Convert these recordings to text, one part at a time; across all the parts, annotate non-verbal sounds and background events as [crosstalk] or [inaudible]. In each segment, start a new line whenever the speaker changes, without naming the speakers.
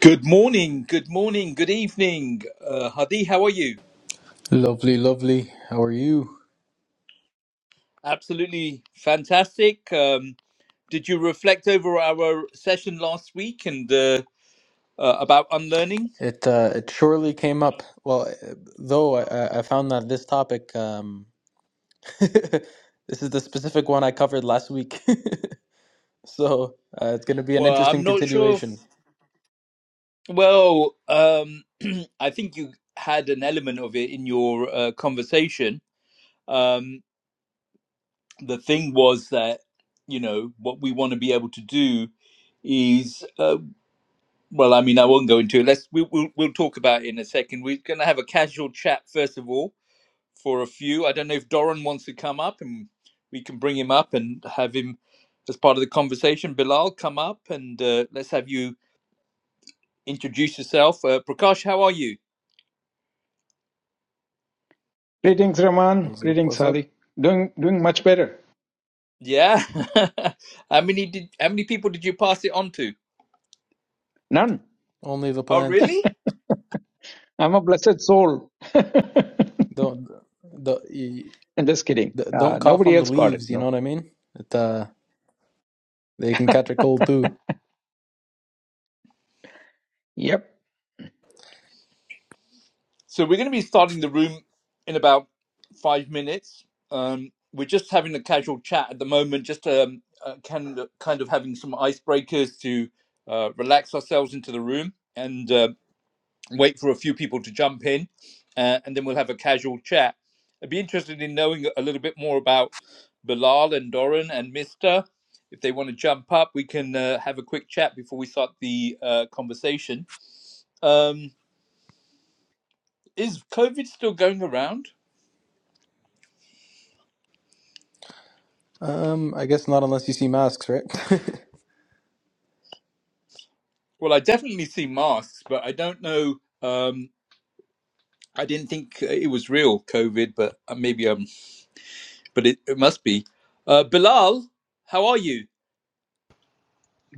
Good morning, good morning, good evening. Uh, Hadi, how are you?
Lovely, lovely. How are you?
Absolutely fantastic. Um, did you reflect over our session last week and uh, uh, about unlearning?
It uh, it surely came up. Well, uh, though I, I I found that this topic, um, [laughs] this is the specific one I covered last week, [laughs] so uh, it's going to be an
Well, I'm
interesting
not sure. If,
continuation.
well, um, [clears throat] I think you had an element of it in your uh, conversation. Um, the thing was that, you know, what we want to be able to do is uh, Well, I mean, I won't go into it. Let's we, we'll we'll talk about it in a second. We're going to have a casual chat first of all for a few. I don't know if Doran wants to come up, and we can bring him up and have him as part of the conversation. Bilal, come up and uh, let's have you introduce yourself. Uh, Prakash, how are you?
Greetings, Rahman.
What's up?
Greetings,
What's up?
Sadi. Doing doing much better.
Yeah. [laughs] how many did how many people did you pass it on to?
None.
Only the
Oh,
plants.
really?
I'm a blessed soul. [laughs] I'm
Don't the, y-
just kidding.
the don't
Uh,
cough
nobody
on the
else got it.
leaves. You know
No.
what I mean? It uh, they can catch a cold too.
Yep.
So we're going to be starting the room in about five minutes. Um, we're just having a casual chat at the moment, just um, uh, kind of, kind of having some icebreakers to uh, relax ourselves into the room and uh, wait for a few people to jump in, uh, and then we'll have a casual chat. I'd be interested in knowing a little bit more about Bilal and Doran and Mister. If they want to jump up, we can uh, have a quick chat before we start the uh, conversation. Um, is COVID still going around?
Um, I guess not unless you see masks, right? [laughs]
Well, I definitely see masks, but I don't know. Um, I didn't think uh, it was real COVID, but uh, maybe um, but it, it must be. Uh, Bilal, how are you?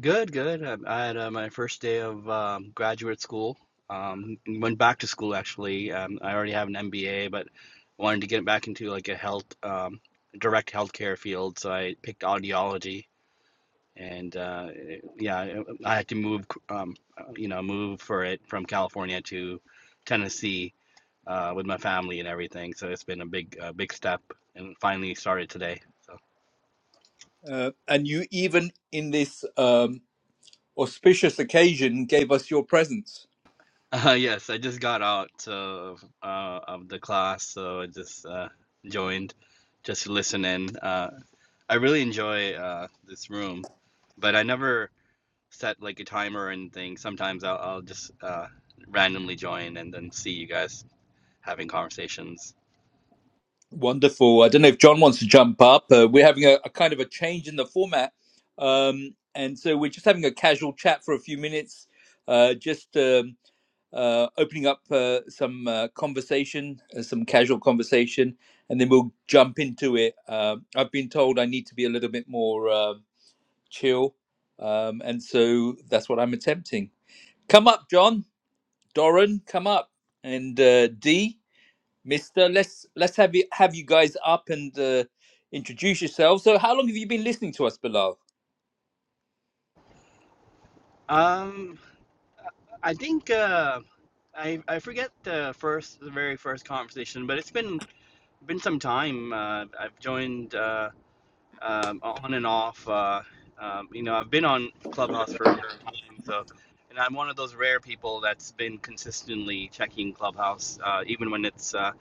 Good, good. I, I had uh, my first day of um, graduate school. Um, went back to school actually. Um, I already have an MBA, but wanted to get back into like a health, um, direct healthcare field. So I picked audiology, and uh, it- yeah, I I had to move, um, you know, move for it from California to Tennessee uh, with my family and everything. So it's been a big, uh, big step, and finally started today. So.
Uh, and you even in this um, auspicious occasion gave us your presence.
Uh, yes, I just got out of uh, of the class, so I just uh, joined just to listen in. Uh, I really enjoy uh, this room, but I never set like a timer or anything. Sometimes I'll, I'll just uh, randomly join and then see you guys having conversations.
Wonderful. I don't know if John wants to jump up. Uh, we're having a, a kind of a change in the format, um, and so we're just having a casual chat for a few minutes. Uh, just um, uh, opening up uh, some uh, conversation, uh, some casual conversation, and then we'll jump into it. Uh, I've been told I need to be a little bit more uh, chill, um, and so that's what I'm attempting. Come up, John, Doran, come up, and uh, D, Mister. Let's let's have you have you guys up and uh, introduce yourselves. So, how long have you been listening to us, Bilal?
Um, I think uh, I I forget the first the very first conversation, but it's been been some time. Uh, I've joined. Uh, um, on and off. Uh, um, you know, I've been on Clubhouse for a long time, so and I'm one of those rare people that's been consistently checking Clubhouse, uh, even when it's. Uh,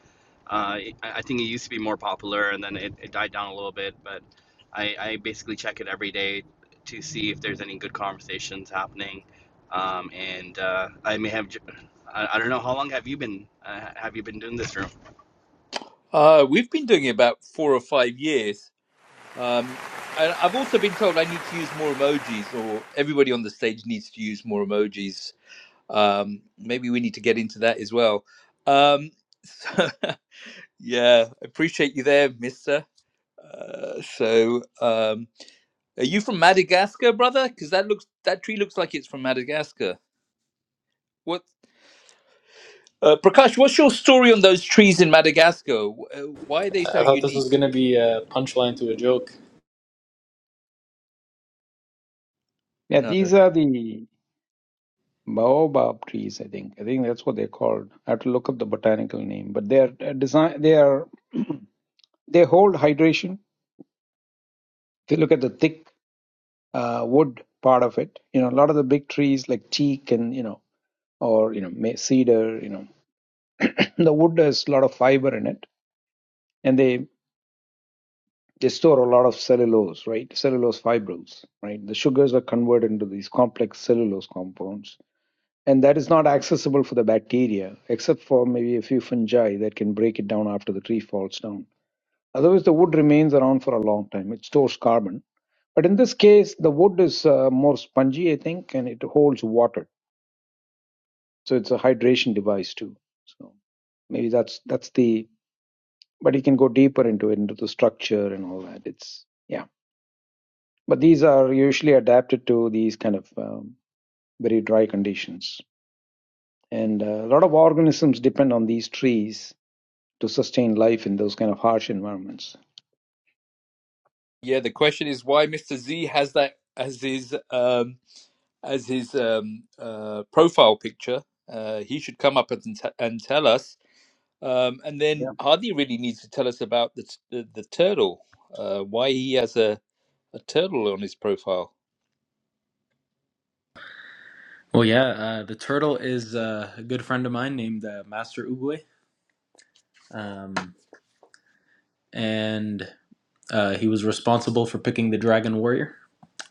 uh, I I think it used to be more popular, and then it, it died down a little bit. But I, I basically check it every day to see if there's any good conversations happening. Um, and uh, I may have. j- I, I don't know how long have you been uh, have you been doing this room?
Uh, we've been doing it about four or five years. Um, and I've also been told I need to use more emojis, or everybody on the stage needs to use more emojis. Um, maybe we need to get into that as well. Um, so, [laughs] yeah, appreciate you there, Mister. Uh, so, um, are you from Madagascar, brother? Because that looks that tree looks like it's from Madagascar. What, uh, Prakash? What's your story on those trees in Madagascar? W- uh, Why are they so
I thought this was
unique?
going to be a punchline to a joke.
Yeah,
No.
these are the baobab trees. I think. I think that's what they're called. I have to look up the botanical name. But they are uh, design. They are they hold hydration. If you look at the thick uh, wood part of it, you know a lot of the big trees like teak and you know or you know ma- cedar. You know [clears throat] the wood has a lot of fiber in it, and they They store a lot of cellulose, right? Cellulose fibrils, right? The sugars are converted into these complex cellulose compounds. And that is not accessible for the bacteria, except for maybe a few fungi that can break it down after the tree falls down. Otherwise, the wood remains around for a long time. It stores carbon. But in this case, the wood is uh, more spongy, I think, and it holds water. So it's a hydration device too. So maybe that's that's the. But you can go deeper into it, into the structure and all that. It's yeah. But these are usually adapted to these kind of um, very dry conditions. And uh, a lot of organisms depend on these trees to sustain life in those kind of harsh environments.
Yeah, the question is why Mister Z has that as his. Um, as his um, uh, profile picture. Uh, he should come up and, t- and tell us. Um, and then
Yeah.
Hardy really needs to tell us about the, t- the, the turtle, uh, why he has a, a turtle on his profile.
Well, yeah, uh, the turtle is uh, a good friend of mine named uh, Master Oogway, um, and uh, he was responsible for picking the Dragon Warrior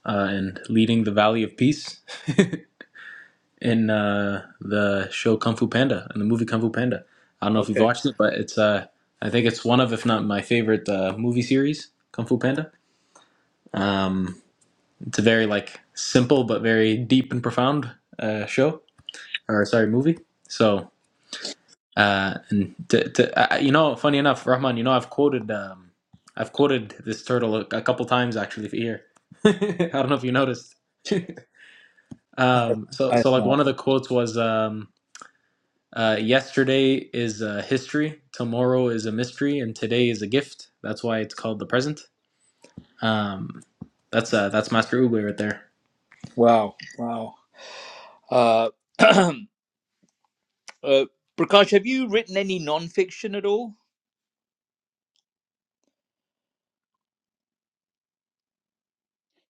uh, and leading the Valley of Peace in uh, the show Kung Fu Panda and the movie Kung Fu Panda. I don't know if you've
Okay.
watched it, but it's uh, I think it's one of, if not my favorite uh, movie series, Kung Fu Panda. Um, it's a very like simple but very deep and profound uh, show, or sorry, movie. So. Uh, and to, to, uh, you know, funny enough, Rahman, you know, I've quoted um, I've quoted this turtle a, a couple times actually here. [laughs] I don't know if you noticed.
I have,
Um, so,
I have
so like
not.
one of the quotes was, um, uh, "Yesterday is uh, history, tomorrow is a mystery, and today is a gift." That's why it's called the present. Um, that's uh, that's Master Ugly right there.
Wow. Wow. Uh, [clears throat] Uh, Prakash, have you written any non-fiction at all?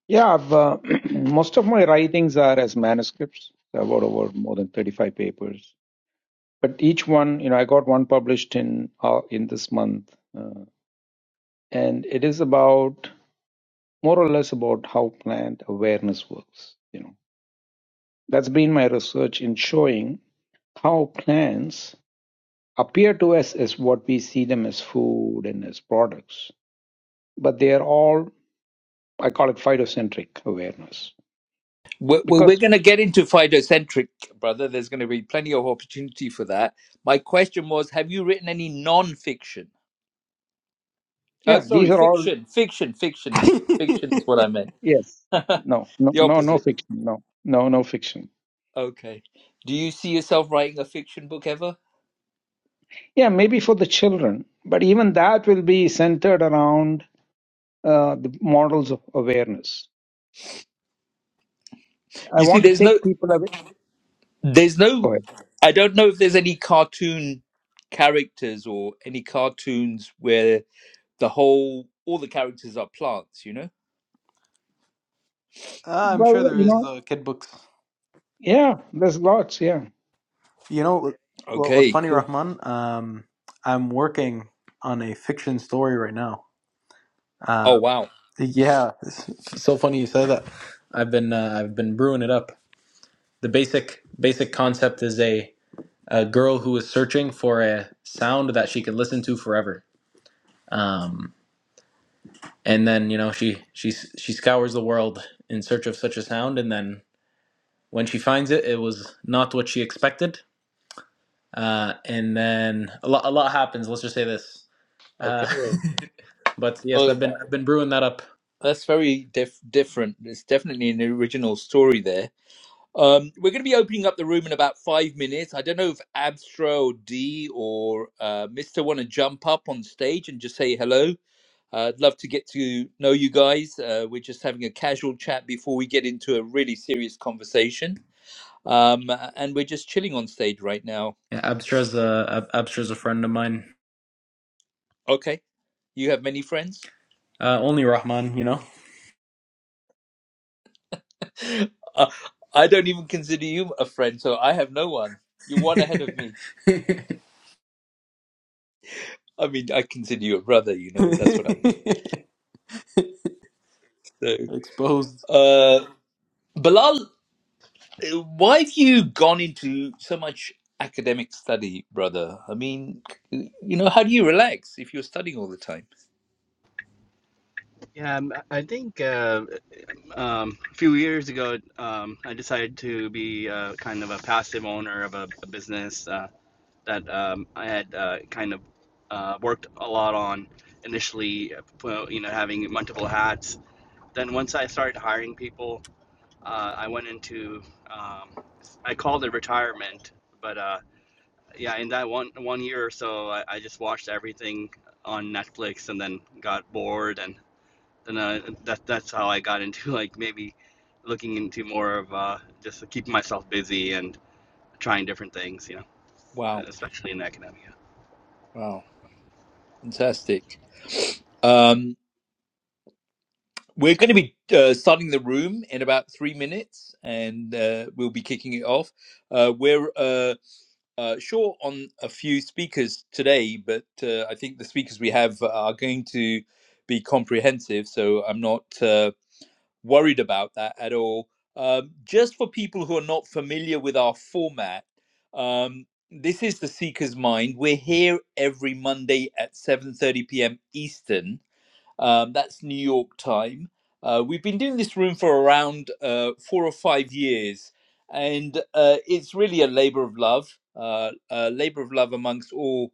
Yeah. I've, uh, [clears throat] most of my writings are as manuscripts. I wrote over more than 35 papers. But each one, you know, I got one published in uh, in this month, uh, and it is about more or less about how plant awareness works. You know, that's been my research in showing how plants appear to us as what we see them as food and as products. But they are all, I call it phytocentric awareness.
We're, we're, we're
Because,
going to get into phytocentric, brother. There's going to be plenty of opportunity for that. My question was, have you written any non-fiction? Uh,
yeah, these
sorry,
are all,
fiction, fiction, fiction, fiction is
[laughs]
what I meant.
yes,
[laughs]
no, no,
the
no, no
opposite.
fiction, no, no, no fiction.
Okay. Do you see yourself writing a fiction book ever?
Yeah, maybe for the children, but even that will be centered around uh, the models of awareness. I
You see,
want to
there's no,
take people away.
there's
Go
no,
ahead.
I don't know if there's any cartoon characters or any cartoons where the whole, all the characters are plants, you know?
Ah, I'm sure
Well,
there
you
is
know,
though. Kid books.
yeah, there's lots, yeah.
You know, what- well, what's
Okay,
funny,
cool.
Rahman? Um, I'm working on a fiction story right now.
Oh,
Um,
wow.
yeah, it's it's so funny you say that. I've been uh, I've been brewing it up. The basic basic concept is a a girl who is searching for a sound that she can listen to forever. Um, and then you know she she she scours the world in search of such a sound, and then when she finds it, it was not what she expected. Uh, and then a lot a lot happens. Let's just say this.
Okay.
Uh, [laughs] but yes,
Well,
I've been
that-
I've been brewing that up.
that's very dif- different. It's definitely an original story there. Um, we're going to be opening up the room in about five minutes. I don't know if Abstro or D or uh, Mister want to jump up on stage and just say hello. Uh, I'd love to get to know you guys. Uh, we're just having a casual chat before we get into a really serious conversation. Um, and we're just chilling on stage right now.
Yeah, Abstra's a Ab- Abstra's a friend of mine.
Okay. You have many friends?
Uh, only Rahman, you know.
[laughs] uh, I don't even consider you a friend, so I have no one. You're one
[laughs]
ahead of me. I mean, I consider you a brother, you know, that's what I mean. So,
Exposed.
uh, Bilal, uh, why have you gone into so much academic study, brother? I mean, you know, how do you relax if you're studying all the time?
Yeah, um, I think. Uh, um, a few years ago, um, I decided to be uh, kind of a passive owner of a, a business uh, that um, I had uh, kind of uh, worked a lot on initially, uh, well, you know, having multiple hats. Then once I started hiring people, uh, I went into, um, I called it retirement, but uh, yeah, in that one one year or so, I, I just watched everything on Netflix and then got bored and and uh, that that's how I got into like maybe looking into more of uh, just keeping myself busy and trying different things, you
Wow.
know, especially in academia.
Wow, fantastic. Um, we're going to be uh, starting the room in about three minutes and uh, we'll be kicking it off. Uh, we're uh, uh, short on a few speakers today, but uh, I think the speakers we have are going to be comprehensive, so I'm not uh, worried about that at all. Um, just for people who are not familiar with our format, um, this is the Seeker's Mind. We're here every Monday at 7:30 p.m. Eastern Um, that's New York time. Uh, we've been doing this room for around uh, four or five years, and uh, it's really a labor of love, uh, a labor of love amongst all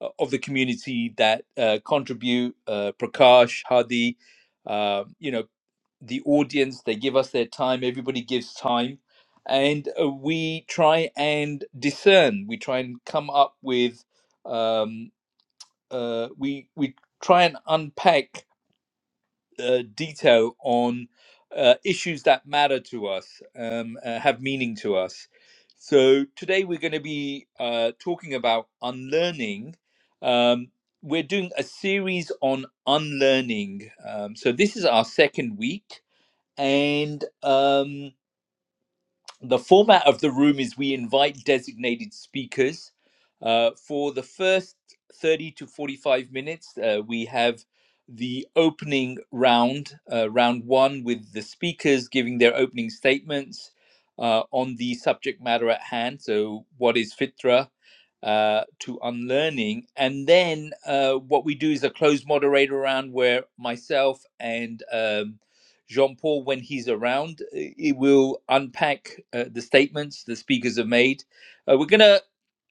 uh, of the community that uh, contribute. Uh, Prakash, Hadi, uh, you know, the audience, they give us their time, everybody gives time. And uh, we try and discern. We try and come up with, um, uh, we we try and unpack uh, detail on uh, issues that matter to us, um, uh, have meaning to us. So today we're going to be uh, talking about unlearning. Um, we're doing a series on unlearning. Um, so this is our second week, and um, the format of the room is we invite designated speakers uh, for the first 30 to 45 minutes uh, we have the opening round uh, round one with the speakers giving their opening statements uh, on the subject matter at hand so what is fitra uh, to unlearning and then uh, what we do is a closed moderator round where myself and um, Jean Paul, when he's around, uh, he will unpack uh, the statements the speakers have made. Uh, we're going to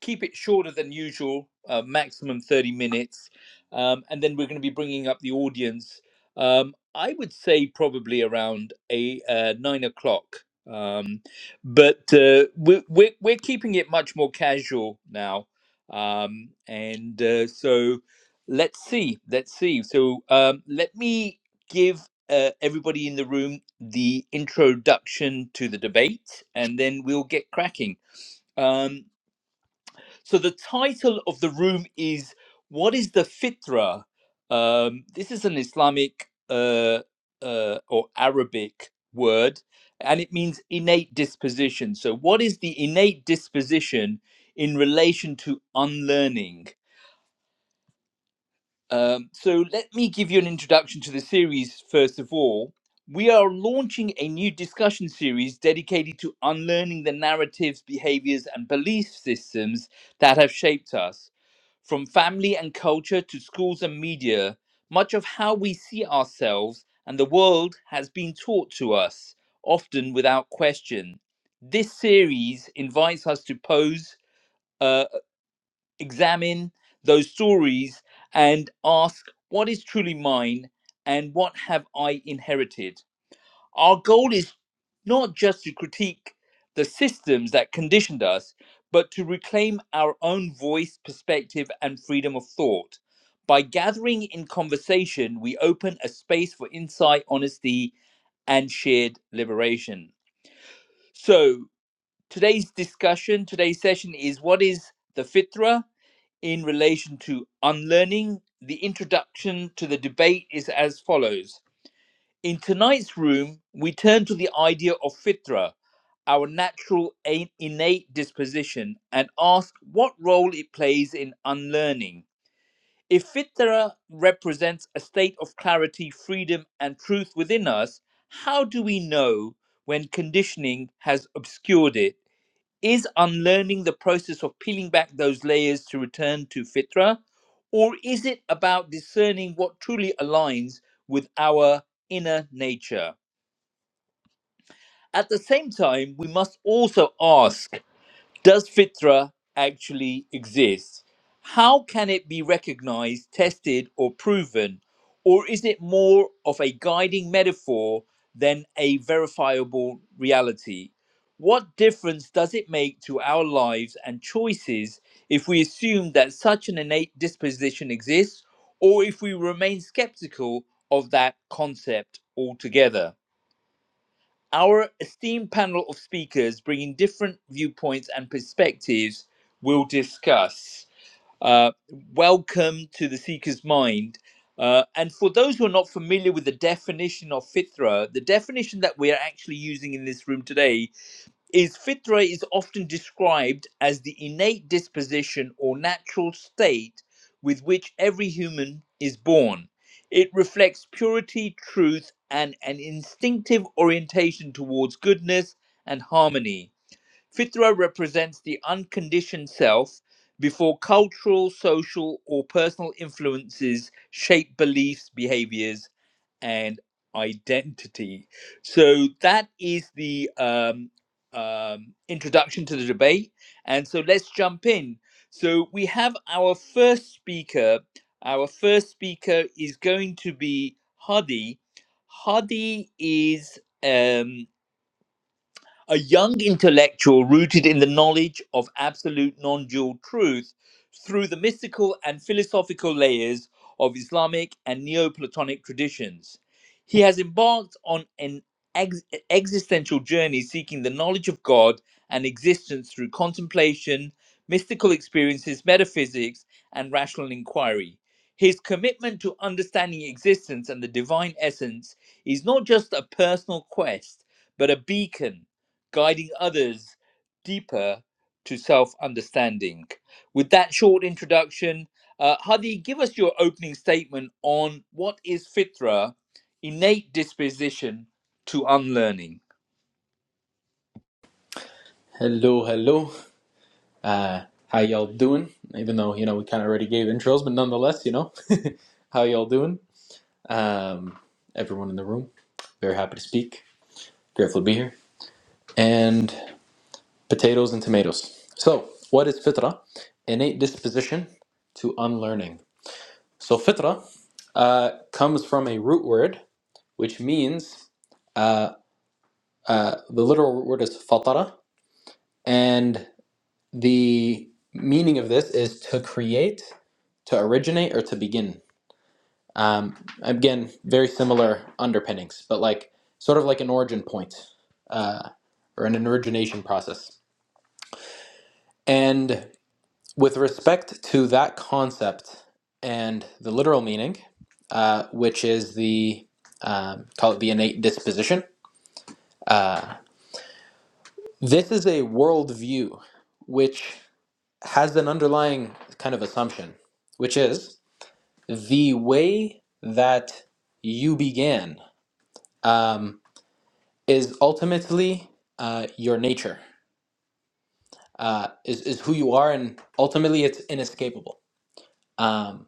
keep it shorter than usual, uh, maximum 30 minutes. Um, and then we're going to be bringing up the audience, um, I would say probably around a, uh, nine o'clock. Um, but uh, we're, we're, we're keeping it much more casual now. Um, and uh, so let's see, let's see. So um, let me give uh, everybody in the room the introduction to the debate, and then we'll get cracking. Um, so the title of the room is "What is the Fitra?" Um, this is an Islamic uh, uh, or Arabic word, and it means innate disposition. So, what is the innate disposition in relation to unlearning? Um, so let me give you an introduction to the series first of all. We are launching a new discussion series dedicated to unlearning the narratives, behaviors, and belief systems that have shaped us. From family and culture to schools and media, much of how we see ourselves and the world has been taught to us, often without question. This series invites us to pose uh, examine those stories and ask what is truly mine and what have I inherited. Our goal is not just to critique the systems that conditioned us, but to reclaim our own voice, perspective, and freedom of thought. By gathering in conversation, we open a space for insight, honesty, and shared liberation. So, today's discussion, today's session is what is the fitra? in relation to unlearning, the introduction to the debate is as follows. In tonight's room, we turn to the idea of fitra, our natural innate disposition, and ask what role it plays in unlearning. If fitra represents a state of clarity, freedom, and truth within us, how do we know when conditioning has obscured it? is unlearning the process of peeling back those layers to return to fitra or is it about discerning what truly aligns with our inner nature at the same time we must also ask does fitra actually exist? How can it be recognized, tested, or proven? Or is it more of a guiding metaphor than a verifiable reality? What difference does it make to our lives and choices if we assume that such an innate disposition exists, or if we remain skeptical of that concept altogether? Our esteemed panel of speakers bringing different viewpoints and perspectives will discuss. Uh, welcome to the Seeker's Mind. Uh, and for those who are not familiar with the definition of fitra, the definition that we are actually using in this room today is fitra is often described as the innate disposition or natural state with which every human is born. It reflects purity, truth, and an instinctive orientation towards goodness and harmony. Fitra represents the unconditioned self before cultural, social, or personal influences shape beliefs, behaviors, and identity. So that is the um, um, introduction to the debate. And so let's jump in. So we have our first speaker. Our first speaker is going to be Hadi. Hadi is um, a young intellectual rooted in the knowledge of absolute non dual truth through the mystical and philosophical layers of Islamic and Neoplatonic traditions. He has embarked on an ex- existential journey seeking the knowledge of God and existence through contemplation, mystical experiences, metaphysics, and rational inquiry. His commitment to understanding existence and the divine essence is not just a personal quest, but a beacon guiding others deeper to self understanding. With that short introduction, uh, Hadi, give us your opening statement on what is fitra, innate disposition to unlearning.
Hello, hello. Uh, how y'all doing? Even though you know we kind of already gave intros, but nonetheless, you know, [laughs] how y'all doing? Um, everyone in the room, very happy to speak. Grateful to be here. And potatoes and tomatoes. So, what is fitra? Innate disposition to unlearning. So fitra uh, comes from a root word which means uh, uh, the literal root word is fatara, and the meaning of this is to create, to originate, or to begin. Um, again, very similar underpinnings, but like sort of like an origin point uh, or an origination process. And with respect to that concept and the literal meaning, uh, which is the um, call it the innate disposition, uh, this is a worldview which has an underlying kind of assumption, which is the way that you began um, is ultimately uh, your nature, uh, is, is who you are, and ultimately it's inescapable. Um,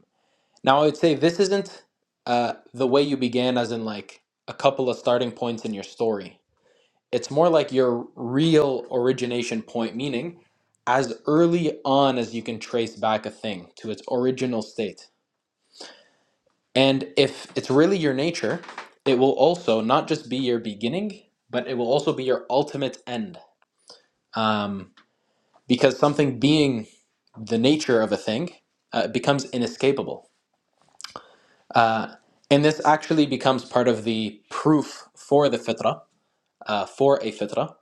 Now, I would say this isn't uh, the way you began, as in like a couple of starting points in your story. It's more like your real origination point, meaning as early on as you can trace back a thing to its original state. And if it's really your nature, it will also not just be your beginning, but it will also be your ultimate end. Um, because something being the nature of a thing uh, becomes inescapable And this actually becomes part of the proof for the fitrah, uh, for a fitrah,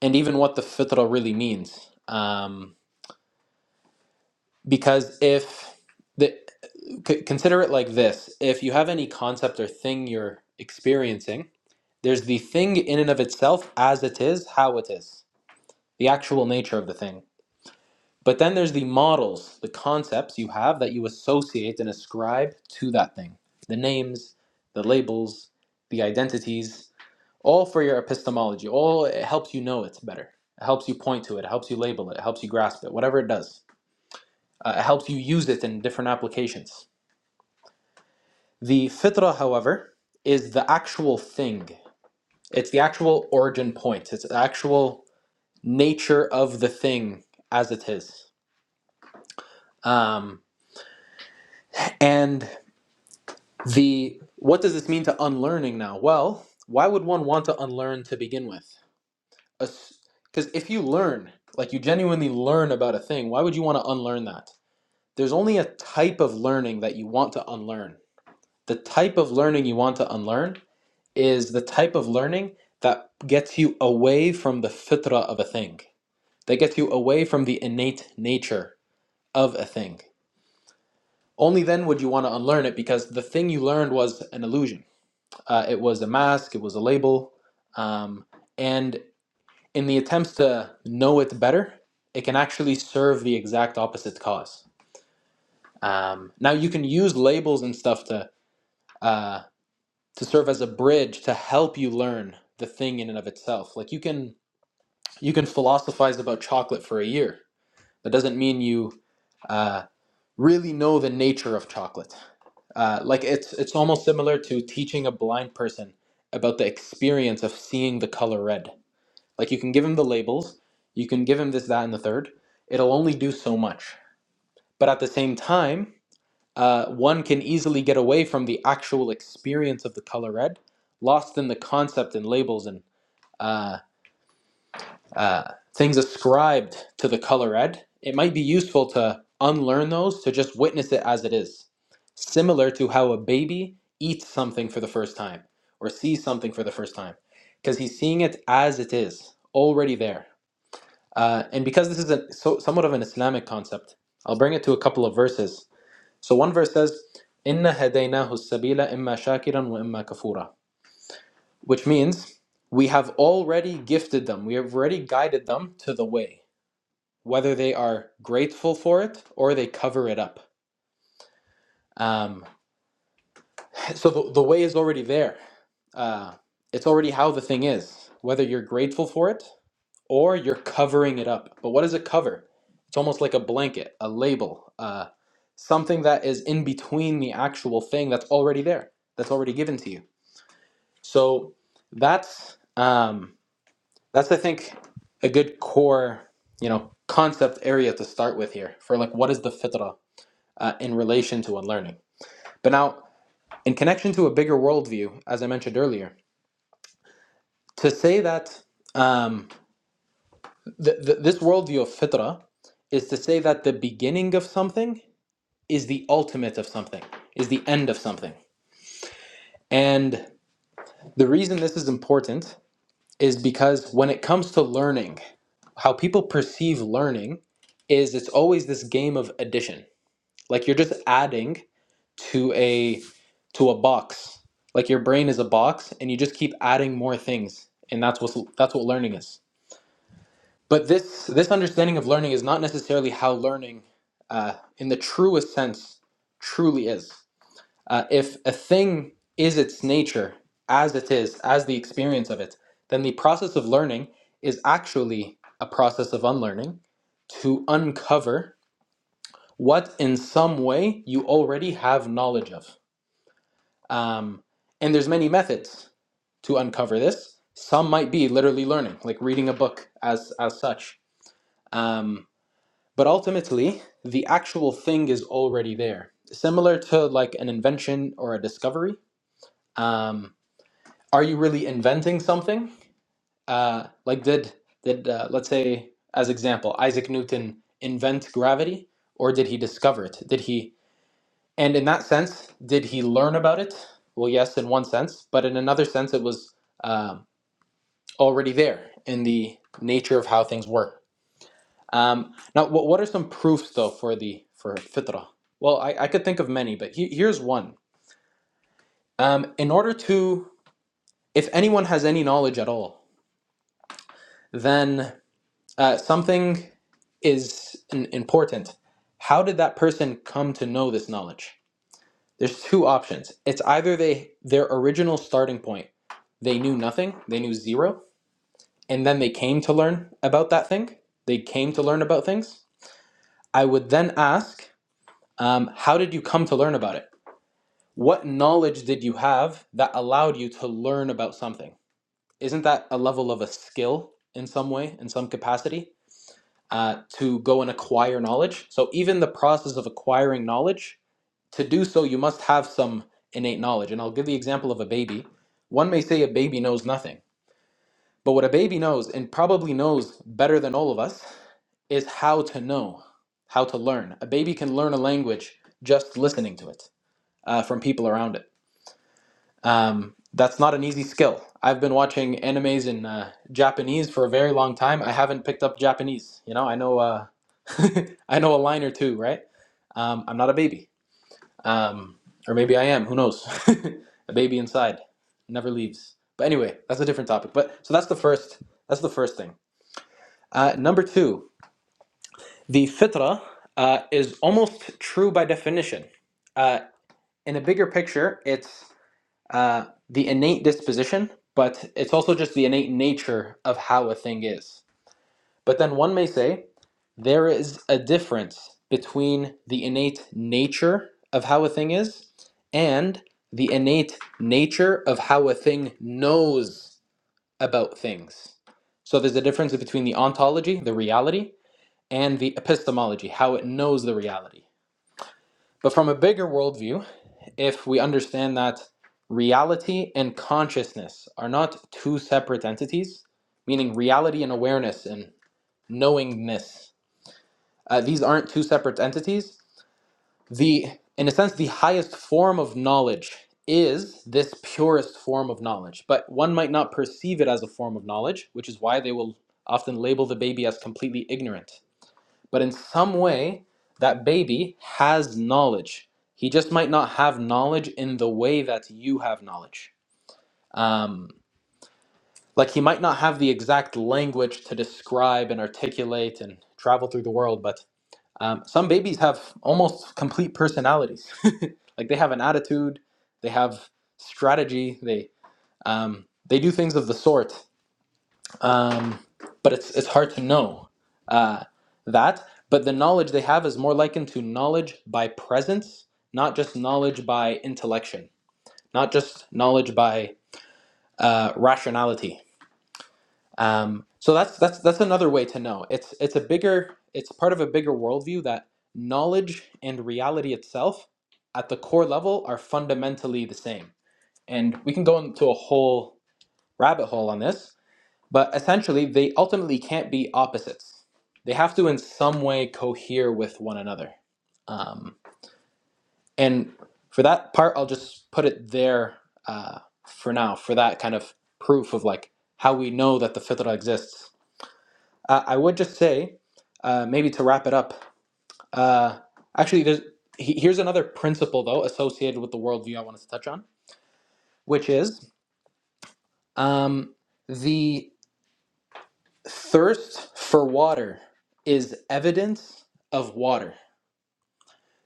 and even what the fitrah really means. Um, because if the c- consider it like this: if you have any concept or thing you're experiencing, there's the thing in and of itself as it is, how it is, the actual nature of the thing. But then there's the models, the concepts you have that you associate and ascribe to that thing, the names, the labels, the identities all for your epistemology. All it helps you know it better. It helps you point to it. It helps you label it. It helps you grasp it. Whatever it does, uh, it helps you use it in different applications. The fitra, however, is the actual thing. It's the actual origin point. It's the actual nature of the thing as it is. Um, and the what does this mean to unlearning now? Well, why would one want to unlearn to begin with? because if you learn, like you genuinely learn about a thing, why would you want to unlearn that? There's only a type of learning that you want to unlearn. The type of learning you want to unlearn is the type of learning that gets you away from the fitra of a thing, that gets you away from the innate nature of a thing. Only then would you want to unlearn it because the thing you learned was an illusion. Uh, it was a mask, it was a label, um, and in the attempts to know it better, it can actually serve the exact opposite cause. Um, now you can use labels and stuff to uh, to serve as a bridge to help you learn the thing in and of itself. Like you can you can philosophize about chocolate for a year. That doesn't mean you uh, really know the nature of chocolate. Uh, like it's it's almost similar to teaching a blind person about the experience of seeing the color red Like you can give him the labels, you can give him this, that, and the third. It'll only do so much. But at the same time, uh, one can easily get away from the actual experience of the color red, lost in the concept and labels and uh, uh, things ascribed to the color red. It might be useful to unlearn those to just witness it as it is, similar to how a baby eats something for the first time or sees something for the first time, because he's seeing it as it is, already there uh, and because this is a, so, somewhat of an Islamic concept, I'll bring it to a couple of verses. So one verse says, "Inna hadaynahu sabila imma shakiran wa imma kafura," which means we have already gifted them. We have already guided them to the way, whether they are grateful for it or they cover it up. Um, so the, the way is already there. Uh, it's already how the thing is, whether you're grateful for it or you're covering it up. But what is a cover? It's almost like a blanket, a label, uh, something that is in between the actual thing that's already there, that's already given to you. So that's um, that's I think a good core, you know, concept area to start with here for like what is the fitrah uh, in relation to unlearning. But now, in connection to a bigger worldview, as I mentioned earlier, to say that. Um, th- th- this worldview of fitra is to say that the beginning of something is the ultimate of something, is the end of something. And the reason this is important is because when it comes to learning, how people perceive learning is it's always this game of addition. Like you're just adding to a to a box. Like your brain is a box and you just keep adding more things. And that's what that's what learning is. But this this understanding of learning is not necessarily how learning, uh, in the truest sense, truly is. Uh, if a thing is its nature as it is, as the experience of it, then the process of learning is actually a process of unlearning to uncover what, in some way, you already have knowledge of. Um, and there's many methods to uncover this. Some might be literally learning, like reading a book as as such. Um, But ultimately, the actual thing is already there. Similar to like an invention or a discovery. Um, are you really inventing something? Uh, like did did uh, let's say as example, Isaac Newton invent gravity, or did he discover it? Did he? And in that sense, did he learn about it? Well, yes, in one sense, but in another sense, it was um already there in the nature of how things work. Um, now, what, what are some proofs though for the for fitrah? Well, I, I could think of many, but he, here's one. Um, in order to, if anyone has any knowledge at all, then uh, something is an, important. How did that person come to know this knowledge? There's two options. It's either they their original starting point, they knew nothing, they knew zero, and then they came to learn about that thing. They came to learn about things. I would then ask, um, how did you come to learn about it? What knowledge did you have that allowed you to learn about something? Isn't that a level of a skill in some way, in some capacity, uh, to go and acquire knowledge? So, even the process of acquiring knowledge, to do so, you must have some innate knowledge. And I'll give the example of a baby. One may say a baby knows nothing, but what a baby knows, and probably knows better than all of us, is how to know, how to learn. A baby can learn a language just listening to it uh, from people around it Um, that's not an easy skill. I've been watching animes in uh, Japanese for a very long time. I haven't picked up Japanese. You know, I know uh, [laughs] I know a line or two, right? Um, I'm not a baby, um, or maybe I am. Who knows? [laughs] a baby inside never leaves. But anyway, that's a different topic. But so that's the first. That's the first thing. Uh, number two, the fitra uh, is almost true by definition. Uh, in a bigger picture, it's uh, the innate disposition, but it's also just the innate nature of how a thing is. But then one may say there is a difference between the innate nature of how a thing is and the innate nature of how a thing knows about things. So there's a difference between the ontology, the reality, and the epistemology, how it knows the reality. But from a bigger worldview, if we understand that reality and consciousness are not two separate entities, meaning reality and awareness and knowingness, uh, these aren't two separate entities. The, in a sense, the highest form of knowledge is this purest form of knowledge, but one might not perceive it as a form of knowledge, which is why they will often label the baby as completely ignorant. But in some way, that baby has knowledge. He just might not have knowledge in the way that you have knowledge. Um, like he might not have the exact language to describe and articulate and travel through the world, but um, some babies have almost complete personalities. [laughs] like they have an attitude, they have strategy, they um, they do things of the sort um, but it's it's hard to know uh, that. But the knowledge they have is more likened to knowledge by presence, not just knowledge by intellection, not just knowledge by uh, rationality. Um, so that's that's that's another way to know. It's it's a bigger it's part of a bigger worldview that knowledge and reality itself at the core level are fundamentally the same. And we can go into a whole rabbit hole on this, but essentially, they ultimately can't be opposites. They have to, in some way, cohere with one another. Um, and for that part, I'll just put it there uh, for now, for that kind of proof of like how we know that the fitrah exists. Uh, I would just say, uh, maybe to wrap it up, uh, actually, there's, he- here's another principle, though, associated with the worldview I wanted to touch on, which is um, the Thirst for water is evidence of water.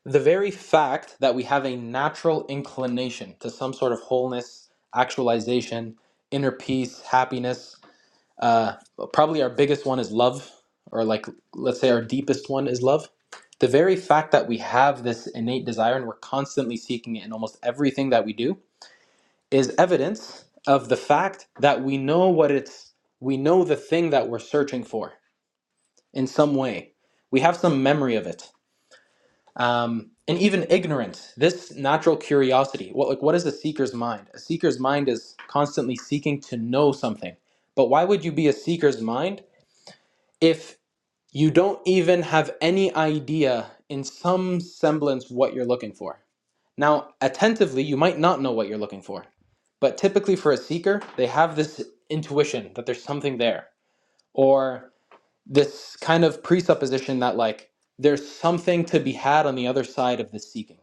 The very fact that we have a natural inclination to some sort of wholeness, actualization, inner peace, happiness. Uh, probably our biggest one is love, or like let's say our deepest one is love. The very fact that we have this innate desire and we're constantly seeking it in almost everything that we do is evidence of the fact that we know what it's, we know the thing that we're searching for in some way. We have some memory of it. Um, and even ignorance, this natural curiosity. What like what is a seeker's mind? A seeker's mind is constantly seeking to know something. But why would you be a seeker's mind if you don't even have any idea in some semblance what you're looking for? Now, attentively, you might not know what you're looking for. But typically for a seeker, they have this intuition that there's something there. Or this kind of presupposition that like there's something to be had on the other side of the seeking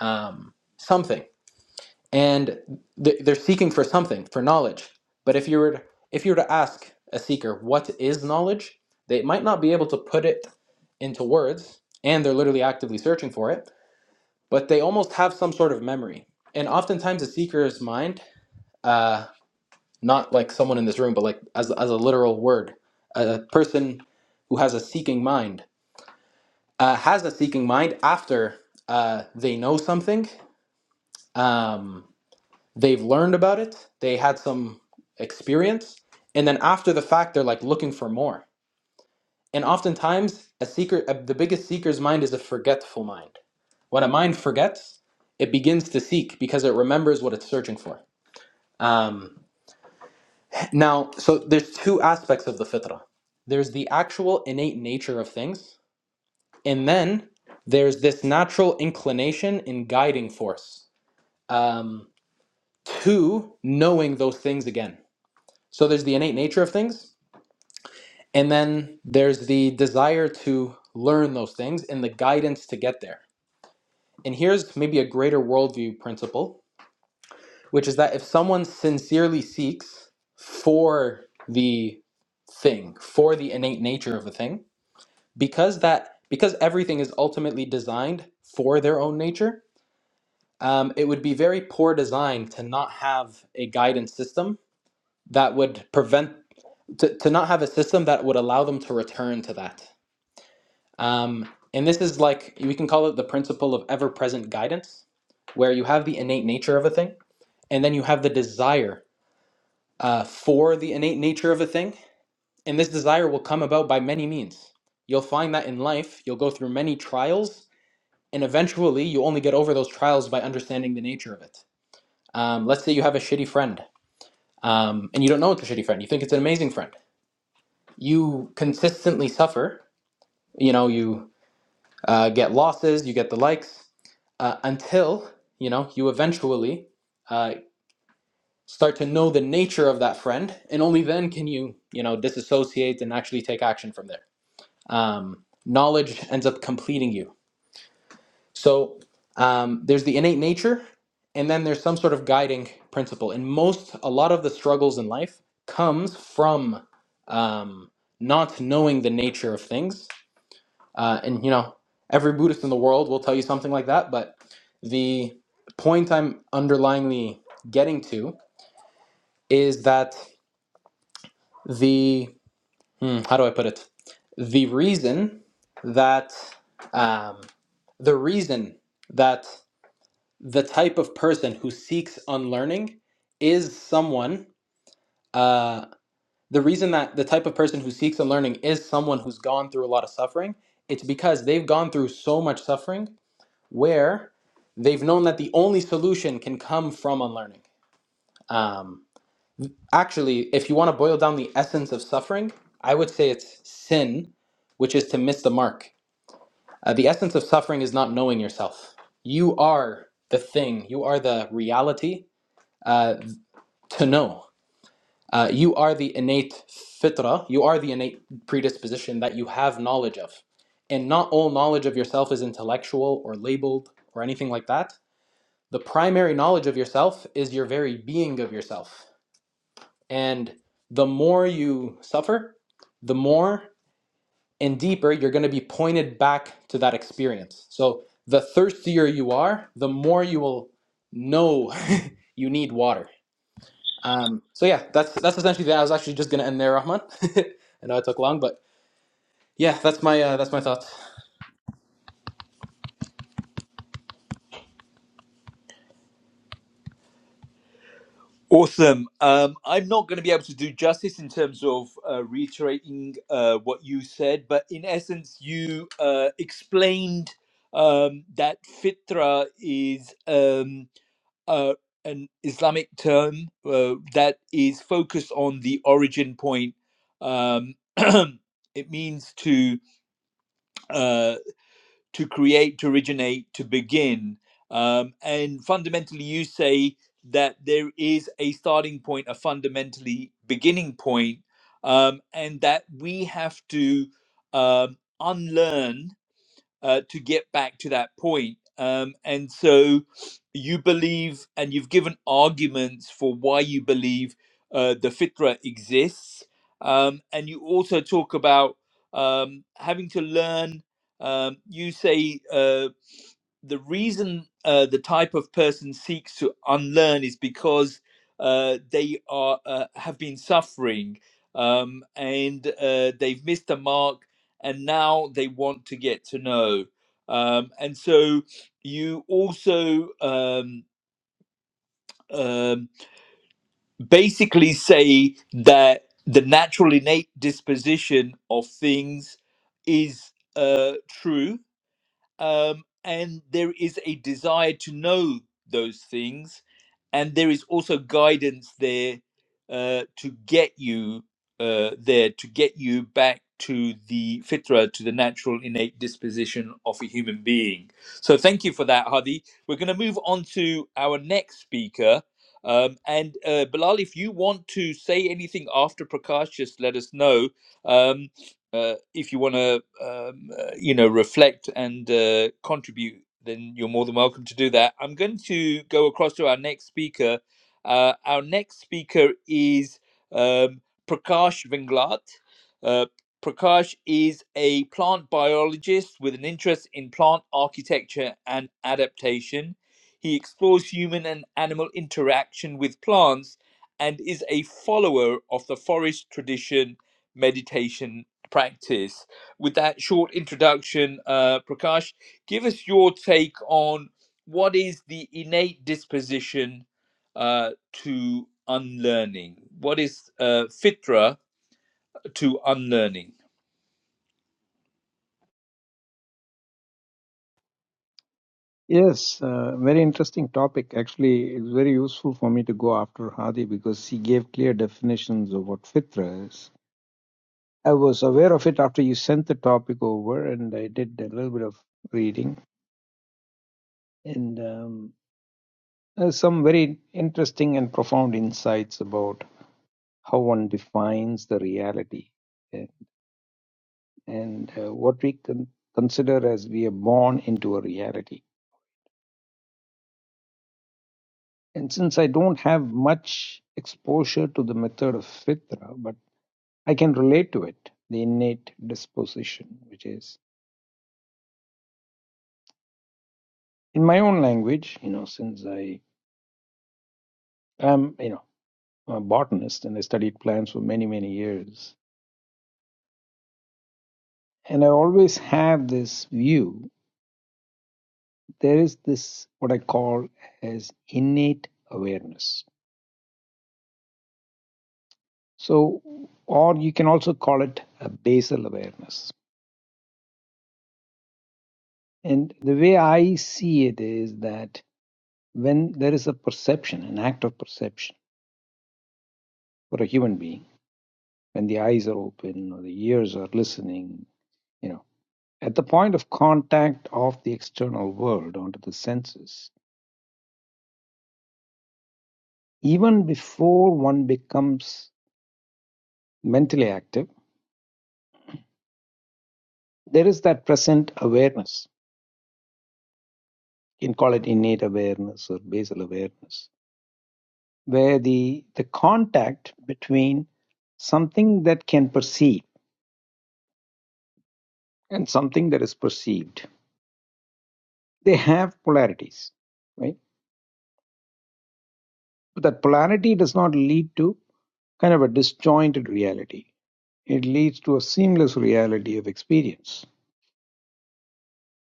um, something and th- they're seeking for something for knowledge but if you were to, if you were to ask a seeker what is knowledge they might not be able to put it into words and they're literally actively searching for it but they almost have some sort of memory and oftentimes a seeker's mind uh, not like someone in this room but like as, as a literal word a person who has a seeking mind uh, has a seeking mind after uh, they know something, um, they've learned about it, they had some experience, and then after the fact, they're like looking for more. And oftentimes, a seeker, uh the biggest seeker's mind is a forgetful mind. When a mind forgets, it begins to seek because it remembers what it's searching for. Um, now, so there's two aspects of the fitrah. There's the actual innate nature of things, And then there's this natural inclination and guiding force um, to knowing those things again. So there's the innate nature of things, and then there's the desire to learn those things and the guidance to get there. And here's maybe a greater worldview principle, which is that if someone sincerely seeks for the thing, for the innate nature of the thing, because that because everything is ultimately designed for their own nature, um, it would be very poor design to not have a guidance system that would prevent to, to not have a system that would allow them to return to that um, and this is like we can call it the principle of ever-present guidance where you have the innate nature of a thing and then you have the desire uh, for the innate nature of a thing and this desire will come about by many means you'll find that in life you'll go through many trials and eventually you only get over those trials by understanding the nature of it um, let's say you have a shitty friend um, and you don't know it's a shitty friend. You think it's an amazing friend. You consistently suffer. You know, you uh, get losses, you get the likes, uh, until you know you eventually uh, start to know the nature of that friend, and only then can you you know disassociate and actually take action from there. Um, knowledge ends up completing you So um, there's the innate nature, and then there's some sort of guiding principle. And most, a lot of the struggles in life comes from um, not knowing the nature of things. Uh, and you know, every Buddhist in the world will tell you something like that. But the point I'm underlyingly getting to is that the hmm, how do I put it? The reason that um, the reason that the type of person who seeks unlearning is someone uh, the reason that the type of person who seeks unlearning is someone who's gone through a lot of suffering it's because they've gone through so much suffering where they've known that the only solution can come from unlearning um, actually if you want to boil down the essence of suffering i would say it's sin which is to miss the mark uh, the essence of suffering is not knowing yourself you are the thing you are the reality uh, to know. Uh, you are the innate fitrah, you are the innate predisposition that you have knowledge of. And not all knowledge of yourself is intellectual or labeled or anything like that. The primary knowledge of yourself is your very being of yourself. And the more you suffer, the more and deeper you're going to be pointed back to that experience. So the thirstier you are, the more you will know [laughs] you need water Um, so yeah, that's that's essentially that. I was actually just gonna end there, Rahman. [laughs] I know it took long, but yeah, that's my uh, that's my thoughts.
Awesome. Um, I'm not going to be able to do justice in terms of uh, reiterating uh, what you said, but in essence, you uh, explained um, that fitra is. Um, uh, an Islamic term uh, that is focused on the origin point. Um, [clears throat] it means to uh, to create, to originate, to begin, um, and fundamentally, you say that there is a starting point, a fundamentally beginning point, um, and that we have to um, unlearn uh, to get back to that point. Um, and so you believe, and you've given arguments for why you believe uh, the fitra exists. Um, and you also talk about um, having to learn. Um, you say uh, the reason uh, the type of person seeks to unlearn is because uh, they are uh, have been suffering um, and uh, they've missed the mark, and now they want to get to know. Um, and so you also um, um, basically say that the natural innate disposition of things is uh, true um, and there is a desire to know those things, and there is also guidance there uh, to get you uh, there to get you back to the fitra, to the natural innate disposition of a human being. So thank you for that, Hadi. We're going to move on to our next speaker. Um, and uh, Bilal, if you want to say anything after Prakash, just let us know. Um, uh, if you want to um, you know, reflect and uh, contribute, then you're more than welcome to do that. I'm going to go across to our next speaker. Uh, our next speaker is um, Prakash Vinglat. Uh, Prakash is a plant biologist with an interest in plant architecture and adaptation. He explores human and animal interaction with plants and is a follower of the forest tradition meditation practice with that short introduction, uh, Prakash, give us your take on what is the innate disposition uh, to unlearning? What is uh, fitra to unlearning?
Yes, uh, very interesting topic. Actually, it's very useful for me to go after Hadi because he gave clear definitions of what fitra is. I was aware of it after you sent the topic over, and I did a little bit of reading and um, uh, some very interesting and profound insights about how one defines the reality uh, and uh, what we con- consider as we are born into a reality. And since I don't have much exposure to the method of fitra, but I can relate to it, the innate disposition, which is in my own language, you know, since I am, you know, a botanist and I studied plants for many, many years. And I always have this view there is this, what I call as innate awareness. So, or you can also call it a basal awareness. And the way I see it is that when there is a perception, an act of perception for a human being, when the eyes are open or the ears are listening, you know, at the point of contact of the external world onto the senses, even before one becomes mentally active, there is that present awareness. You can call it innate awareness or basal awareness, where the the contact between something that can perceive and something that is perceived, they have polarities, right? But that polarity does not lead to kind of a disjointed reality It leads to a seamless reality of experience.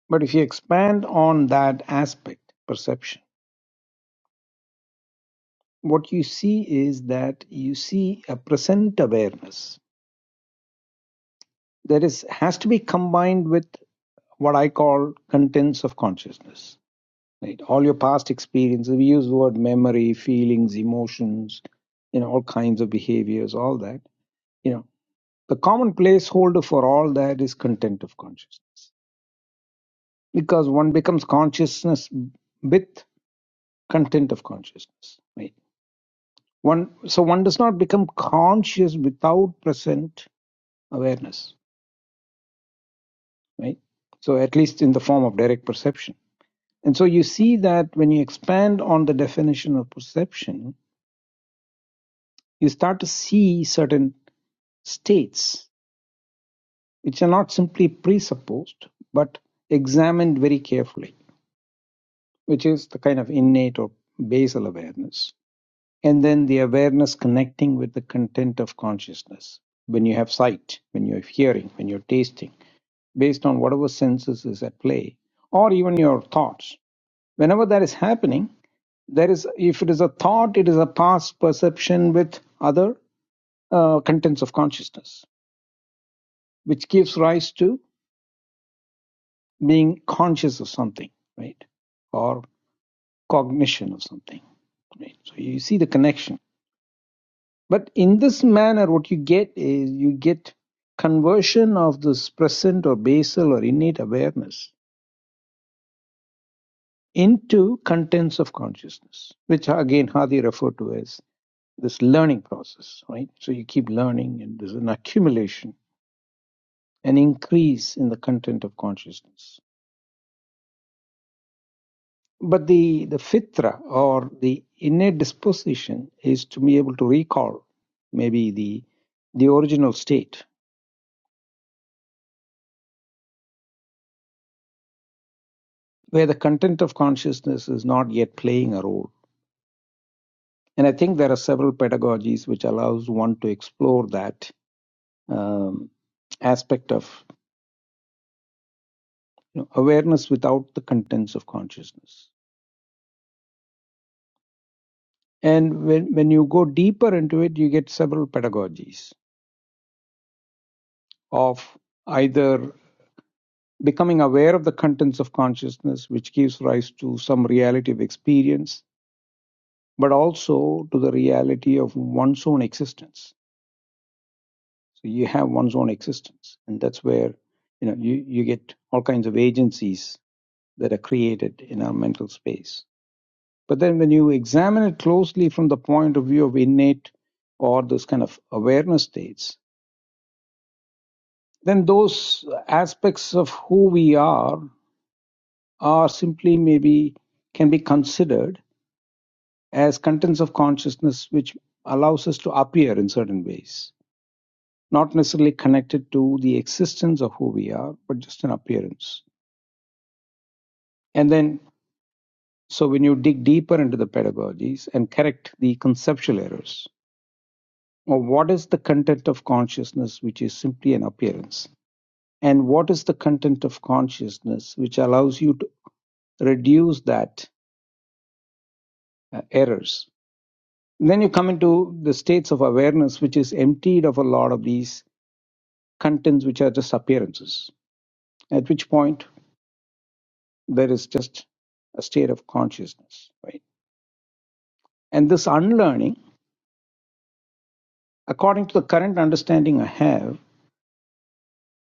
But if you expand on that aspect, perception, what you see is that you see a present awareness that is has to be combined with what I call contents of consciousness. Right? All your past experiences, we use the word memory, feelings, emotions, you know, all kinds of behaviors, all that. You know, the common placeholder for all that is content of consciousness. Because one becomes consciousness with content of consciousness right one so one does not become conscious without present awareness right so at least in the form of direct perception and so you see that when you expand on the definition of perception you start to see certain states which are not simply presupposed but examined very carefully which is the kind of innate or basal awareness And then the awareness connecting with the content of consciousness. When you have sight, when you're hearing, when you're tasting, based on whatever senses is at play, or even your thoughts. Whenever that is happening, there is, if it is a thought, it is a past perception with other uh, contents of consciousness, which gives rise to being conscious of something, right? Or cognition of something, right? So you see the connection. But in this manner, what you get is you get conversion of this present or basal or innate awareness into contents of consciousness, which again Hadi referred to as this learning process, right? So you keep learning and there's an accumulation, an increase in the content of consciousness. But the, the fitra or the innate disposition is to be able to recall maybe the the original state where the content of consciousness is not yet playing a role. And I think there are several pedagogies which allows one to explore that um, aspect of you know, awareness without the contents of consciousness. And when, when you go deeper into it, you get several pedagogies of either becoming aware of the contents of consciousness, which gives rise to some reality of experience, but also to the reality of one's own existence So you have one's own existence, and that's where you know you, you get all kinds of agencies that are created in our mental space. But then when you examine it closely from the point of view of innate or this kind of awareness states, then those aspects of who we are are simply maybe can be considered as contents of consciousness which allows us to appear in certain ways, not necessarily connected to the existence of who we are, but just an appearance And then, so when you dig deeper into the pedagogies and correct the conceptual errors, or what is the content of consciousness which is simply an appearance? And what is the content of consciousness which allows you to reduce that uh, errors? And then you come into the states of awareness, which is emptied of a lot of these contents which are just appearances, at which point there is just a state of consciousness, right? And this unlearning, according to the current understanding I have,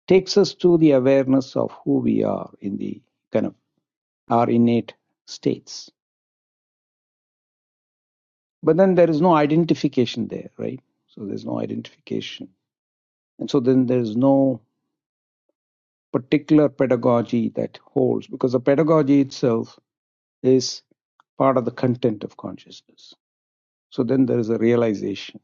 takes us to the awareness of who we are in the kind of our innate states. But then there is no identification there, right? So there's no identification. And so then there's no particular pedagogy that holds because the pedagogy itself is part of the content of consciousness. So then there is a realization.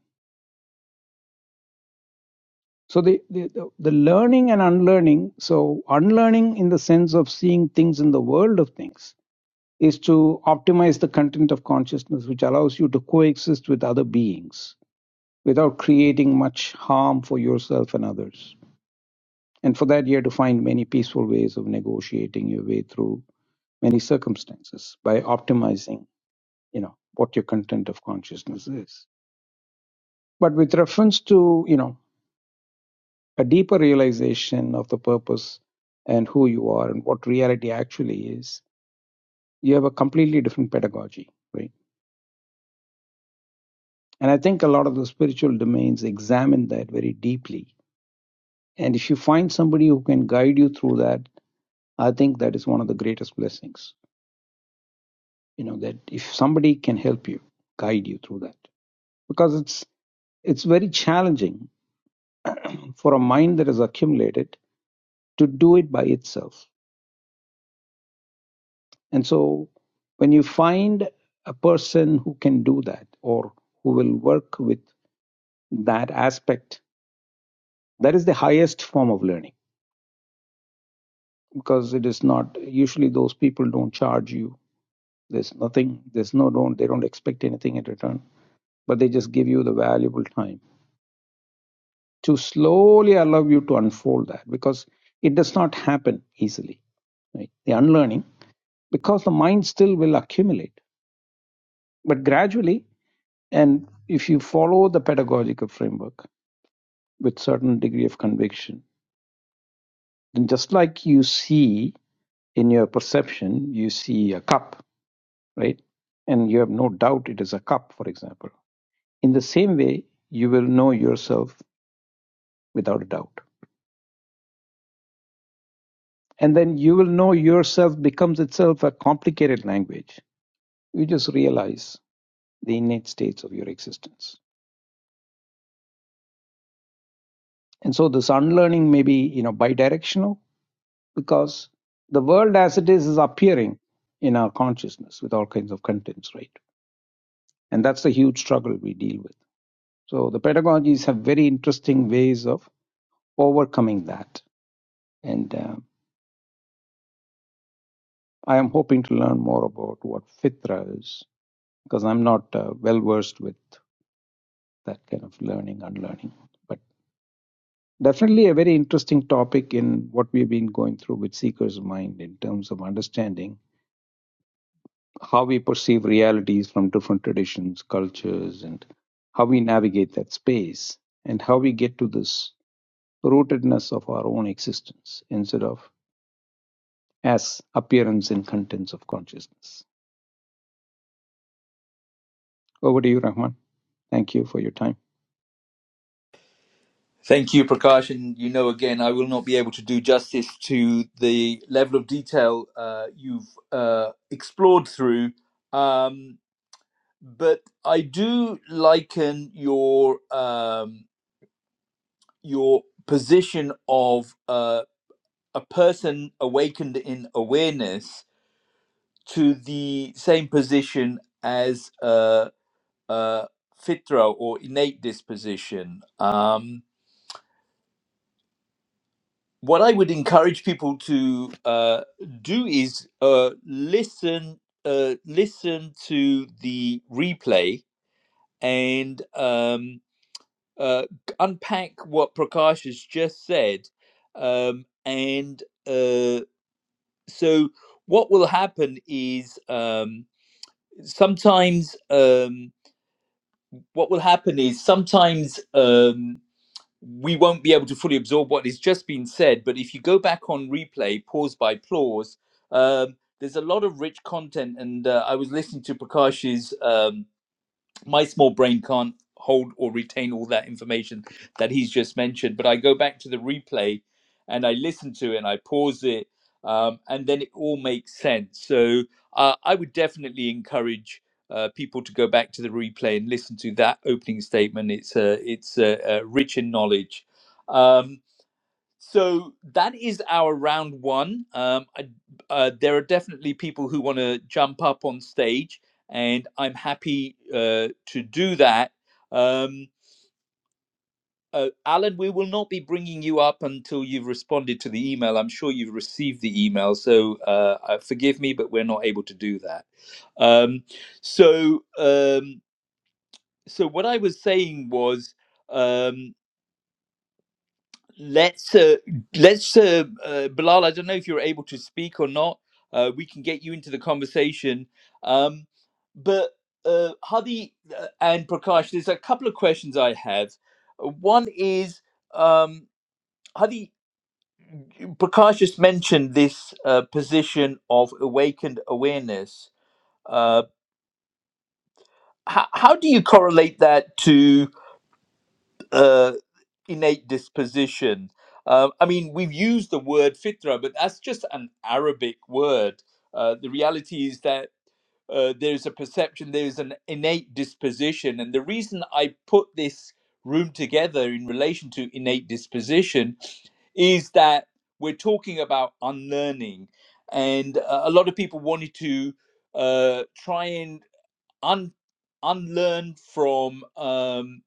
So the, the, the learning and unlearning, so unlearning in the sense of seeing things in the world of things is to optimize the content of consciousness, which allows you to coexist with other beings without creating much harm for yourself and others. And for that, you have to find many peaceful ways of negotiating your way through many circumstances by optimizing, you know, what your content of consciousness is. But with reference to, you know, a deeper realization of the purpose and who you are and what reality actually is, you have a completely different pedagogy, right? And I think a lot of the spiritual domains examine that very deeply. And if you find somebody who can guide you through that, I think that is one of the greatest blessings. You know, that if somebody can help you, guide you through that. Because it's it's very challenging for a mind that is accumulated to do it by itself. And so when you find a person who can do that or who will work with that aspect, that is the highest form of learning because it is not usually those people don't charge you there's nothing there's no don't they don't expect anything in return but they just give you the valuable time to slowly allow you to unfold that because it does not happen easily right the unlearning because the mind still will accumulate but gradually and if you follow the pedagogical framework with certain degree of conviction then just like you see in your perception you see a cup right? And you have no doubt it is a cup, for example. In the same way, you will know yourself without a doubt. And then you will know yourself becomes itself a complicated language. You just realize the innate states of your existence. And so this unlearning may be, you know, bidirectional because the world as it is is appearing in our consciousness with all kinds of contents, right? And that's the huge struggle we deal with. So the pedagogies have very interesting ways of overcoming that. And um, I am hoping to learn more about what fitra is because I'm not uh, well versed with that kind of learning and learning. But definitely a very interesting topic in what we've been going through with Seeker's Mind in terms of understanding how we perceive realities from different traditions, cultures, and how we navigate that space and how we get to this rootedness of our own existence instead of as appearance and contents of consciousness. Over to you, Rahman. Thank you for your time.
Thank you, Prakash. And you know, again, I will not be able to do justice to the level of detail uh, you've uh, explored through. Um, but I do liken your um, your position of uh, a person awakened in awareness to the same position as a, a fitra or innate disposition. Um, what I would encourage people to uh, do is uh, listen, uh, listen to the replay and um, uh, unpack what Prakash has just said. Um, and uh, so, what will happen is. Um, sometimes um, what will happen is sometimes um, we won't be able to fully absorb what has just been said. But if you go back on replay, pause by pause, um, there's a lot of rich content. And uh, I was listening to Prakash's. Um, my small brain can't hold or retain all that information that he's just mentioned. But I go back to the replay and I listen to it and I pause it, um, and then it all makes sense. So uh, I would definitely encourage uh, people to go back to the replay and listen to that opening statement. It's uh, it's uh, uh, rich in knowledge. Um, so that is our round one. Um, I, uh, there are definitely people who want to jump up on stage, and I'm happy uh, to do that. Um, uh, Alan, we will not be bringing you up until you've responded to the email. I'm sure you've received the email, so uh, uh, forgive me, but we're not able to do that. Um, so, um, so what I was saying was. Um, Let's uh, let's uh, uh, Bilal. I don't know if you're able to speak or not. Uh, we can get you into the conversation. Um, but uh, Hadi uh, and Prakash, there's a couple of questions I have. Uh, One is um, Hadi. Prakash just mentioned this uh, position of awakened awareness. Uh, how, how do you correlate that to? uh, innate disposition. Um, I mean, we've used the word fitra, but that's just an Arabic word. Uh, the reality is that uh, there's a perception, there's an innate disposition. And the reason I put this room together in relation to innate disposition is that we're talking about unlearning. And uh, a lot of people wanted to uh, try and un unlearn from um,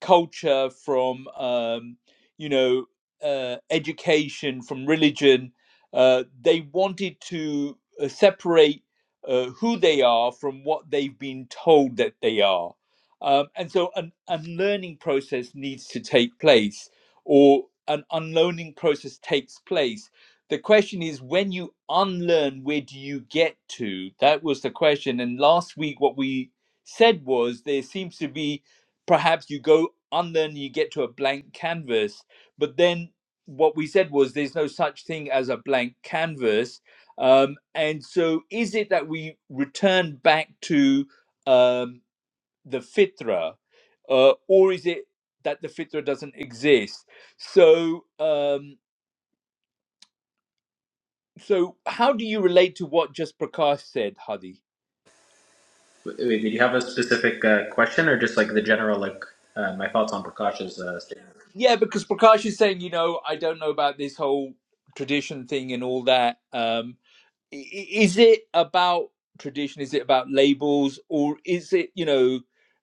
culture, from um, you know uh, education, from religion. Uh, they wanted to uh, separate uh, who they are from what they've been told that they are, um, and so an unlearning process needs to take place, or an unlearning process takes place the question is when you unlearn where do you get to that was the question and last week what we said was there seems to be perhaps you go unlearn you get to a blank canvas but then what we said was there's no such thing as a blank canvas um, and so is it that we return back to um, the fitra uh, or is it that the fitra doesn't exist so um, so, how do you relate to what just Prakash said, Hadi?
Wait, wait, did you have a specific uh, question or just like the general, like uh, my thoughts on Prakash's uh, statement?
Yeah, because Prakash is saying, you know, I don't know about this whole tradition thing and all that. Um, i- i- is it about tradition? Is it about labels, or is it, you know,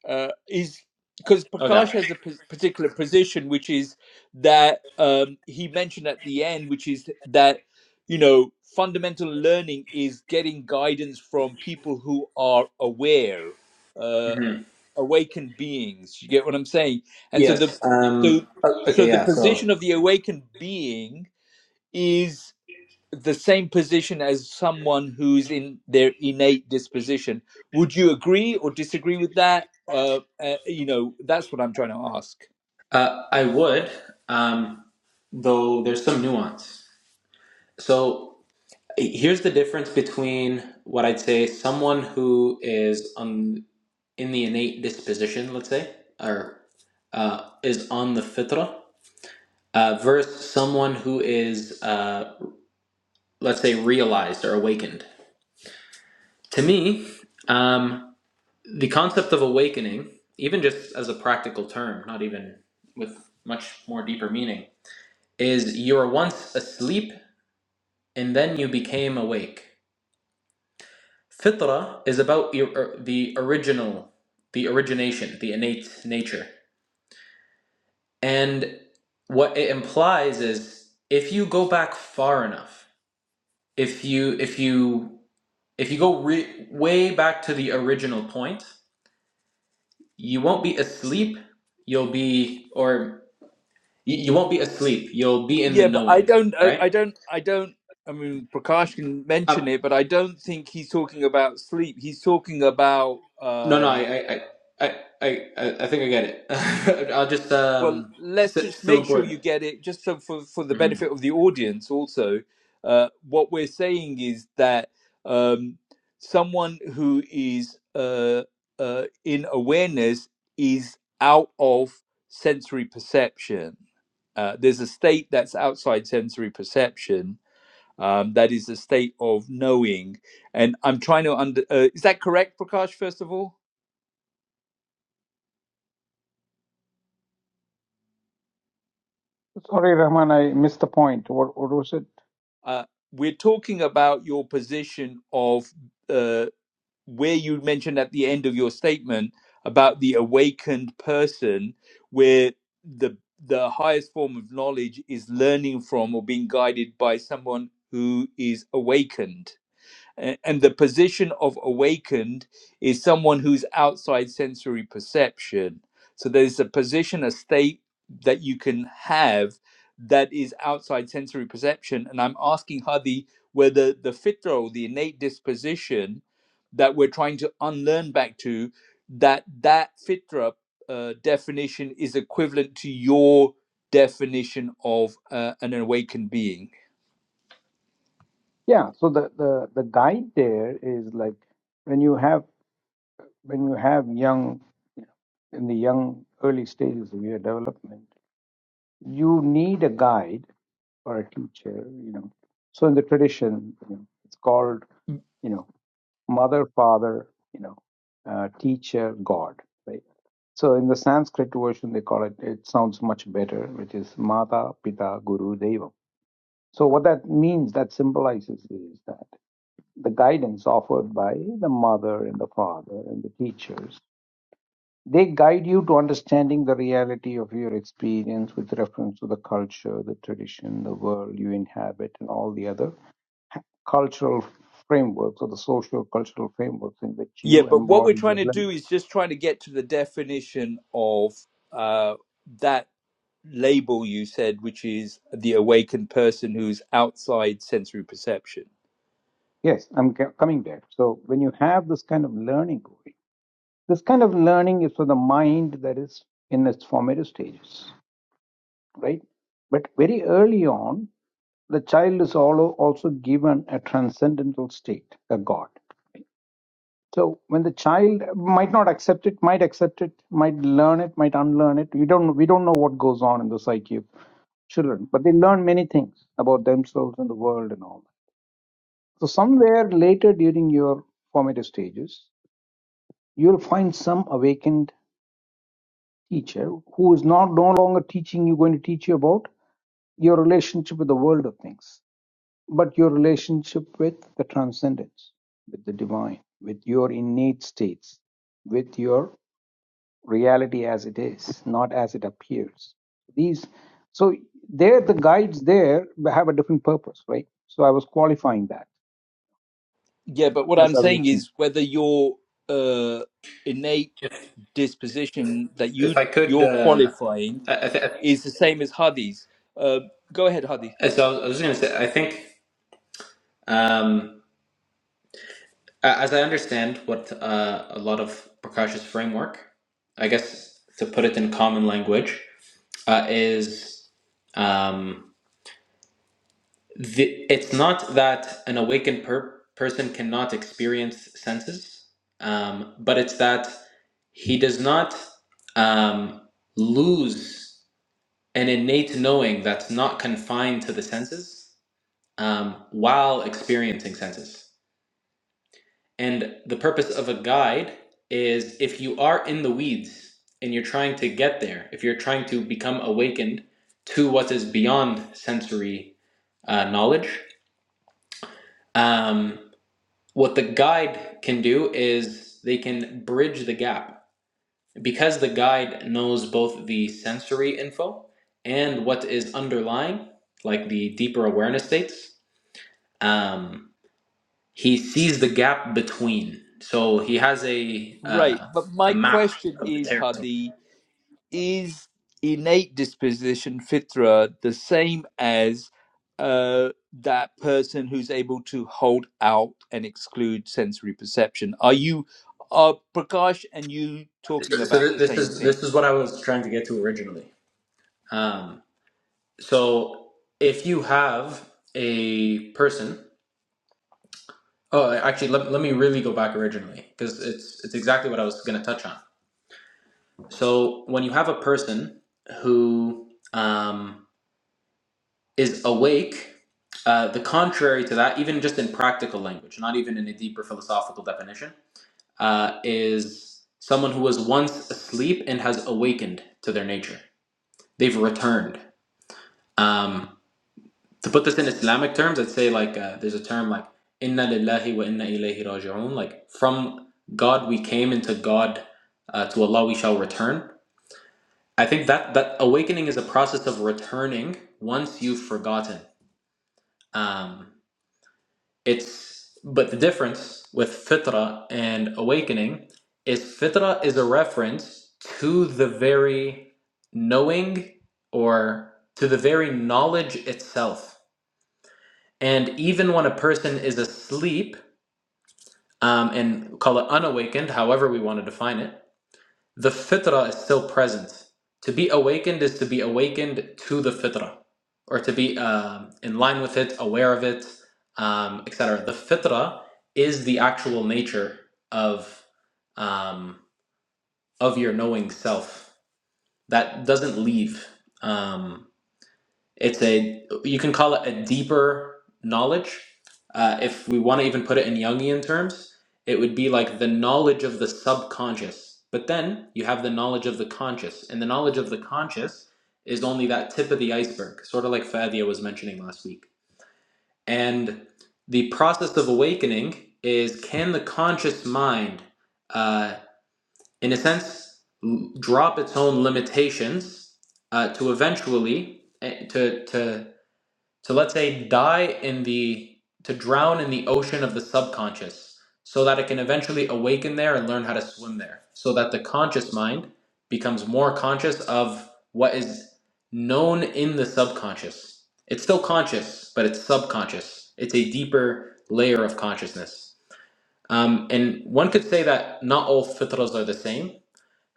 uh, is because
Okay.
Prakash has a p- particular position, which is that um, he mentioned at the end, which is that you know, fundamental learning is getting guidance from people who are aware Uh,
hmm
awakened beings. You get what I'm saying? And so the
Yes.
so
Um, o-
so
okay,
the
yeah. So
position of the awakened being is the same position as someone who's in their innate disposition. Would you agree or disagree with that? Uh, uh, you know, that's what I'm trying to ask.
uh, I would, um, though there's some nuance. So here's the difference between what I'd say someone who is on. in the innate disposition, let's say, or uh, is on the fitrah uh, versus someone who is, uh, let's say, realized or awakened. To me, um, the concept of awakening, even just as a practical term, not even with much more deeper meaning, is you were once asleep and then you became awake. Fitrah is about your, er, the original, the origination, the innate nature. And what it implies is if you go back far enough, if you if you if you go re- way back to the original point, you won't be asleep, you'll be or you, you won't be asleep, you'll be in the
Yeah, but I
knowing,
don't, I,
right?
I don't, I don't. I mean, Prakash can mention
Um
it, but I don't think he's talking about sleep. He's talking about
no no,
um,
I I I I I, I think I get it. [laughs] I'll just
Well,
um it's
let's
it's
just
still
make sure you
important.
get it, just so for, for the
hmm
benefit of the audience also. Uh, what we're saying is that um, someone who is uh, uh, in awareness is out of sensory perception. Uh, there's a state that's outside sensory perception. Um, that is a state of knowing. And I'm trying to under. Uh, is that correct, Prakash, first of all?
Sorry, Rahman, I missed the point. What what was it?
Uh, we're talking about your position of. uh, where you mentioned at the end of your statement about the awakened person where the the highest form of knowledge is learning from or being guided by someone who is awakened a- And the position of awakened is someone who's outside sensory perception. So there's a position, a state that you can have that is outside sensory perception. And I'm asking Hadi whether the fitro, the innate disposition that we're trying to unlearn back to, that that fitra uh, definition is equivalent to your definition of uh, an awakened being.
Yeah, so the, the, the guide there is like when you have when you have young in the young early stages of your development, you need a guide or a teacher, you know. So in the tradition, you know, it's called, you know, mother, father, you know, uh, teacher, God, right? So in the Sanskrit version, they call it. It sounds much better, which is Mata, Pita, Guru, Deva. So what that means, that symbolizes is that the guidance offered by the mother and the father and the teachers, they guide you to understanding the reality of your experience with reference to the culture, the tradition, the world you inhabit, and all the other cultural frameworks or the social cultural frameworks in which
Yeah,
you
but what we're
embody
trying
your
to do
learning.
is just trying to get to the definition of uh, that label you said, which is the awakened person who's outside sensory perception.
Yes, I'm c- coming there. So when you have this kind of learning going, this kind of learning is for the mind that is in its formative stages right? But very early on, the child is also given a transcendental state, a God. So when the child might not accept it, might accept it, might learn it, might unlearn it, we don't we don't know what goes on in the psyche of children, but they learn many things about themselves and the world and all. that. So somewhere later during your formative stages, you'll find some awakened teacher who is not no longer teaching you, going to teach you about your relationship with the world of things but your relationship with the transcendence, with the divine, with your innate states, with your reality as it is, not as it appears. These, so there, the guides there have a different purpose, right? So I was qualifying that
Yeah, but what I'm
as I was.
saying is whether your uh, innate
If,
disposition that
if
you
I could
you're
uh
qualifying
I, I, th- I
is the same as Hadi's. Uh, go ahead, Hadi.
so I was, I was gonna say I think um Uh, as I understand what uh, a lot of Prakash's framework, I guess to put it in common language, uh, is um, the, it's not that an awakened per- person cannot experience senses, um, but it's that he does not um, lose an innate knowing that's not confined to the senses um, while experiencing senses. And the purpose of a guide is if you are in the weeds and you're trying to get there, if you're trying to become awakened to what is beyond sensory uh, knowledge, um, what the guide can do is they can bridge the gap. Because the guide knows both the sensory info and what is underlying, like the deeper awareness states. Um, he sees the gap between. So he has a
Right,
uh,
but my
a map
question
of the
is,
territory.
Hadi, is innate disposition fitra the same as uh, that person who's able to hold out and exclude sensory perception are you are prakash and you talking
So
about the
th- this
same
is
thing
this is what I was trying to get to originally. Um, so if you have a person, oh, actually, let, let me really go back originally because it's it's exactly what I was going to touch on. So when you have a person who um, is awake. Uh, the contrary to that, even just in practical language, not even in a deeper philosophical definition, uh, is someone who was once asleep and has awakened to their nature. They've returned. Um, to put this in Islamic terms, I'd say like uh, there's a term like "Inna lillahi wa inna ilayhi raji'un," like from God we came, and to God, uh, to Allah we shall return. I think that that awakening is a process of returning once you've forgotten. Um, It's but the difference with fitra and awakening is fitra is a reference to the very knowing or to the very knowledge itself. And even when a person is asleep um, and call it unawakened, however we want to define it, the fitrah is still present. To be awakened is to be awakened to the fitrah, or to be um, in line with it, aware of it, um, et cetera. The fitrah is the actual nature of um, of your knowing self that doesn't leave. Um, it's a you can call it a deeper knowledge. Uh, if we want to even put it in Jungian terms, it would be like the knowledge of the subconscious. But then you have the knowledge of the conscious, and the knowledge of the conscious is only that tip of the iceberg, sort of like Fadia was mentioning last week. And the process of awakening is can the conscious mind, uh, in a sense, l- drop its own limitations uh, to eventually eh, to to to let's say die in the to drown in the ocean of the subconscious so that it can eventually awaken there and learn how to swim there so that the conscious mind becomes more conscious of what is known in the subconscious it's still conscious but it's subconscious it's a deeper layer of consciousness um, and one could say that not all fitras are the same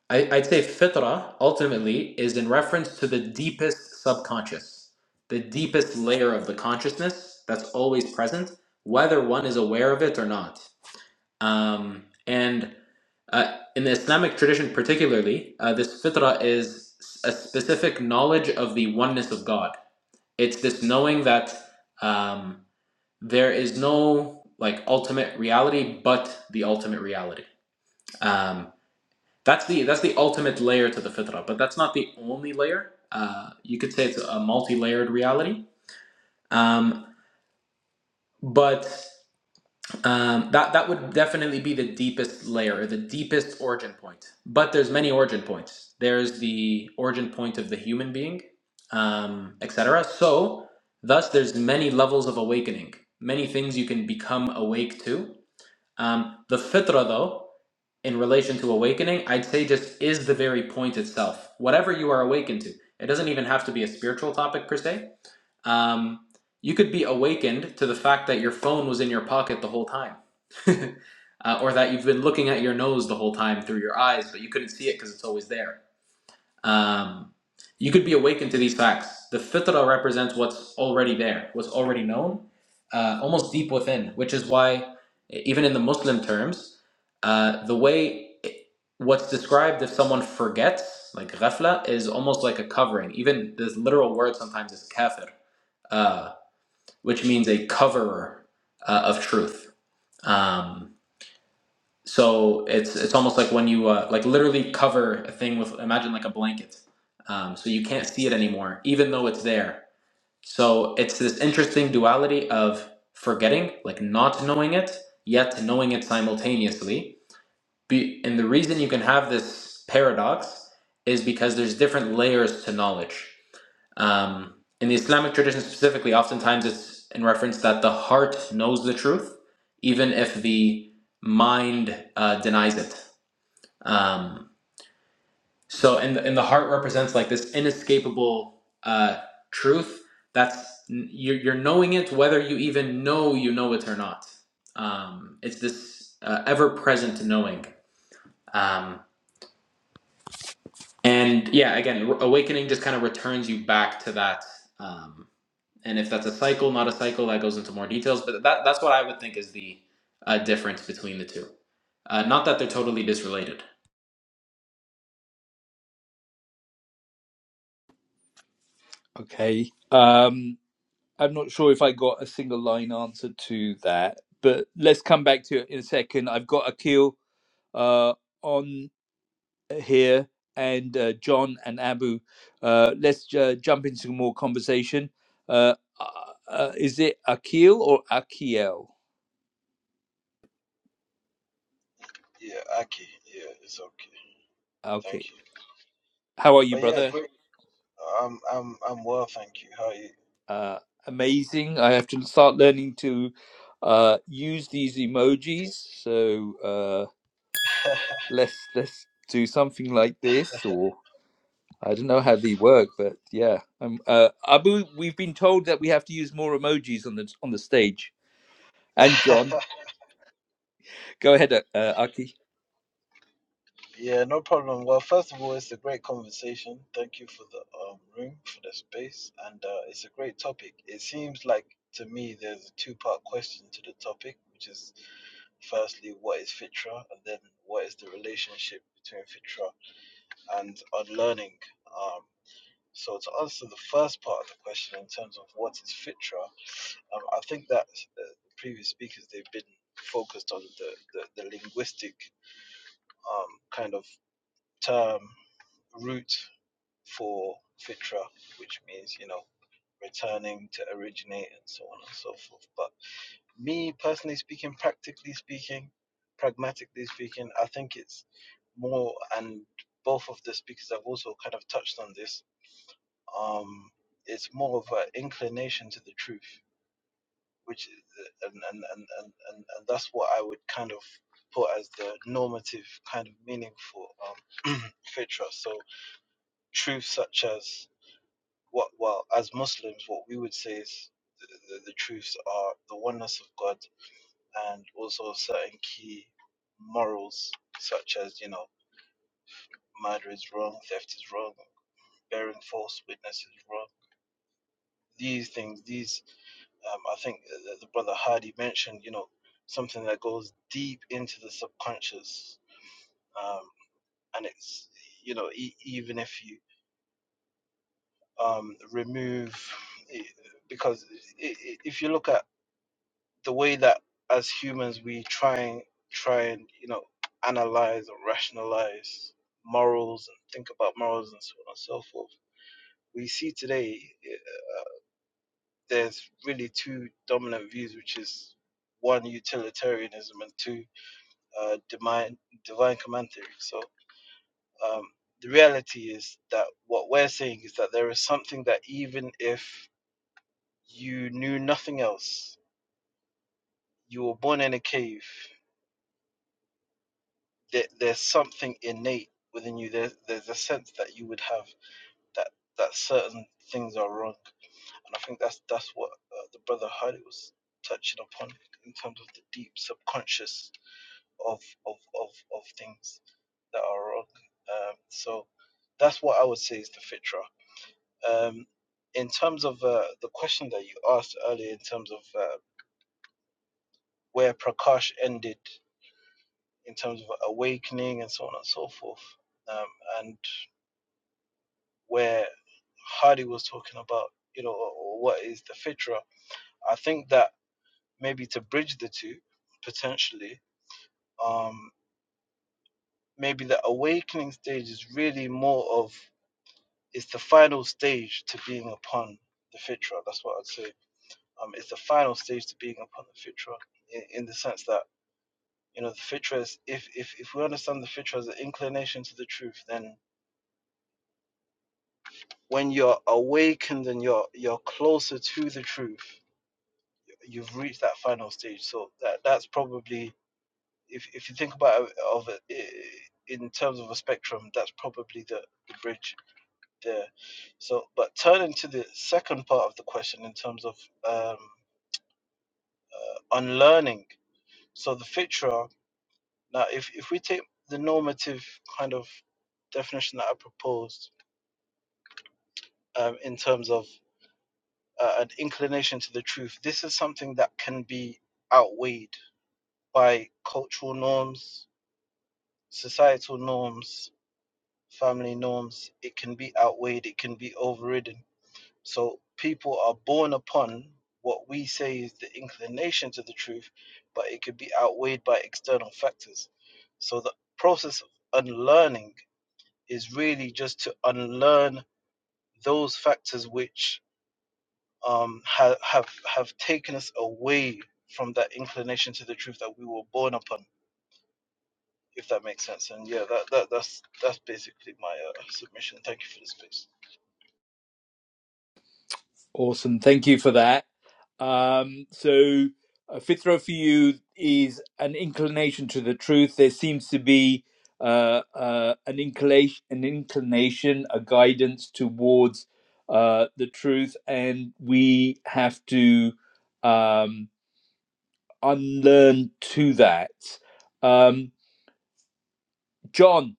I, I'd say fitra ultimately is in reference to the deepest subconscious, the deepest layer of the consciousness that's always present, whether one is aware of it or not. Um, and uh, in the Islamic tradition, particularly, uh, this fitra is a specific knowledge of the oneness of God. It's this knowing that um, there is no like ultimate reality but the ultimate reality. Um, that's the that's the ultimate layer to the fitrah, but that's not the only layer. Uh, you could say it's a multi-layered reality, um, but um, that that would definitely be the deepest layer, or the deepest origin point. But there's many origin points. There's the origin point of the human being, um, etc. So, thus, there's many levels of awakening, many things you can become awake to. Um, the fitrah, though. in relation to awakening, I'd say just is the very point itself. Whatever you are awakened to, it doesn't even have to be a spiritual topic per se. Um, you could be awakened to the fact that your phone was in your pocket the whole time, [laughs] uh, or that you've been looking at your nose the whole time through your eyes, but you couldn't see it because it's always there um, you could be awakened to these facts. The fitrah represents what's already there, what's already known, uh, almost deep within, which is why, even in the Muslim terms, uh, the way what's described if someone forgets, like ghafla, is almost like a covering. Even the literal word sometimes is kafir, uh, which means a coverer uh, of truth. Um, so it's it's almost like when you uh, like literally cover a thing with imagine like a blanket um, so you can't see it anymore even though it's there so it's this interesting duality of forgetting like not knowing it yet knowing it simultaneously Be- and the reason you can have this paradox is because there's different layers to knowledge um, in the Islamic tradition specifically, oftentimes it's in reference that the heart knows the truth, even if the mind uh, denies it. Um, so, and and the heart represents like this inescapable uh, truth that's you're, you're knowing it whether you even know you know it or not. Um, it's this uh, ever present knowing. Um, and yeah, again, awakening just kind of returns you back to that. Um, and if that's a cycle, not a cycle, that goes into more details. But that that's what I would think is the uh, difference between the two. Uh, not that they're totally disrelated.
okay um i'm not sure if i got a single line answer to that but let's come back to it in a second i've got Akhil uh on here, and uh, John and Abu. Uh, let's uh, jump into some more conversation. Uh, uh, uh, is it Akil or Akiel?
Yeah, Aki. Yeah, it's okay.
Okay.
Thank you.
How are you,
But yeah,
brother?
great. I'm I'm I'm well, thank you. How are you?
Uh, amazing. I have to start learning to uh, use these emojis. So uh, let's let's do something like this, or I don't know how they work, but yeah. Um, uh, Abu, we've been told that we have to use more emojis on the on the stage. And
Good.
John, go ahead, uh, Aki.
[laughs] yeah, no problem. Well, first of all, it's a great conversation. Thank you for the um, room, for the space, and uh, it's a great topic. It seems like to me there's a two-part question to the topic, which is firstly what is fitra, and then what is the relationship between fitra and unlearning. Um, so to answer the first part of the question in terms of what is fitra, Um, I think that uh, the previous speakers they've been focused on the the, the linguistic um, kind of term root for fitra, which means you know returning to originate and so on and so forth. But me personally speaking, practically speaking, pragmatically speaking, I think it's more and both of the speakers have also kind of touched on this. Um, it's more of an inclination to the truth which and and, and, and, and and that's what I would kind of put as the normative kind of meaning for um, fitra. So truths such as what well as Muslims, what we would say is the, the, the truths are the oneness of God and also certain key morals such as you know murder is wrong, theft is wrong, bearing false witness is wrong. These things, these Um, I think uh, the brother Hardy mentioned, you know, something that goes deep into the subconscious, um, and it's you know e- even if you um, remove, eh, because i- i- if you look at the way that as humans we try and try and you know analyze and rationalize morals and think about morals and so on and so forth. We see today eh, uh, there's really two dominant views, which is one utilitarianism and two uh, divine divine command theory. So um, the reality is that what we're saying is that there is something that even if you knew nothing else, you were born in a cave. There, there's something innate within you. There's there's a sense that you would have that that certain things are wrong, and I think that's that's what uh, the brother Hardy was touching upon in terms of the deep subconscious of of of, of things that are wrong. Um, so that's what I would say is the fitra. Um, in terms of uh, the question that you asked earlier, in terms of uh, where Prakash ended, in terms of awakening and so on and so forth, um, and where Hardy was talking about, you know, what is the fitra? I think that maybe to bridge the two potentially, um, maybe the awakening stage is really more of it's the final stage to being upon the fitra. That's what I'd say. Um, it's the final stage to being upon the fitra in, in the sense that you know the fitra is if if if we understand the fitra as an inclination to the truth, then when you're awakened and you're you're closer to the truth, you've reached that final stage. So that that's probably if if you think about it, of it in terms of a spectrum, that's probably the, the bridge there. So, but turning to the second part of the question in terms of um, On learning, So the fitra, now if, if we take the normative kind of definition that I proposed um, in terms of uh, an inclination to the truth, this is something that can be outweighed by cultural norms, societal norms, family norms. It can be outweighed, it can be overridden. So people are born upon what we say is the inclination to the truth, but it could be outweighed by external factors. So the process of unlearning is really just to unlearn those factors which um, ha- have have taken us away from that inclination to the truth that we were born upon. If that makes sense, and yeah, that, that that's that's basically my uh, submission. Thank you for the space.
Awesome. Thank you for that. Um, so, uh, Fitra for you is an inclination to the truth. There seems to be uh, uh, an inclination, an inclination, a guidance towards uh, the truth, and we have to um, unlearn to that. Um, John,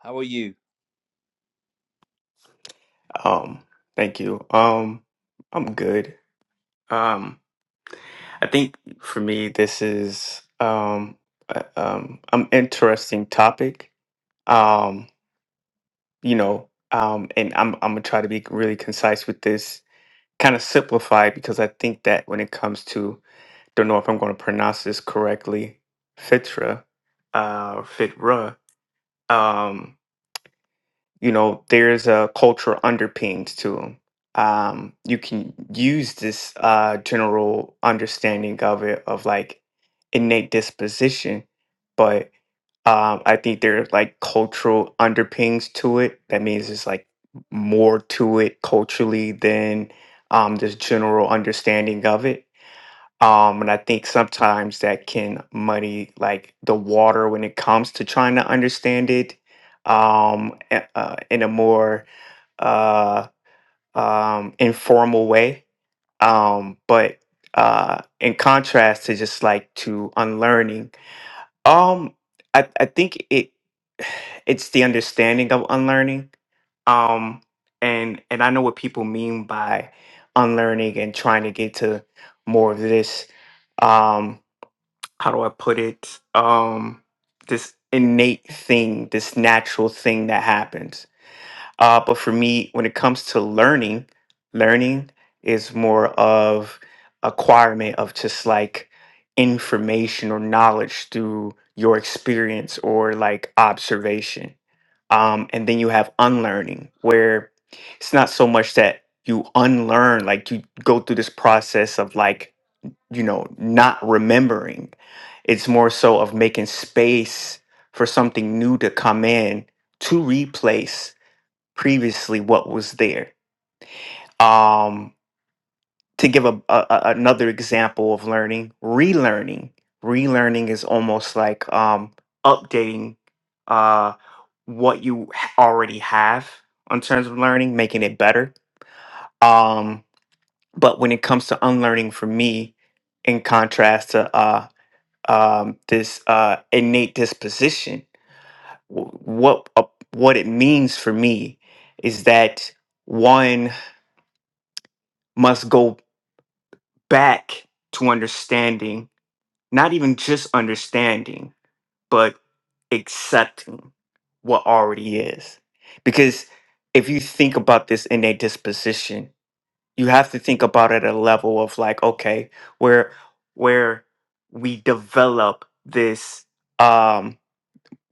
how are you?
Um, thank you. Um, I'm good. Um, I think for me, this is um, uh, um, an interesting topic. Um, you know, um, and I'm I'm gonna try to be really concise with this, kind of simplified because I think that when it comes to, don't know if I'm going to pronounce this correctly, Fitra, uh, Fitra. Um, you know there's a cultural underpinnings to them um you can use this uh general understanding of it of like innate disposition but um i think there's like cultural underpinnings to it that means it's like more to it culturally than um this general understanding of it um, and I think sometimes that can muddy like the water when it comes to trying to understand it um, a- uh, in a more uh, um, informal way. Um, but uh, in contrast to just like to unlearning, um, I, I think it it's the understanding of unlearning. Um, and and I know what people mean by unlearning and trying to get to more of this. Um, how do I put it? Um, this innate thing, this natural thing that happens. Uh, but for me, when it comes to learning, learning is more of acquirement of just like information or knowledge through your experience or like observation. Um, and then you have unlearning, where it's not so much that you unlearn, like you go through this process of like you know, not remembering. It's more so of making space for something new to come in to replace previously what was there. Um, to give a, a a- another example of learning, relearning. Relearning is almost like um, updating uh, what you h- already have in terms of learning, making it better. Um, but when it comes to unlearning, for me, in contrast to uh, um, this uh, innate disposition. W- What uh, what it means for me is that one must go back to understanding, not even just understanding, but accepting what already is. Because if you think about this innate disposition, you have to think about it at a level of like, okay, where where we develop this. Um,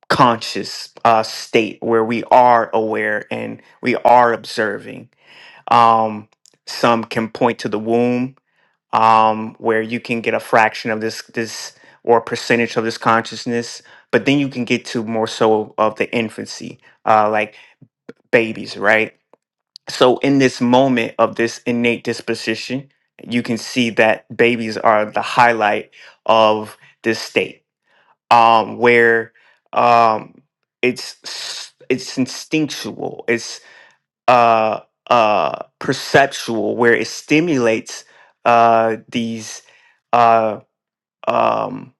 conscious uh, state where we are aware and we are observing. Um, some can point to the womb, um, where you can get a fraction of this this or percentage of this consciousness, but then you can get to more so of the infancy, uh, like babies, right? So in this moment of this innate disposition, you can see that babies are the highlight of this state um, where um, it's s- it's instinctual, it's uh, uh, perceptual, where it stimulates uh, these uh, um,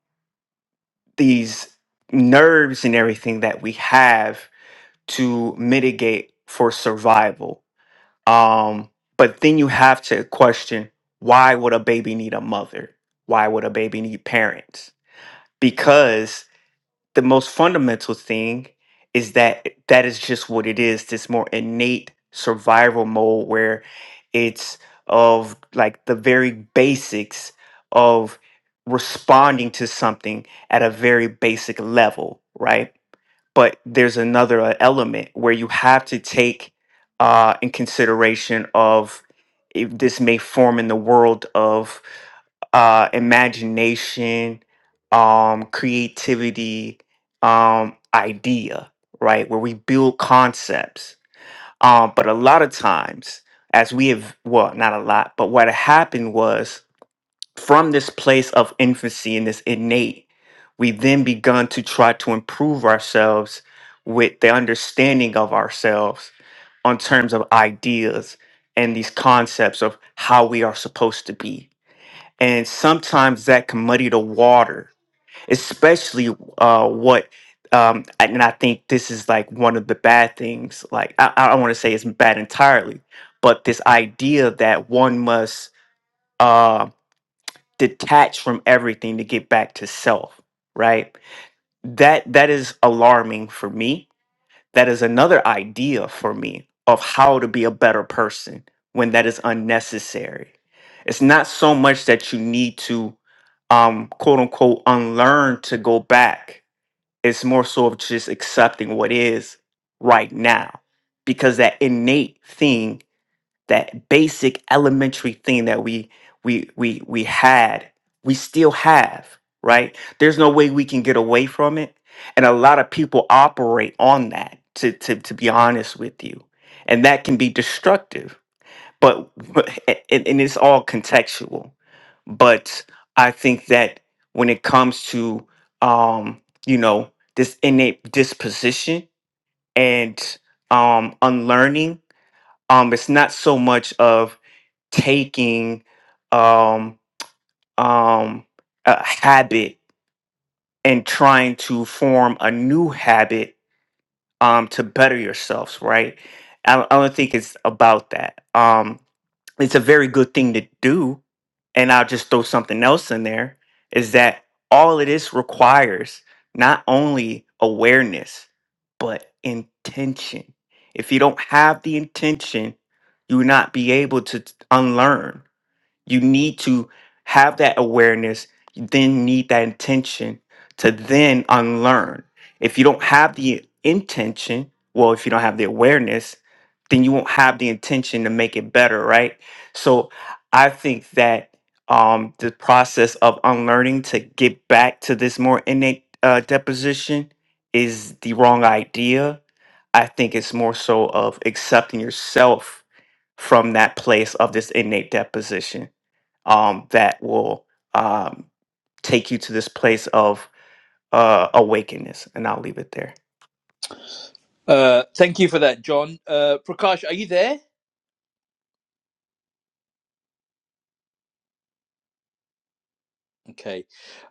these nerves and everything that we have to mitigate for survival. Um, but then you have to question why would a baby need a mother? Why would a baby need parents? Because the most fundamental thing is that that is just what it is this more innate survival mode where it's of like the very basics of responding to something at a very basic level right but there's another uh, element where you have to take uh, in consideration of if this may form in the world of uh, imagination, um, creativity, um, idea, right? Where we build concepts. Um, but a lot of times, as we have, well, not a lot, but what happened was from this place of infancy and this innate, we then begun to try to improve ourselves with the understanding of ourselves on terms of ideas and these concepts of how we are supposed to be. And sometimes that can muddy the water, especially uh, what, um, and I think this is like one of the bad things. Like, I, I don't want to say it's bad entirely, but this idea that one must. Um, detach from everything to get back to self right that that is alarming for me that is another idea for me of how to be a better person when that is unnecessary it's not so much that you need to um quote unquote unlearn to go back it's more so of just accepting what is right now because that innate thing that basic elementary thing that we we we we had we still have right there's no way we can get away from it and a lot of people operate on that to to, to be honest with you and that can be destructive but [laughs] but- and, and it's all contextual but i think that when it comes to um you know this innate disposition and um unlearning um it's not so much of taking um um a habit and trying to form a new habit um to better yourselves right i don't, I don't think it's about that um it's a very good thing to do and i'll just throw something else in there is that all of this requires not only awareness but intention if you don't have the intention you will not be able to t- unlearn you need to have that awareness. You then need that intention to then unlearn. If you don't have the intention, well, if you don't have the awareness, then you won't have the intention to make it better, right? So I think that um, the process of unlearning to get back to this more innate uh, deposition is the wrong idea. I think it's more so of accepting yourself from that place of this innate deposition um, that will um, take you to this place of uh, awakeness. And I'll leave it there.
Uh, thank you for that, John. Uh, Prakash, are you there? Okay.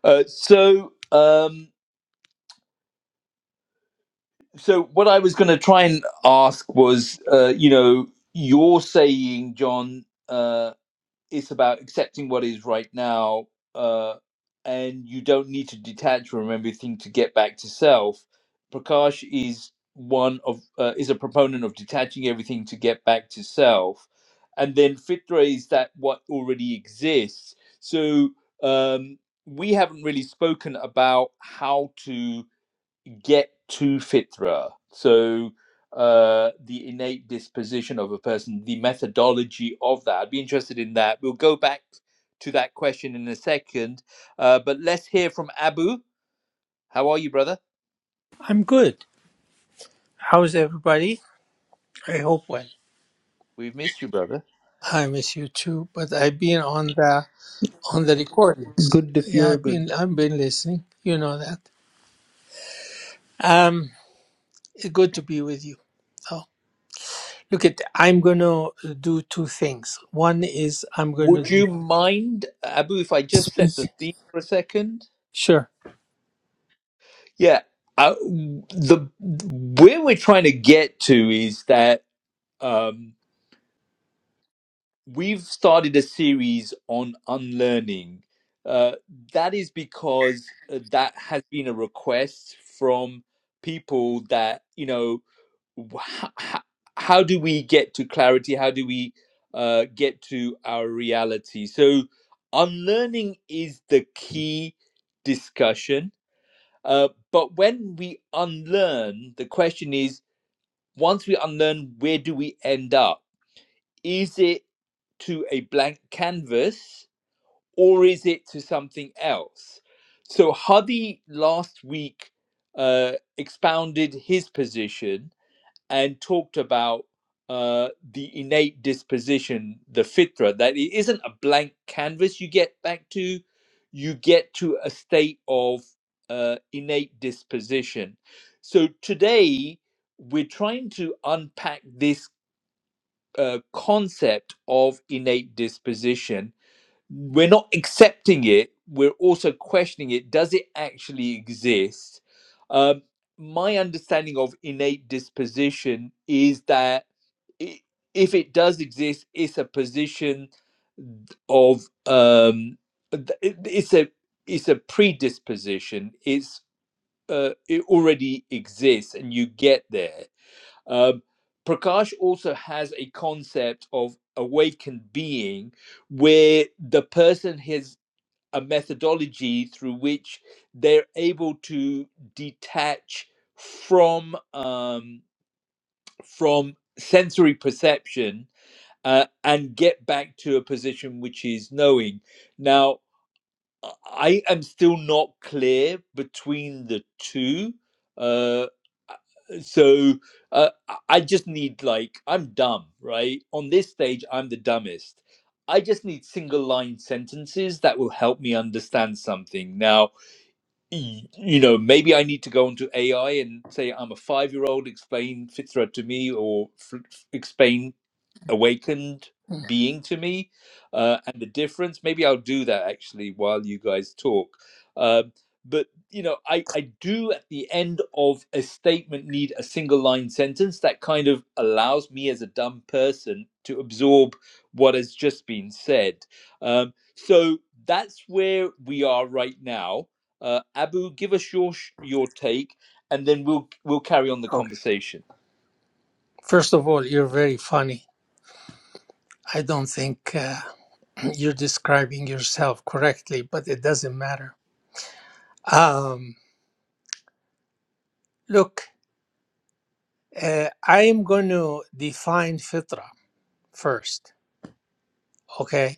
Uh, so. Um, so what I was going to try and ask was, uh, you know, you're saying, John, uh, it's about accepting what is right now, uh, and you don't need to detach from everything to get back to self. Prakash is one of uh, is a proponent of detaching everything to get back to self, and then Fitra is that what already exists. So um, we haven't really spoken about how to get to fitra. So uh, the innate disposition of a person, the methodology of that. I'd be interested in that. We'll go back to that question in a second. Uh, but let's hear from Abu. How are you, brother?
I'm good. How's everybody? I hope well.
We've missed you, brother.
I miss you too, but I've been on the on the recordings.
Good if
Yeah,
you're
I've been
good.
I've been listening. You know that. Um, good to be with you. Oh, look at I'm gonna do two things. One is I'm
Would
gonna do
you mind, Abu, if I just set the theme for a second?
sure.
Yeah, uh, the where we're trying to get to is that. um, we've started a series on unlearning. Uh, that is because uh, that has been a request from people that, you know, how, how do we get to clarity? How do we uh, get to our reality? So, unlearning is the key discussion. Uh, but when we unlearn, the question is once we unlearn, where do we end up? Is it to a blank canvas or is it to something else? So Hadi last week uh, expounded his position and talked about uh, the innate disposition, the fitra, that it isn't a blank canvas you get back to, you get to a state of uh, innate disposition. So today we're trying to unpack this uh, concept of innate disposition, we're not accepting it, we're also questioning it. Does it actually exist? Um, my understanding of innate disposition is that i if it does exist, it's a position of um, th- it- it's a it's a predisposition. It's uh, it already exists, and you get there um, Prakash also has a concept of awakened being where the person has a methodology through which they're able to detach from um, from sensory perception uh, and get back to a position which is knowing. Now, I am still not clear between the two. Uh, uh, so uh, I just need like I'm dumb, right? On this stage, I'm the dumbest. I just need single line sentences that will help me understand something. Now, y- you know, maybe I need to go onto AI and say I'm a five year old. Explain Fitra to me, or f- explain awakened being to me uh, and the difference maybe i'll do that actually while you guys talk Um but you know I, I do at the end of a statement need a single line sentence that kind of allows me as a dumb person to absorb what has just been said um, so that's where we are right now uh, abu give us your sh- your take and then we'll we'll carry on the
Okay.
conversation
First of all, you're very funny. I don't think uh, [clears throat] you're describing yourself correctly, but it doesn't matter. Um, look, uh, I am going to define fitra first. Okay.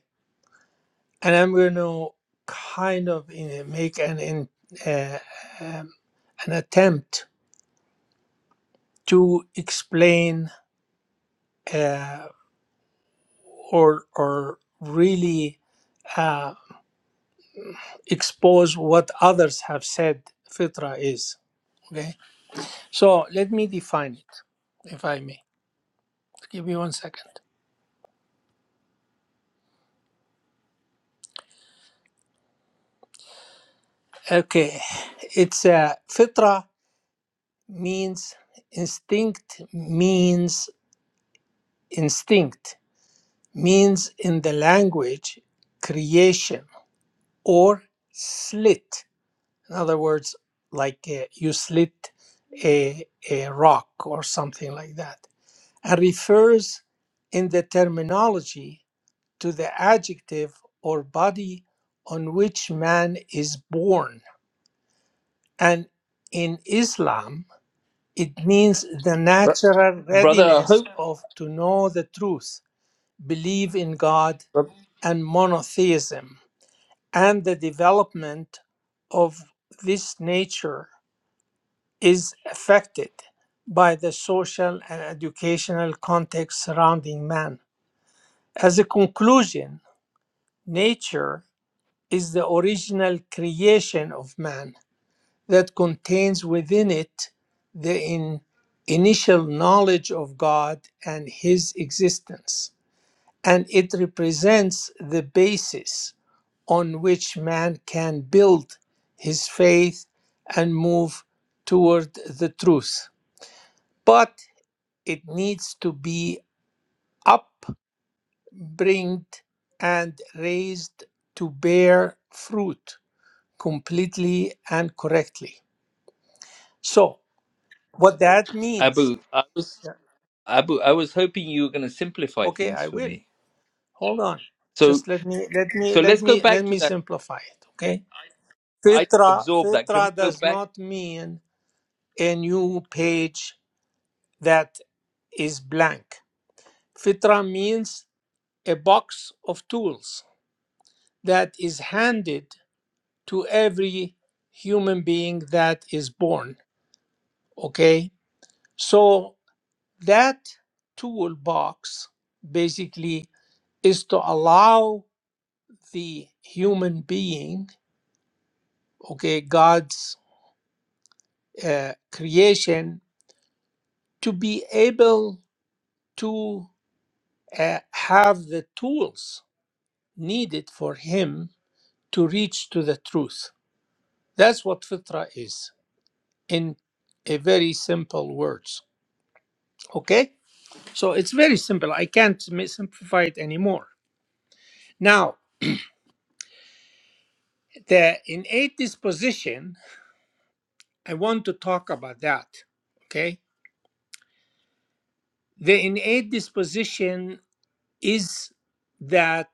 And I'm going to kind of eh, make an, in, uh, um, an attempt to explain uh, or, or really uh, expose what others have said fitra is. Okay. So let me define it, if I may. Give me one second. Okay. It's uh, fitra means instinct, means instinct means in the language creation or slit. In other words, like uh, you slit a, a rock or something like that. And refers in the terminology to the adjective or body on which man is born. And in Islam, it means the
Bro-
natural
brother i
readiness
hope
of to know the truth, believe in God, and monotheism and the development of this nature is affected by the social and educational context surrounding man. As a conclusion, nature is the original creation of man that contains within it the in- initial knowledge of God and his existence. and it represents the basis on which man can build his faith and move toward the truth. But it needs to be upbringed and raised to bear fruit completely and correctly. So, what that means,
abu i was
Yeah.
Abu, I was hoping you were going to simplify
okay,
things
I
for
will.
me.
Hold on.
So,
Just let me let me
so
let
let's go
me let
back to
me
that.
simplify it, okay?
I didn't
Fitra,
absorb that. Can
fitra
we go
does
back,
not mean a new page that is blank. Fitra means a box of tools that is handed to every human being that is born. Okay? So that toolbox basically is to allow the human being, okay, God's uh, creation, to be able to uh, have the tools needed for him to reach to the truth. That's what fitra is in a very simple words. Okay, so it's very simple. I can't mi- simplify it anymore. Now, the innate disposition. I want to talk about that. Okay, the innate disposition is that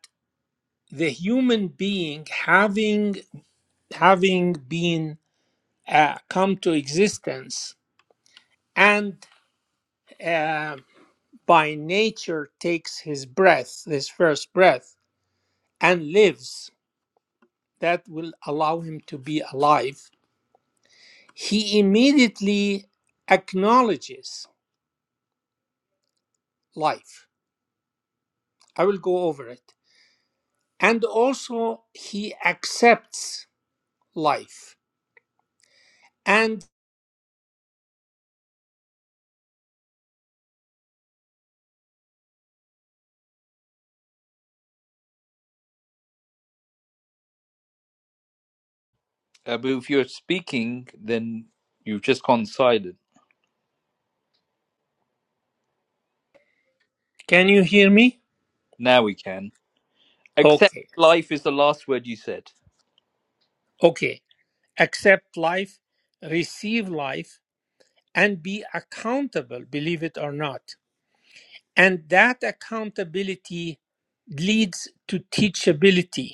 the human being having having been uh, come to existence and uh, by nature takes his breath, his first breath, and lives, that will allow him to be alive, he immediately acknowledges life. I will go over it. And also, he accepts life. And
Abu? If you're speaking, then you've just gone silent.
can you hear me?
Now we can. Accept
Okay.
life is the last word you said.
Okay. Accept life, receive life, and be accountable, believe it or not And that accountability leads to teachability.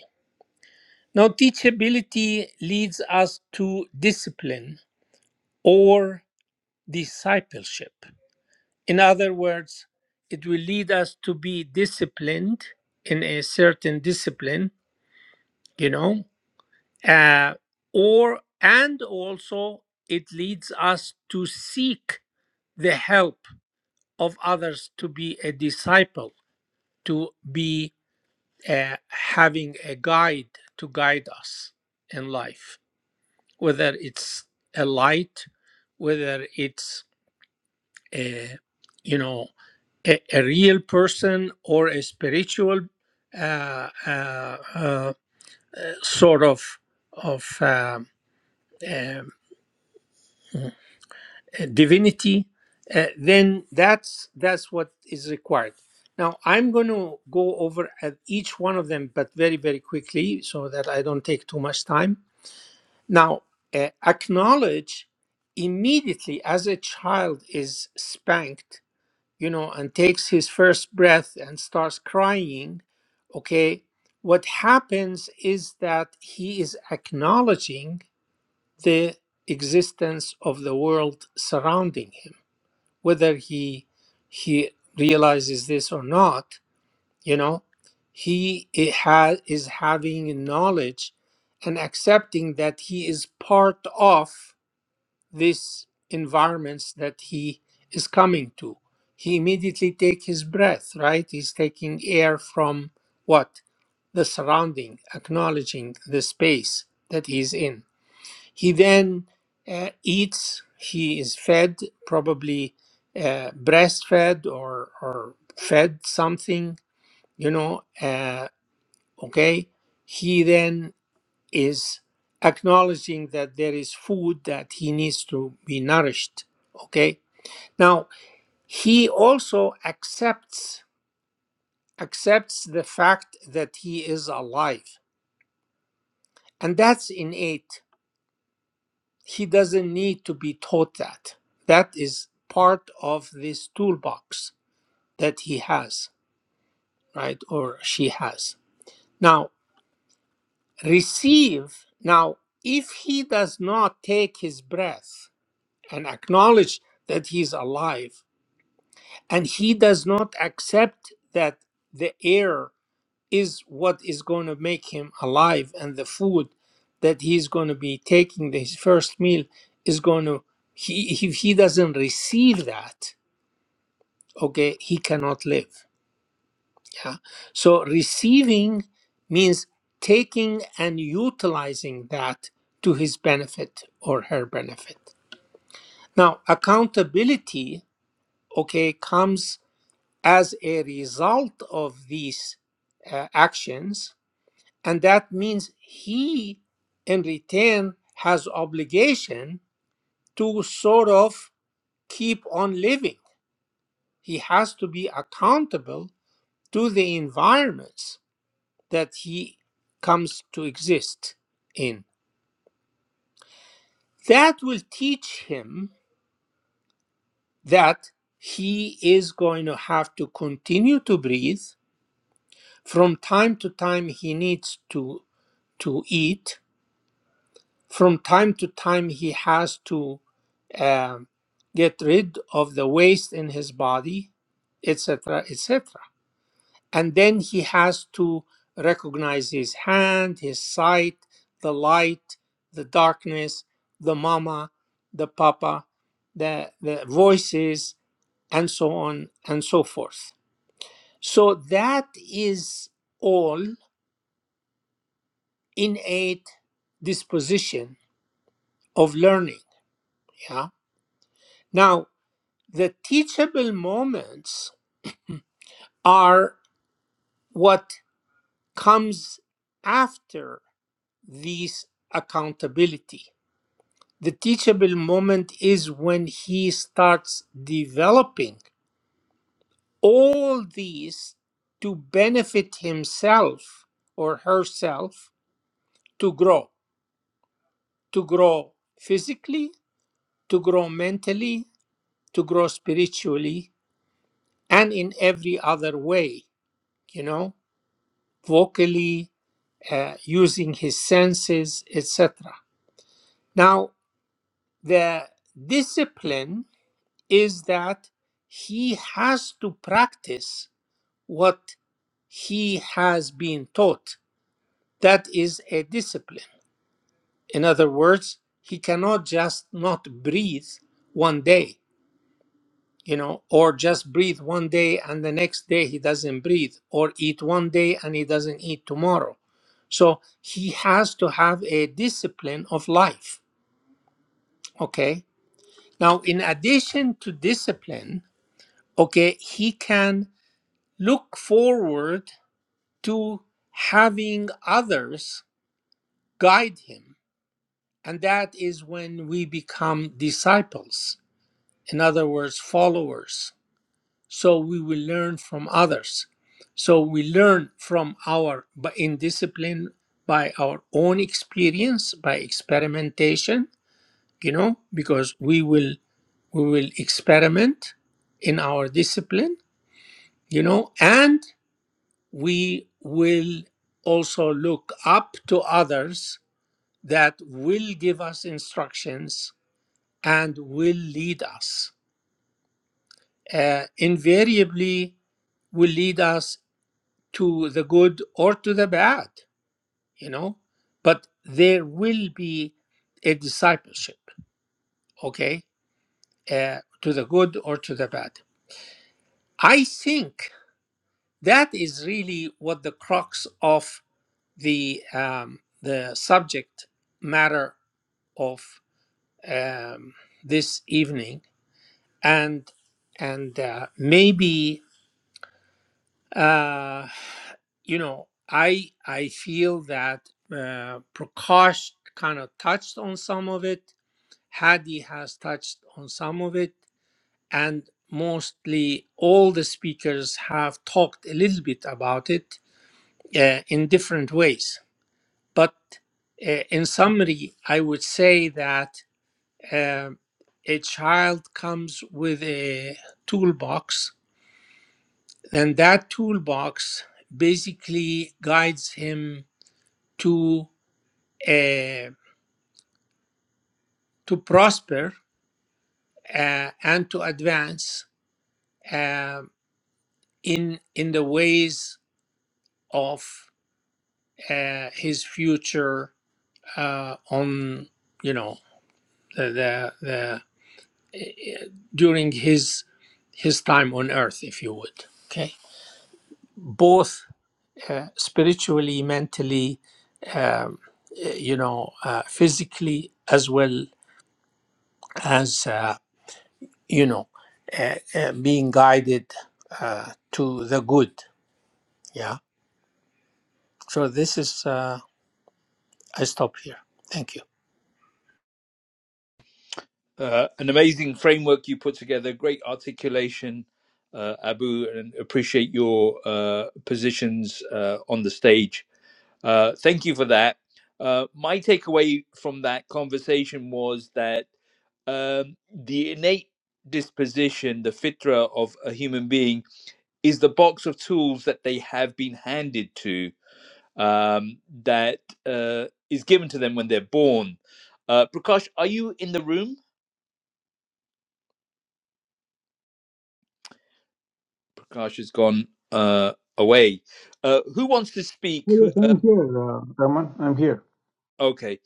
Now, teachability leads us to discipline or discipleship. In other words, it will lead us to be disciplined in a certain discipline, you know, uh, or and also it leads us to seek the help of others to be a disciple, to be uh, having a guide to guide us in life, whether it's a light, whether it's a you know a, a real person or a spiritual uh, uh, uh, sort of of um, um, uh, divinity, uh, then that's that's what is required. Now I'm going to go over at each one of them, but very very quickly, so that I don't take too much time Now, uh, acknowledge immediately as a child is spanked, you know, and takes his first breath and starts crying, okay, what happens is that he is acknowledging the existence of the world surrounding him, whether he he realizes this or not you know he it has is having knowledge and accepting that he is part of this environments that he is coming to he immediately take his breath right he's taking air from what the surrounding acknowledging the space that he's in he then uh, eats he is fed probably uh, breastfed or or fed something you know uh, okay he then is acknowledging that there is food that he needs to be nourished okay now he also accepts accepts the fact that he is alive and that's innate he doesn't need to be taught that that is part of this toolbox that he has right or she has now receive. Now, if he does not take his breath and acknowledge that he's alive, and he does not accept that the air is what is going to make him alive and the food that he's going to be taking his first meal is going to he if he doesn't receive that okay he cannot live Yeah. So receiving means taking and utilizing that to his benefit or her benefit. Now, accountability, okay, comes as a result of these uh, actions. And that means he, in return, has obligation to sort of keep on living. He has to be accountable to the environments that he comes to exist in. That will teach him that he is going to have to continue to breathe. From time to time, he needs to, to eat. From time to time, he has to um, get rid of the waste in his body, etc., etc. and then he has to recognize his hand, his sight, the light, the darkness, the mama, the papa, the, the voices, and so on and so forth. So that is all innate disposition of learning. Yeah. Now, the teachable moments are what comes after these accountability The teachable moment is when he starts developing all these to benefit himself or herself to grow, to grow physically, to grow mentally, to grow spiritually, and in every other way, you know, vocally, uh, using his senses, etc. Now, the discipline is that he has to practice what he has been taught. That is a discipline. In other words, he cannot just not breathe one day, you know, or just breathe one day and the next day he doesn't breathe, or eat one day and he doesn't eat tomorrow. So he has to have a discipline of life. Okay. Now, in addition to discipline, okay, he can look forward to having others guide him. And that is when we become disciples, in other words, followers. So we will learn from others. So we learn from our by- in discipline by our own experience, by experimentation, you know, because we will we will experiment in our discipline, you know, and we will also look up to others that will give us instructions and will lead us. Uh, invariably, will lead us to the good or to the bad, you know, but there will be a discipleship, okay, uh, to the good or to the bad. I think that is really what the crux of the um, the subject matter of um, this evening and and uh, maybe uh, you know i i feel that uh, prakash kind of touched on some of it hadi has touched on some of it and mostly all the speakers have talked a little bit about it uh, in different ways But uh, in summary, I would say that um a child comes with a toolbox, and that toolbox basically guides him to uh, to prosper uh, and to advance uh, in in the ways of uh, his future uh, on you know the the, the during his his time on earth, if you would. Okay, both uh, spiritually, mentally, um, uh, you know, uh, physically, as well as uh, you know, uh, uh, being guided uh, to the good. Yeah. So this is. Uh, I stop here. Thank you.
Uh, an amazing framework you put together. Great articulation, uh, Abu, and appreciate your uh, positions uh, on the stage Uh, thank you for that. Uh, my takeaway from that conversation was that um, the innate disposition, the fitra of a human being, is the box of tools that they have been handed to, um, that uh, is given to them when they're born. Uh, Prakash, are you in the room? Prakash has gone uh, away. Uh, who wants to speak?
Oh, yes,
Who, uh,
I'm here, uh, Raman. I'm here.
okay.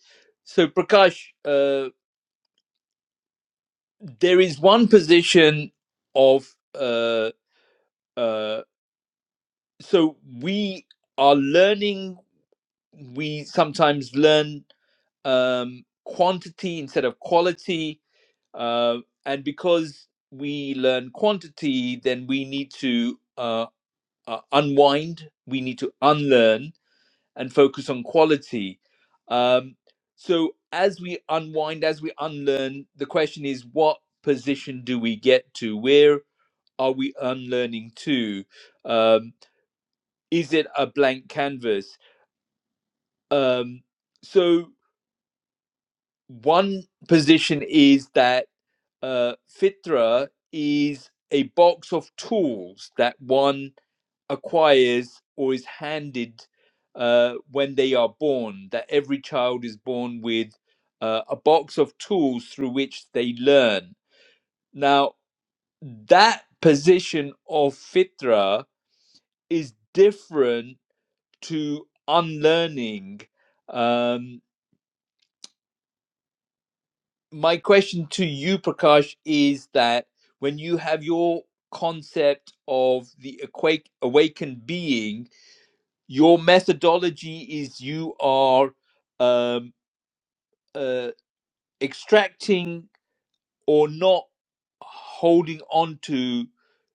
So, Prakash. Uh, there is one position of uh uh so we are learning we sometimes learn um quantity instead of quality uh and because we learn quantity then we need to uh, uh unwind we need to unlearn and focus on quality um so as we unwind as we unlearn the question is what position do we get to where are we unlearning too? Um, is it a blank canvas? Um, so one position is that uh, Fitra is a box of tools that one acquires or is handed uh, when they are born. That every child is born with uh, a box of tools through which they learn. Now that position of Fitra is different to unlearning. Um, my question to you, Prakash, is that when you have your concept of the awake, awakened being, your methodology is you are um, uh, extracting or not holding on to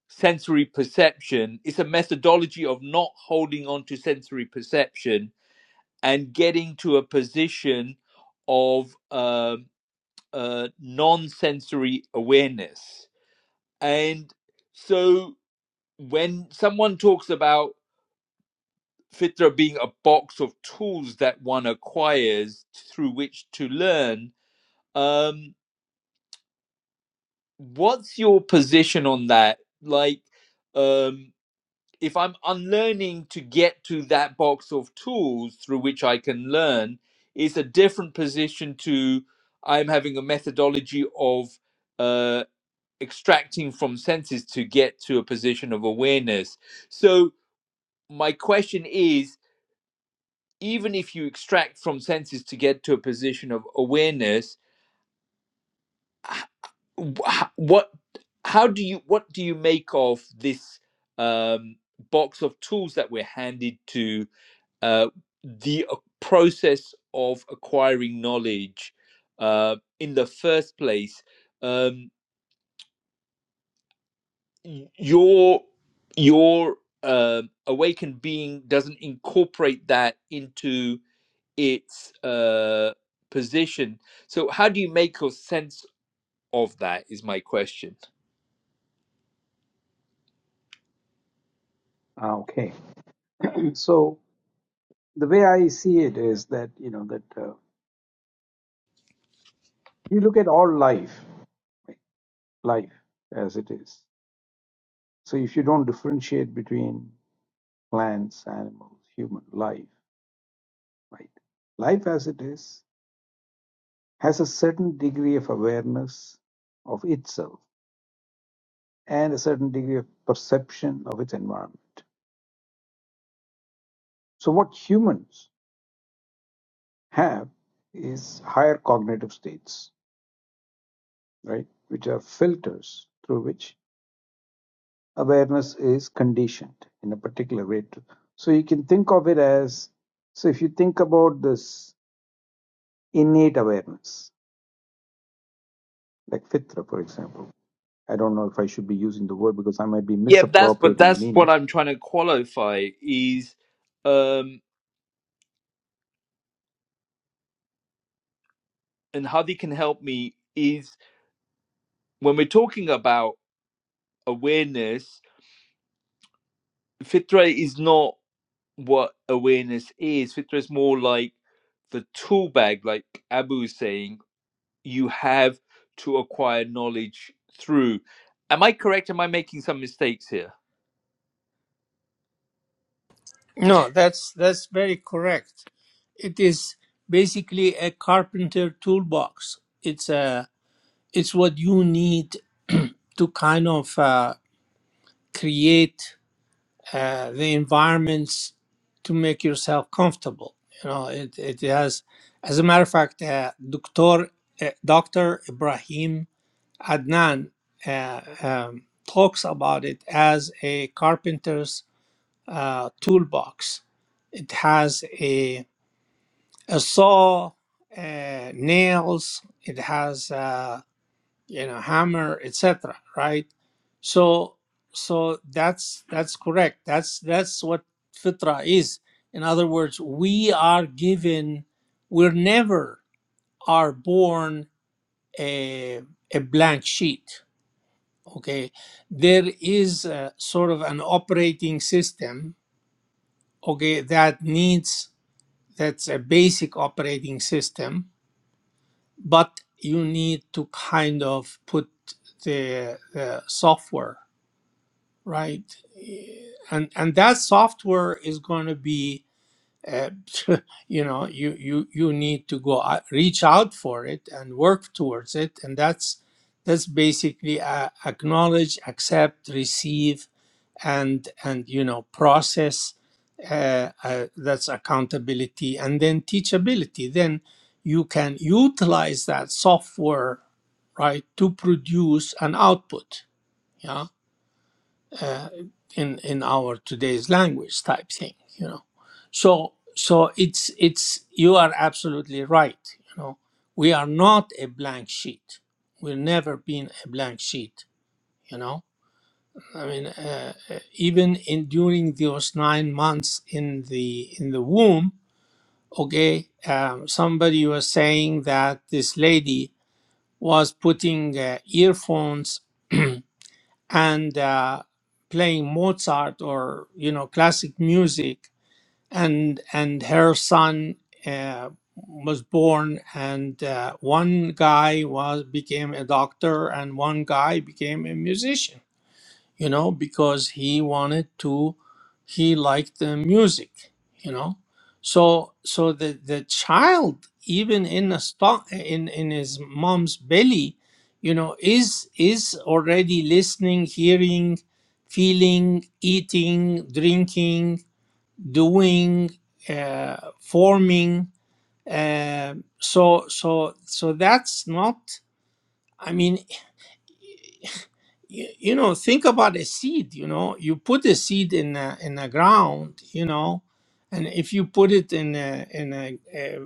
sensory perception. It's a methodology of not holding on to sensory perception and getting to a position of uh, uh, non sensory awareness. And so when someone talks about Fitra being a box of tools that one acquires through which to learn, um, what's your position on that? Like, um, if I'm unlearning to get to that box of tools through which I can learn, is a different position to I'm having a methodology of uh, extracting from senses to get to a position of awareness. So, my question is even if you extract from senses to get to a position of awareness, h- wh- what how do you what do you make of this um, box of tools that we're handed to uh, the ac- process of acquiring knowledge uh, in the first place um, your your um awakened being doesn't incorporate that into its uh, position so how do you make a sense of that is my question
Ah, okay. So the way I see it is that you know that uh, you look at all life, life as it is. So if you don't differentiate between plants, animals, human life, right? Life as it is has a certain degree of awareness of itself and a certain degree of perception of its environment. So, what humans have is higher cognitive states, right, which are filters through which awareness is conditioned in a particular way. To, so, you can think of it as so, if you think about this innate awareness, like fitra, for example I don't know if I should be using the word because I might be
yeah that's but
misappropriating
that's what
meaning.
i'm trying to qualify is um and how they can help me is when we're talking about awareness Fitra is not what awareness is. Fitra is more like the tool bag, like Abu is saying, you have to acquire knowledge through. Am I correct? Am I making some mistakes here?
No, that's that's very correct. It is basically a carpenter toolbox. It's a it's what you need to kind of uh, create uh, the environments to make yourself comfortable. You know, it, it has, as a matter of fact, uh, Dr. Uh, Dr. Ibrahim Adnan uh, um, talks about it as a carpenter's uh, toolbox. It has a, a saw, uh, nails, it has uh, you know hammer etc right so so that's that's correct that's that's what fitra is in other words we are given we're never are born a, a blank sheet okay there is a, sort of an operating system okay that needs that's a basic operating system but you need to kind of put the, the software right? Eh, And and that software is going to be, uh, [laughs] you know, you you you need to go out, reach out for it and work towards it, and that's that's basically uh, acknowledge, accept, receive, and and you know process. Uh, uh, that's accountability, and then teachability. Then you can utilize that software, right, to produce an output. Yeah uh, in in our today's language type thing you know so so it's it's you are absolutely right you know we are not a blank sheet we've never been a blank sheet you know i mean uh, uh, even in during those 9 months in the in the womb okay um, somebody was saying that this lady was putting uh, earphones [clears throat] and uh, playing Mozart or you know classic music, and and her son uh, was born, and uh, one guy was became a doctor, and one guy became a musician you know, because he wanted to, he liked the music, you know. So, so the, the child, even in a stock, in, in his mom's belly, you know, is, is already listening, hearing, feeling, eating, drinking, doing, uh, forming. Uh, so, so, so that's not, I mean. you, you know think about a seed you know you put a seed in a, in the ground you know and if you put it in a in a, a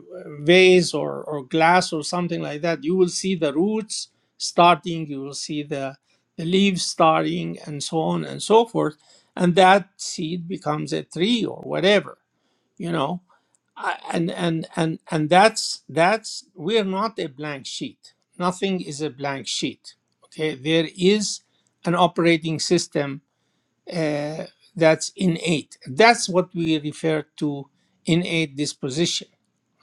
vase or or glass or something like that you will see the roots starting you will see the the leaves starting and so on and so forth and that seed becomes a tree or whatever you know I- and and and and that's that's we are not a blank sheet nothing is a blank sheet okay there is an operating system uh, that's innate that's what we refer to innate disposition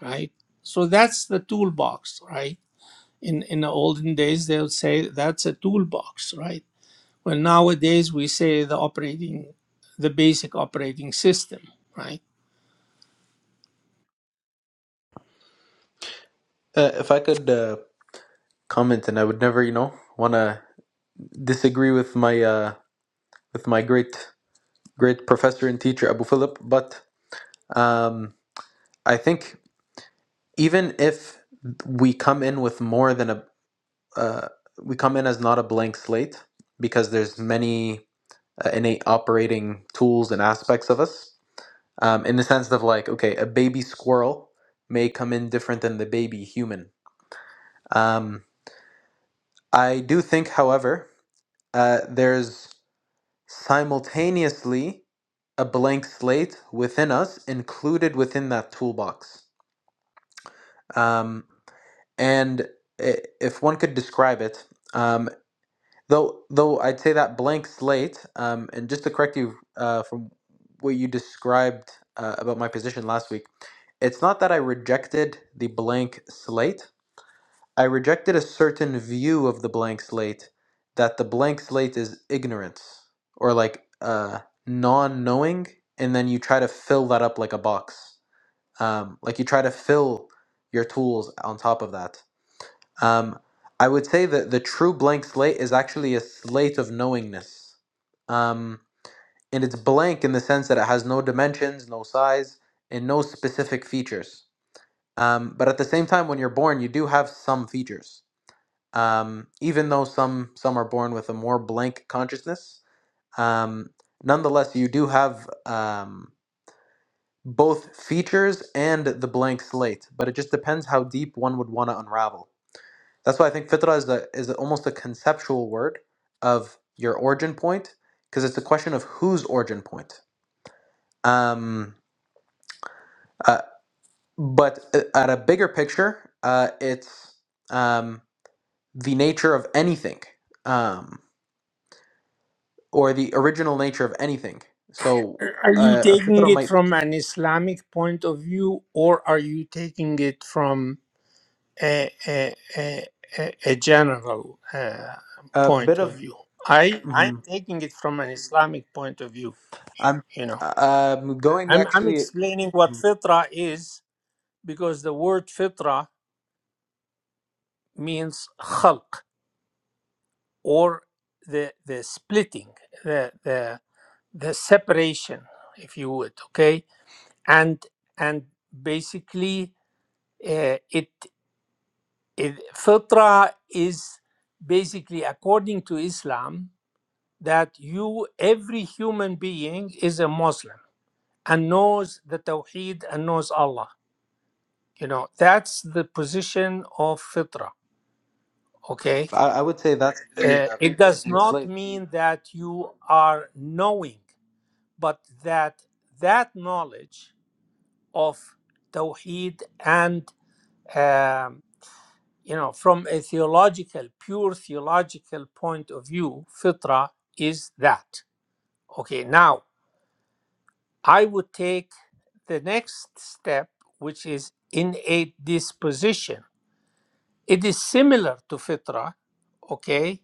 right so that's the toolbox right in in the olden days they'll say that's a toolbox right well nowadays we say the operating the basic operating system right
Uh, if I could uh, comment, and I would never, you know, want to disagree with my uh, with my great great professor and teacher Abu Philip, but um, I think even if we come in with more than a uh, we come in as not a blank slate because there's many uh, innate operating tools and aspects of us um, in the sense of like, okay, a baby squirrel may come in different than the baby human. Um, I do think, however, uh, there's simultaneously a blank slate within us included within that toolbox. Um, and i- if one could describe it, um, Though, though I'd say that blank slate, um, and just to correct you uh, from what you described uh, about my position last week, it's not that I rejected the blank slate. I rejected a certain view of the blank slate that the blank slate is ignorance or like uh, non knowing, and then you try to fill that up like a box. Um, like you try to fill your tools on top of that. Um, I would say that the true blank slate is actually a slate of knowingness. Um, and it's blank in the sense that it has no dimensions, no size, and no specific features. Um, but at the same time, when you're born, you do have some features. Um, even though some some are born with a more blank consciousness, um, nonetheless, you do have um, both features and the blank slate. But it just depends how deep one would want to unravel. That's why I think fitrah is, a, is almost a conceptual word of your origin point, because it's a question of whose origin point. Um, uh, but uh, at a bigger picture, uh, it's um, the nature of anything, um, or the original nature of anything. So
Are you
uh, a
taking
fitrah
it
might
from an Islamic point of view, or are you taking it from a, a, a, a a general uh,
a bit
point of
of.
view? I I'm
mhm.
taking it from an Islamic point of view.
I'm
You know,
I'm going
I'm I'm
actually.
explaining what fitra is because the word fitra means khalq or the the splitting, the the the separation, if you would. Okay, and and basically uh, it, it fitra is basically according to islam that you every human being is a muslim and knows the tawheed and knows allah you know that's the position of fitra okay
I, I would say that's the
Uh,
uh,
it does
blank
not
slate.
mean that you are knowing but that that knowledge of tawheed and um, you know, from a theological, pure theological point of view, fitra is that. Okay, now I would take the next step, which is innate disposition. It is similar to fitra, okay,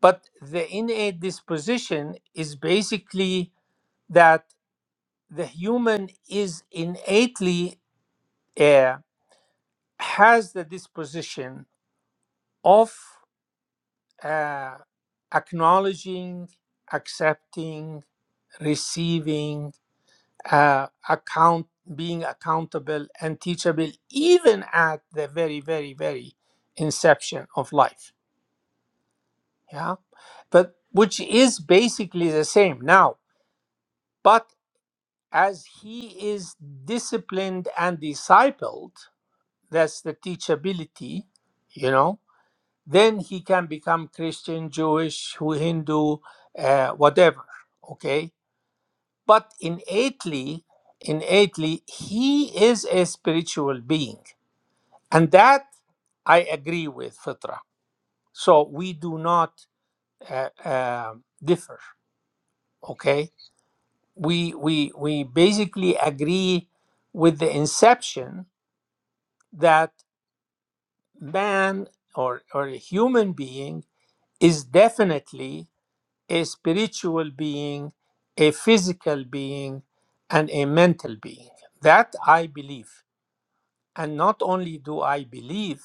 but the innate disposition is basically that the human is innately uh, has the disposition of uh, acknowledging, accepting, receiving, uh, account, being accountable and teachable, even at the very, very, very inception of life. Yeah, but which is basically the same now. But as he is disciplined and discipled, that's the teachability, you know. then he can become Christian, Jewish, Hindu, uh, whatever. Okay, but innately, innately, he is a spiritual being, and that I agree with Fitra. So we do not uh, uh, differ. Okay, we we we basically agree with the inception that man or or a human being is definitely a spiritual being, a physical being, and a mental being. That I believe. And not only do I believe,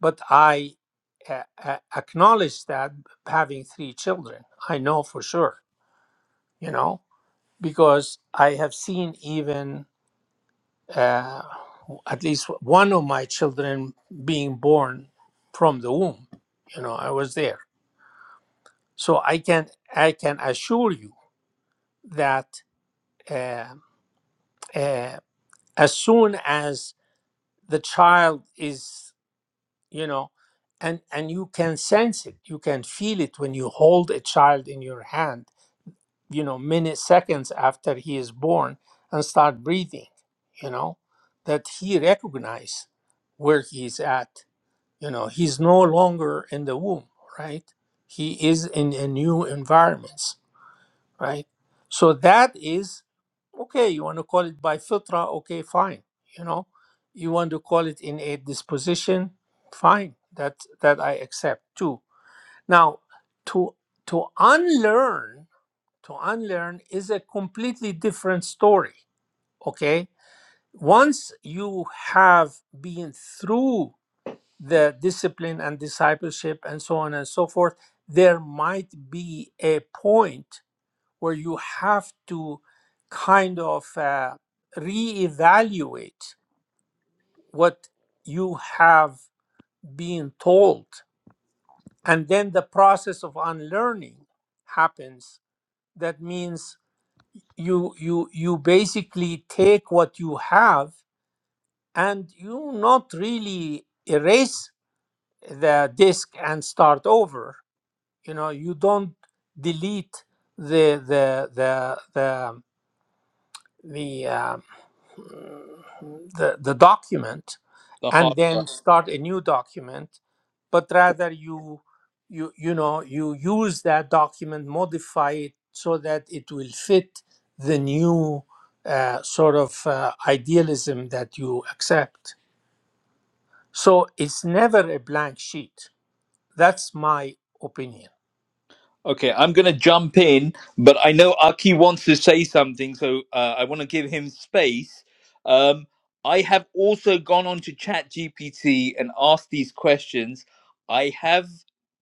but I uh, uh, acknowledge that having three children. I know for sure, you know, because I have seen even uh, at least one of my children being born from the womb. You know, I was there. So I can I can assure you that. uh, uh, as soon as the child is you know and and you can sense it you can feel it when you hold a child in your hand you know minutes seconds after he is born and start breathing you know that he recognize where he is at you know he's no longer in the womb right he is in a new environment right? So that is okay. You want to call it by fitra, okay, fine. You know, you want to call it in a disposition, fine. That that I accept too. Now, to to unlearn, to unlearn is a completely different story. Okay, once you have been through the discipline and discipleship and so on and so forth, there might be a point where you have to kind of uh, reevaluate what you have been told. And then the process of unlearning happens. That means you you you basically take what you have and you not really erase the disk and start over. You know, you don't delete the the the the the um, the, the document
The
and
heart.
then start a new document but rather you you you know you use that document modify it so that it will fit the new uh, sort of uh, idealism that you accept so it's never a blank sheet that's my opinion
Okay, I'm going to jump in, but I know Aki wants to say something, so uh, I want to give him space. Um, I have also gone on to ChatGPT and asked these questions. I have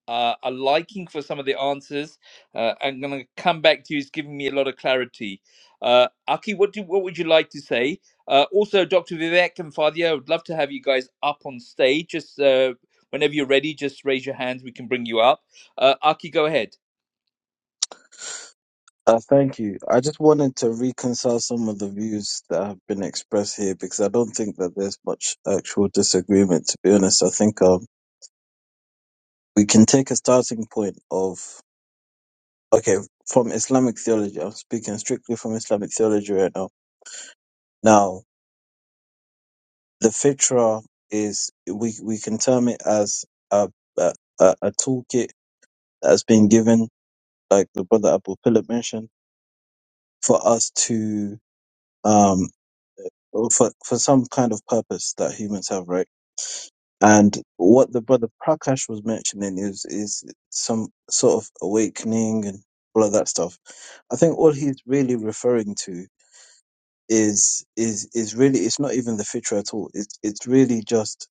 uh, a liking for some of the answers. Uh, I'm going to come back to you. It's giving me a lot of clarity. Uh, Aki, what do what would you like to say? Uh, also, Dr. Vivek and Fadia, I would love to have you guys up on stage. Just uh, whenever you're ready, just raise your hands. We can bring you up. Uh, Aki, go ahead.
Uh, thank you. I just wanted to reconcile some of the views that have been expressed here because I don't think that there's much actual disagreement, to be honest. I think um, we can take a starting point of, okay, from Islamic theology. I'm speaking strictly from Islamic theology right now. Now, the fitra is, we, we can term it as a, a, a a toolkit that's been given, like the brother Abu Philip mentioned, for us to, um, for, for some kind of purpose that humans have, right? And what the brother Prakash was mentioning is is some sort of awakening and all of that stuff. I think all he's really referring to is is is really it's not even the future at all. It's it's really just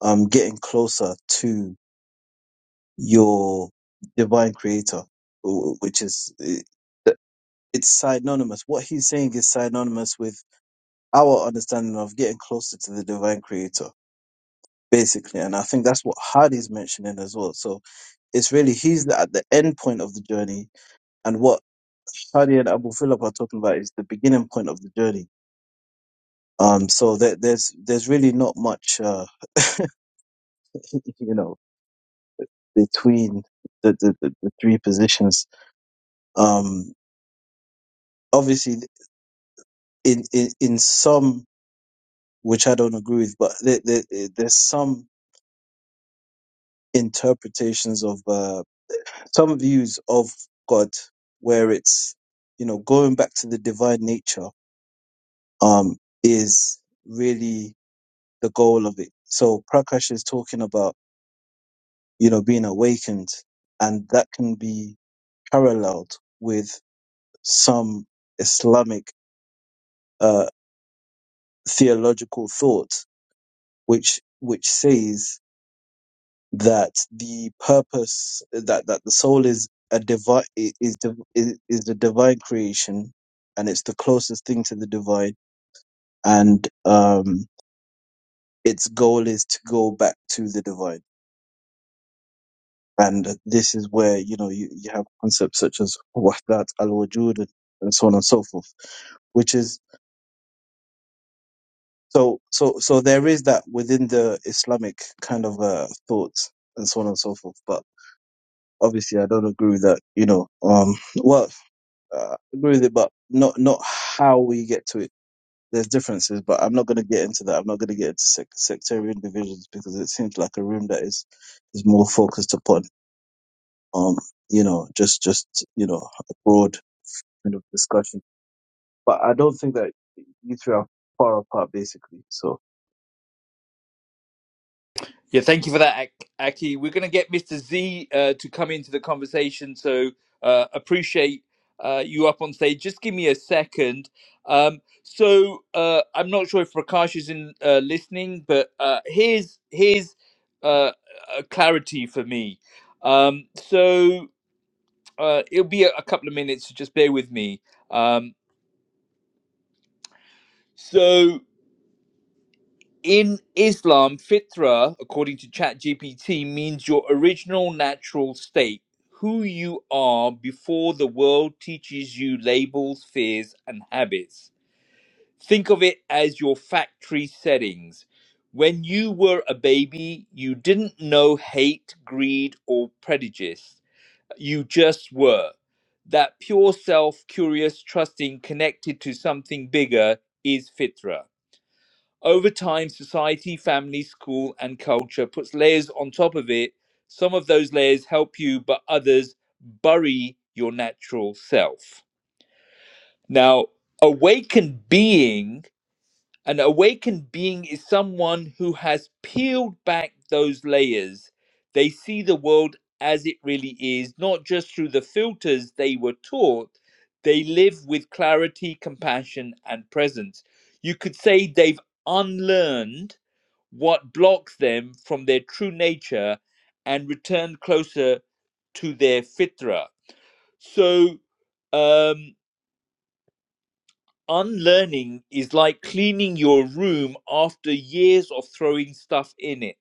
um getting closer to your divine creator, wh- which is it- it's synonymous. What he's saying is synonymous with our understanding of getting closer to the divine creator, basically. And I think that's what Hardy's mentioning as well. So It's really he's the- at the end point of the journey, and what Shadi and Abu Philip are talking about is the beginning point of the journey. Um, so there, there's there's really not much, uh, [laughs] you know, between the the, the, the three positions. Um, obviously, in, in in some which I don't agree with, but there, there, there's some interpretations of uh, some views of God where it's you know going back to the divine nature um, is really the goal of it. So Prakash is talking about, you know, being awakened and that can be paralleled with some Islamic, uh, theological thought, which, which says that the purpose that, that the soul is a divine, is, div- is, is the divine creation and it's the closest thing to the divine and, um, its goal is to go back to the divine And this is where, you know, you, you have concepts such as wahdat al-wujud and and so on and so forth, which is, so, so, so there is that within the Islamic kind of, uh, thought and so on and so forth. But obviously I don't agree with that, you know, um, well, uh, agree with it, but not, not how we get to it. There's differences, but I'm not going to get into that. I'm not going to get into sec- sectarian divisions because it seems like a room that is, is more focused upon, um, you know, just, just, you know, broad kind of discussion. But I don't think that you three are far apart, basically. So
Yeah, thank you for that, Ak- Aki. We're going to get Mr. Z uh, to come into the conversation, so uh, appreciate uh, you up on stage. Just give me a second. Um, so uh, I'm not sure if Prakash is in uh, listening, but uh, here's here's uh, a clarity for me. Um, so uh, it'll be a, a couple of minutes. so Just bear with me. Um, so. in Islam, fitra, according to ChatGPT, means your original natural state, who you are before the world teaches you labels, fears, and habits. Think of it as your factory settings. When you were a baby, you didn't know hate, greed, or prejudice. You just were. That pure self, curious, trusting, connected to something bigger is fitra. Over time, society, family, school, and culture puts layers on top of it. Some of those layers help you, but others bury your natural self. Now, awakened being an awakened being is someone who has peeled back those layers. They see the world as it really is, not just through the filters they were taught. They live with clarity, compassion, and presence. You could say they've unlearned what blocks them from their true nature and returned closer to their fitra. So, um, unlearning is like cleaning your room after years of throwing stuff in it.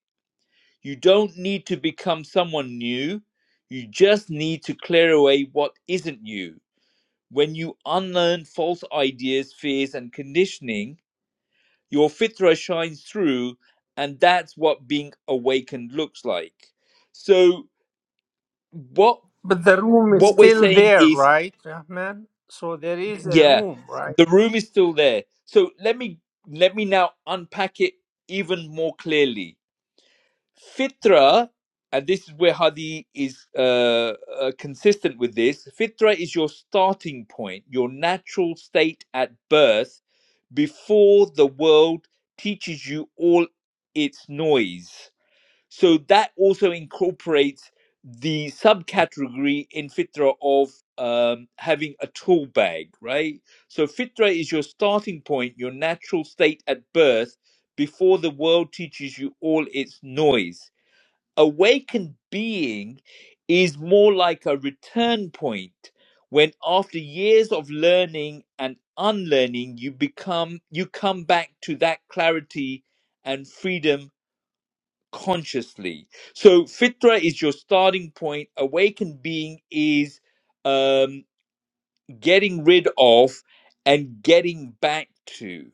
You don't need to become someone new, you just need to clear away what isn't you. When you unlearn false ideas, fears, and conditioning, your fitra shines through, and that's what being awakened looks like. So, what
but the room is
what we're
still
saying
there
is
right rahman so there is a
Yeah,
room right
the room is still there. So let me let me now unpack it even more clearly. Fitra, and this is where Hadi is uh, uh, consistent with this. Fitra is your starting point, your natural state at birth, before the world teaches you all its noise. So that also incorporates the subcategory in Fitra of um, having a tool bag, right? So Fitra is your starting point, your natural state at birth, before the world teaches you all its noise. Awakened being is more like a return point when after years of learning and unlearning you become you come back to that clarity and freedom consciously. So fitra is your starting point. Awakened being is um, getting rid of and getting back to.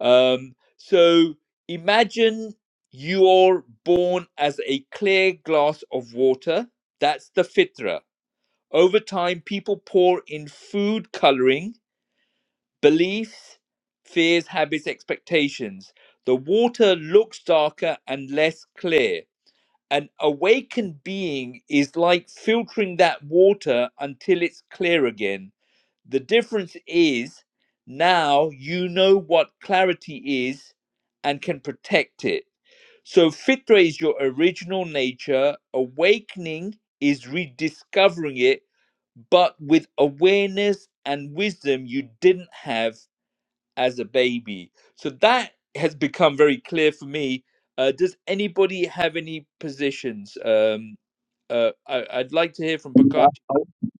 Um, so imagine you're born as a clear glass of water. That's the fitra. Over time, people pour in food coloring, beliefs, fears, habits, expectations. The water looks darker and less clear an awakened being is like filtering that water until it's clear again. The difference is now you know what clarity is and can protect it. So, fitra is your original nature, awakening is rediscovering it, but with awareness and wisdom you didn't have as a baby. So that has become very clear for me. Uh, does anybody have any positions? Um, uh, I, I'd like to hear from
I,
Prakash
I,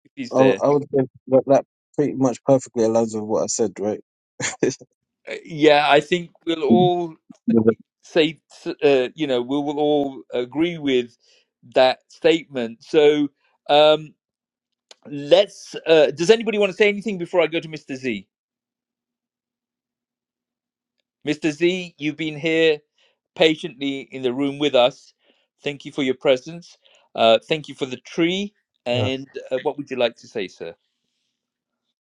if he's
I
there.
I would say that that pretty much perfectly aligns with what I said, right? [laughs]
Uh, yeah, I think we'll all say, uh, you know, we will all agree with that statement. So um, let's. Uh, does anybody want to say anything before I go to Mr. Z? Mr. Z, you've been here patiently in the room with us. Thank you for your presence. Uh, thank you for the tree.
Yeah.
And uh, what would you like to say, sir?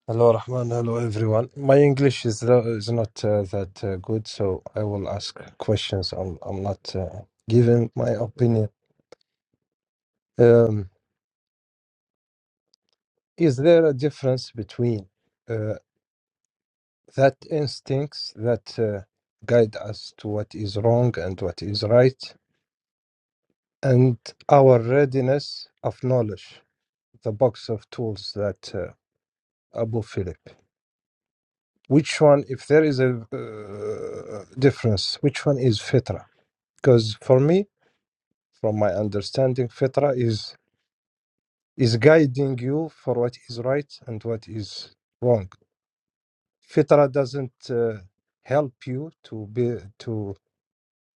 Hello, Rahman. Hello, everyone. My English is lo- is not uh, that uh, good, so I will ask questions. I'm I'm not uh, giving my opinion. Um, is there a difference between uh, that instincts that uh, guide us to what is wrong and what is right, and our readiness of knowledge, the box of tools that uh, Abu Philip? Which one, if there is a uh, difference, which one is fitra? Because for me, from my understanding, fitra is is guiding you for what is right and what is wrong. Fitra doesn't uh, help you to be to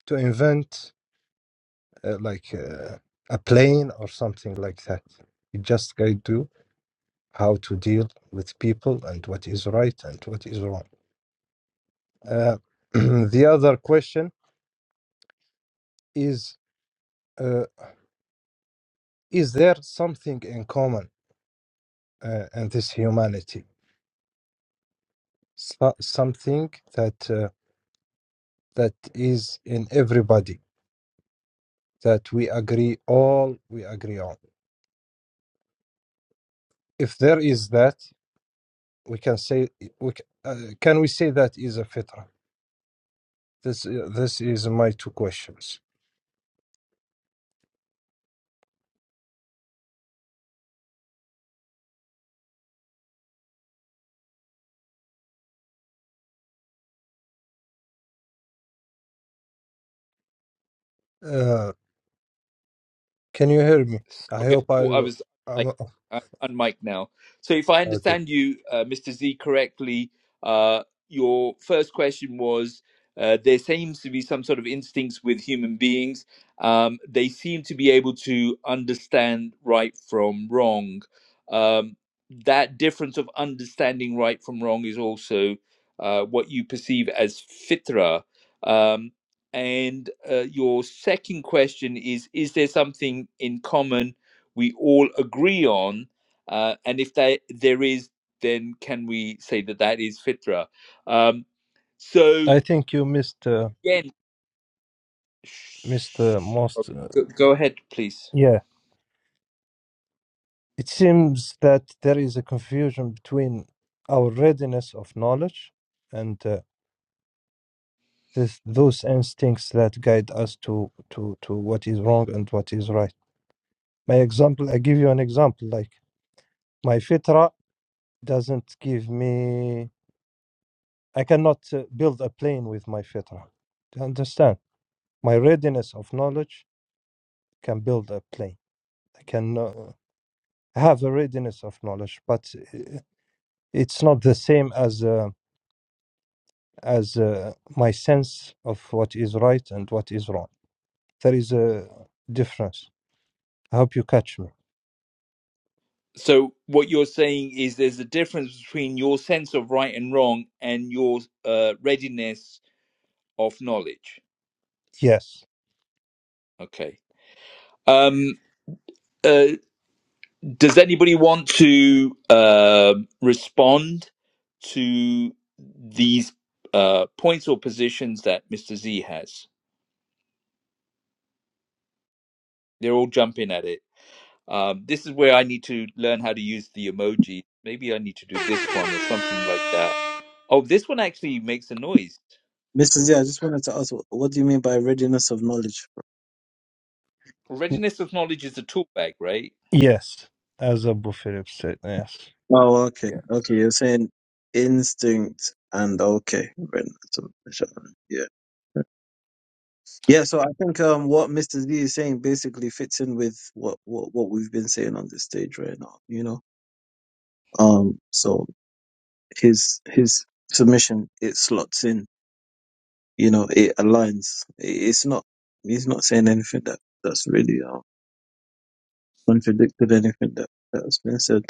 to invent uh, like uh, a plane or something like that. It just guides you how to deal with people and what is right and what is wrong. Uh, [clears throat] the other question is: uh, Is there something in common uh, in this humanity? so- something that uh, that is in everybody that we agree all we agree on if there is that we can say we c- uh, can we say that is a fitra this uh, this is my two questions uh, can you hear me i
Sorry, I
hope i
thought I was like
I'm, oh,
I'm on mic now. So if I
okay
understand you, uh, Mr. Z, correctly, uh, your first question was uh, there seems to be some sort of instincts with human beings. Um, they seem to be able to understand right from wrong. Um, that difference of understanding right from wrong is also uh, what you perceive as fitra. Um, and uh, your second question is Is there something in common we all agree on? Uh, and if there, there is, then can we say that that is fitra? Um, so,
i think you missed uh,
again,
missed uh,
sh- oh,
most uh,
go, go ahead, please.
Yeah, it seems that there is a confusion between our readiness of knowledge and uh, this, those instincts that guide us to, to, to what is wrong and what is right. My example, I give you an example. Like my fitra doesn't give me, I cannot uh, build a plane with my fitra. Do you understand? My readiness of knowledge can build a plane. I can uh, have a readiness of knowledge, but uh, it's not the same as. Uh, as uh, my sense of what is right and what is wrong. There is a difference. I hope you catch me.
So, what you're saying is there's a difference between your sense of right and wrong and your uh, readiness of knowledge.
Yes.
Okay. Um, uh, Does anybody want to uh, respond to these uh, points or positions that Mr. Z has? They're all jumping at it. Um, this is where I need to learn how to use the emoji. Maybe I need to do this one or something like that. Oh, this one actually makes a noise.
Mrs. Yeah, I just wanted to ask, wh- what do you mean by readiness of knowledge?
Mm,
Readiness of knowledge is a tool bag, right?
Yes. As Abu Philip said, yes.
Oh, okay,
Yeah.
okay. You're saying instinct and okay, readiness of knowledge. Yeah. Yeah, so I think um, what Mr. Z is saying basically fits in with what, what, what we've been saying on this stage right now, you know. Um, so his his submission it slots in you know it aligns it's not he's not saying anything that that's really uh, contradicted anything that that's been said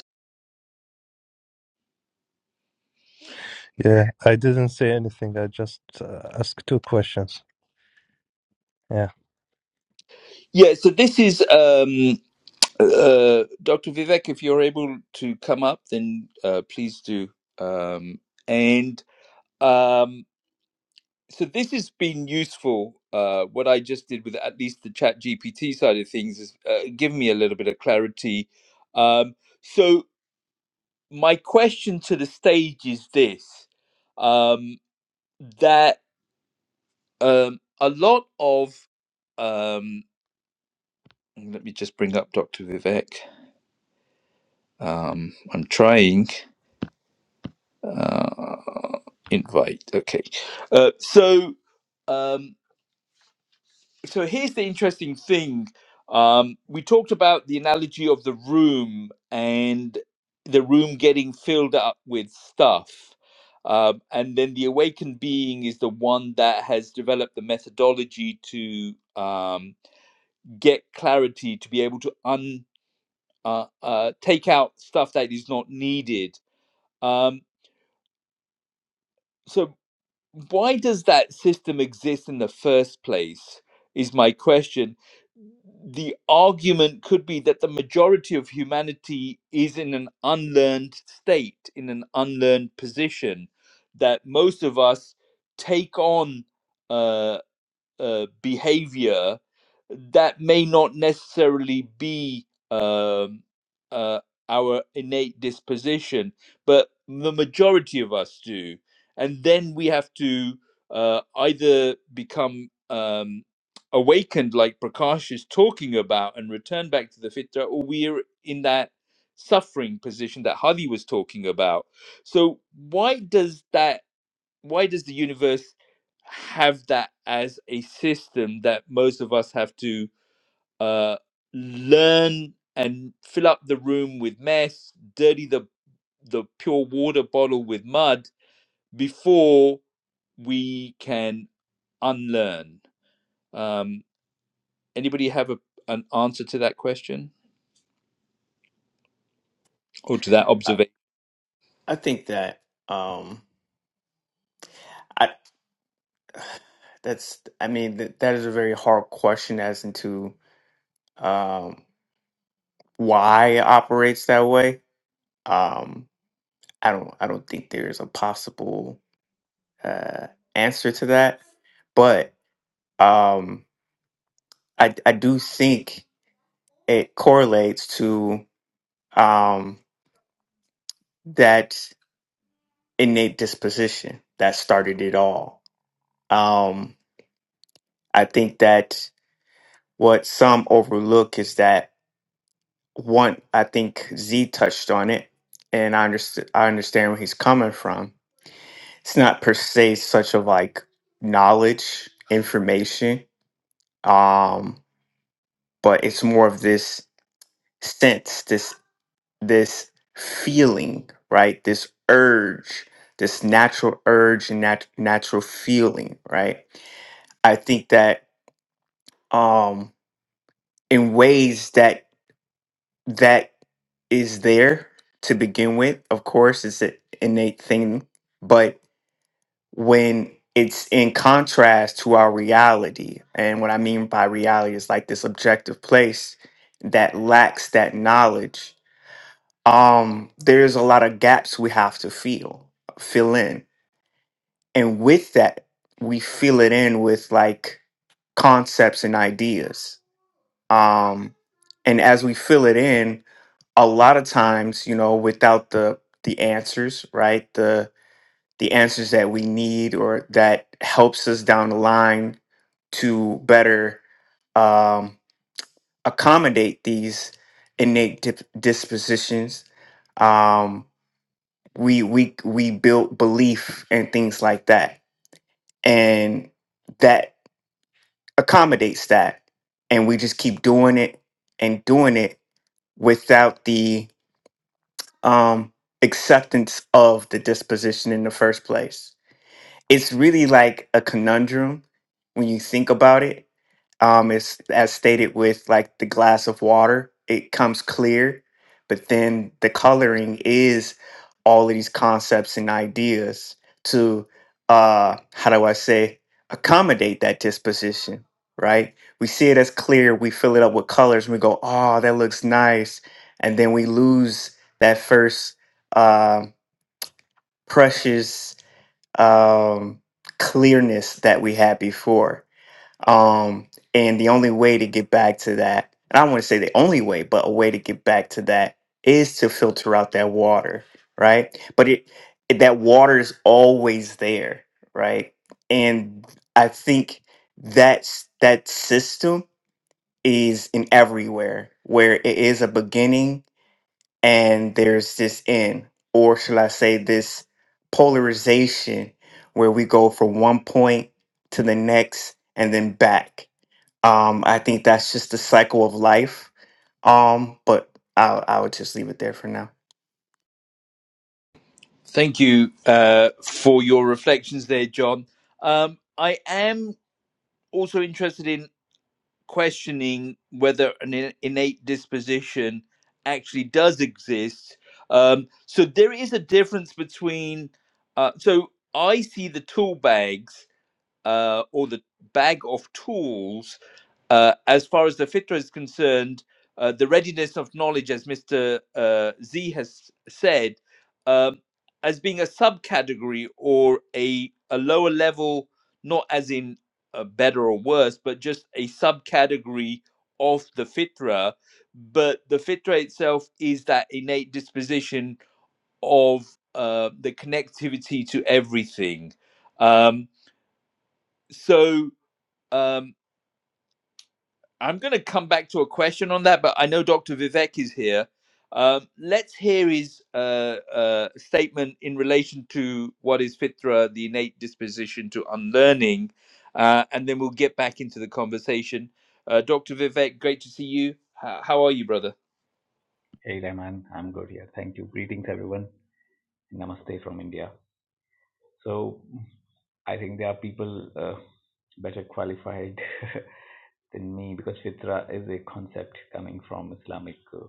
Yeah. I didn't say anything. I just uh, asked two questions. Yeah.
Yeah. So this is um, uh, Dr. Vivek. If you're able to come up, then uh, please do. Um, and Um, so this has been useful. Uh, what I just did with at least the Chat GPT side of things is uh, given me a little bit of clarity. Um, so my question to the stage is this: um, that um, a lot of um, let me just bring up Dr. Vivek. Um, I'm trying uh, invite. Okay, uh, so. Um, so here's the interesting thing. Um, we talked about the analogy of the room and the room getting filled up with stuff. Um, and then the awakened being is the one that has developed the methodology to um, get clarity, to be able to un, uh, uh, take out stuff that is not needed. Um, so why does that system exist in the first place is my question the argument could be that the majority of humanity is in an unlearned state in an unlearned position that most of us take on uh, uh, behavior that may not necessarily be um, uh, our innate disposition, but the majority of us do. And then we have to uh, either become um, awakened, like Prakash is talking about, and return back to the fitra, or we're in that suffering position that Hadi was talking about. So, why does that? why does the universe have that as a system that most of us have to uh, learn and fill up the room with mess, dirty the the pure water bottle with mud before we can unlearn? Um, anybody have a, an answer to that question or to that
I,
observation?
I think that um, I that's I mean that, that is a very hard question as into um, why it operates that way. Um, I don't I don't think there's a possible uh, answer to that, but um, I I do think. it correlates to um, that innate disposition that started it all. Um, I think that what some overlook is that one. I think Z touched on it, and I understand. I understand where he's coming from. It's not per se such of like knowledge, information, um, but it's more of this sense, this this feeling, right? This urge, this natural urge and nat- natural feeling, right? I think that um in ways that that is there to begin with, of course, it's an innate thing, but when it's in contrast to our reality, and what I mean by reality is like this objective place that lacks that knowledge um there's a lot of gaps we have to fill fill in and with that we fill it in with like concepts and ideas um and as we fill it in a lot of times you know without the the answers right the the answers that we need or that helps us down the line to better um accommodate these innate dip- dispositions Um, we we we build belief and things like that and that accommodates that and we just keep doing it and doing it without the um acceptance of the disposition in the first place it's really like a conundrum when you think about it um it's as stated with like the glass of water it comes clear but then the coloring is all of these concepts and ideas to uh how do i say accommodate that disposition right we see it as clear we fill it up with colors and we go oh that looks nice and then we lose that first um precious um clearness that we had before um, and the only way to get back to that, and I don't want to say the only way, but a way to get back to that is to filter out that water, right? But it, it that water is always there, right? And I think that's that system is in everywhere where it is a beginning and there's this end, or shall I say this polarization where we go from one point to the next and then back um, I think that's just the cycle of life. Um, but I I would just leave it there for now.
Thank you uh, for your reflections there, John. Um, I am also interested in questioning whether an in- innate disposition actually does exist. Um, so there is a difference between. Uh, so I see the tool bags uh, or the bag of tools uh, as far as the fitra is concerned, uh, the readiness of knowledge, as Mr. Uh, Z has said, um, as being a subcategory or a, a lower level, not as in uh, better or worse, but just a subcategory of the fitra. But the fitra itself is that innate disposition of uh, the connectivity to everything. Um, so, um, I'm going to come back to a question on that, but I know Dr. Vivek is here. Um, let's hear his uh, uh, statement in relation to what is fitra, the innate disposition to unlearning, uh, and then we'll get back into the conversation. Uh, Dr. Vivek, great to see you. How, how are you, brother?
Hey Rahman, I'm good here. Thank you. Greetings everyone. Namaste from India. So I think there are people uh, better qualified [laughs] than me because fitra is a concept coming from Islamic. Uh,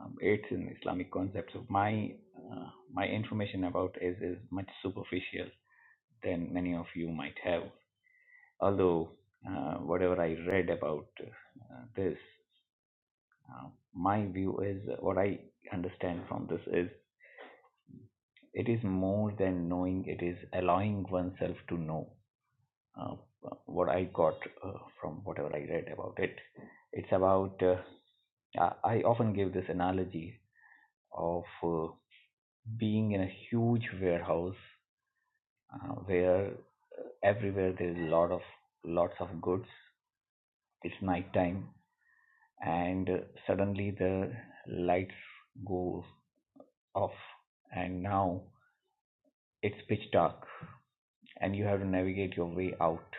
um, it's an Islamic concept. So my uh, my information about is is much superficial than many of you might have. Although uh, whatever I read about uh, this, uh, my view is what I understand from this is It is more than knowing, it is allowing oneself to know uh, what I got uh, from whatever I read about it. It's about, uh, I often give this analogy of uh, being in a huge warehouse uh, where everywhere there's a lot of lots of goods. It's nighttime, and uh, suddenly the lights go off, and now it's pitch dark, and you have to navigate your way out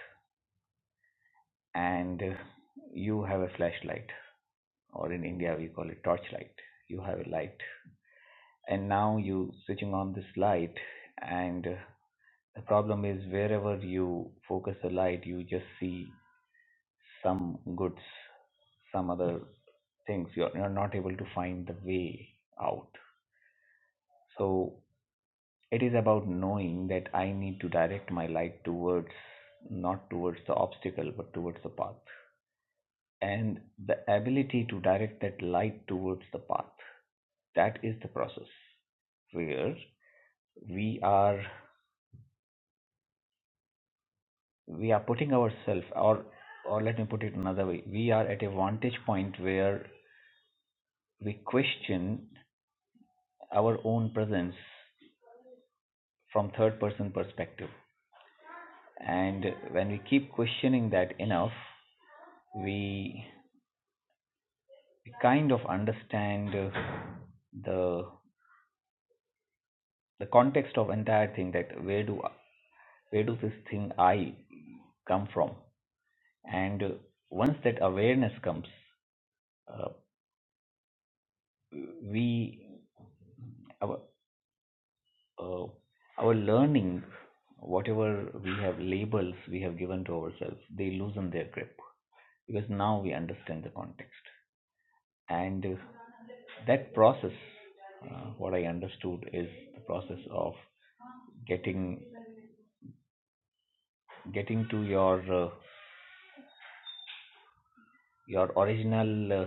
and uh, you have a flashlight or in india we call it torchlight you have a light and now you switching on this light and uh, the problem is wherever you focus the light you just see some goods some other things you're, you're not able to find the way out so it is about knowing that i need to direct my light towards not towards the obstacle but towards the path and the ability to direct that light towards the path that is the process where we are we are putting ourselves or or let me put it another way we are at a vantage point where we question our own presence from third person perspective and when we keep questioning that enough we kind of understand uh, the the context of entire thing that where do where do this thing i come from and uh, once that awareness comes uh, we our uh, our learning whatever we have labels we have given to ourselves they loosen their grip because now we understand the context and uh, that process uh, what i understood is the process of getting getting to your uh, your original uh,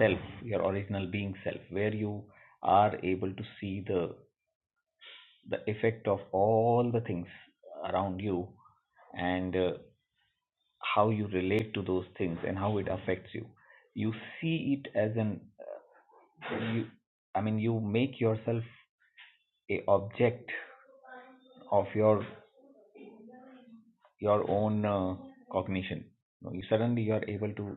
self your original being self where you are able to see the the effect of all the things around you and uh, how you relate to those things and how it affects you you see it as an uh, you i mean you make yourself a object of your your own uh, cognition you, know, you suddenly you are able to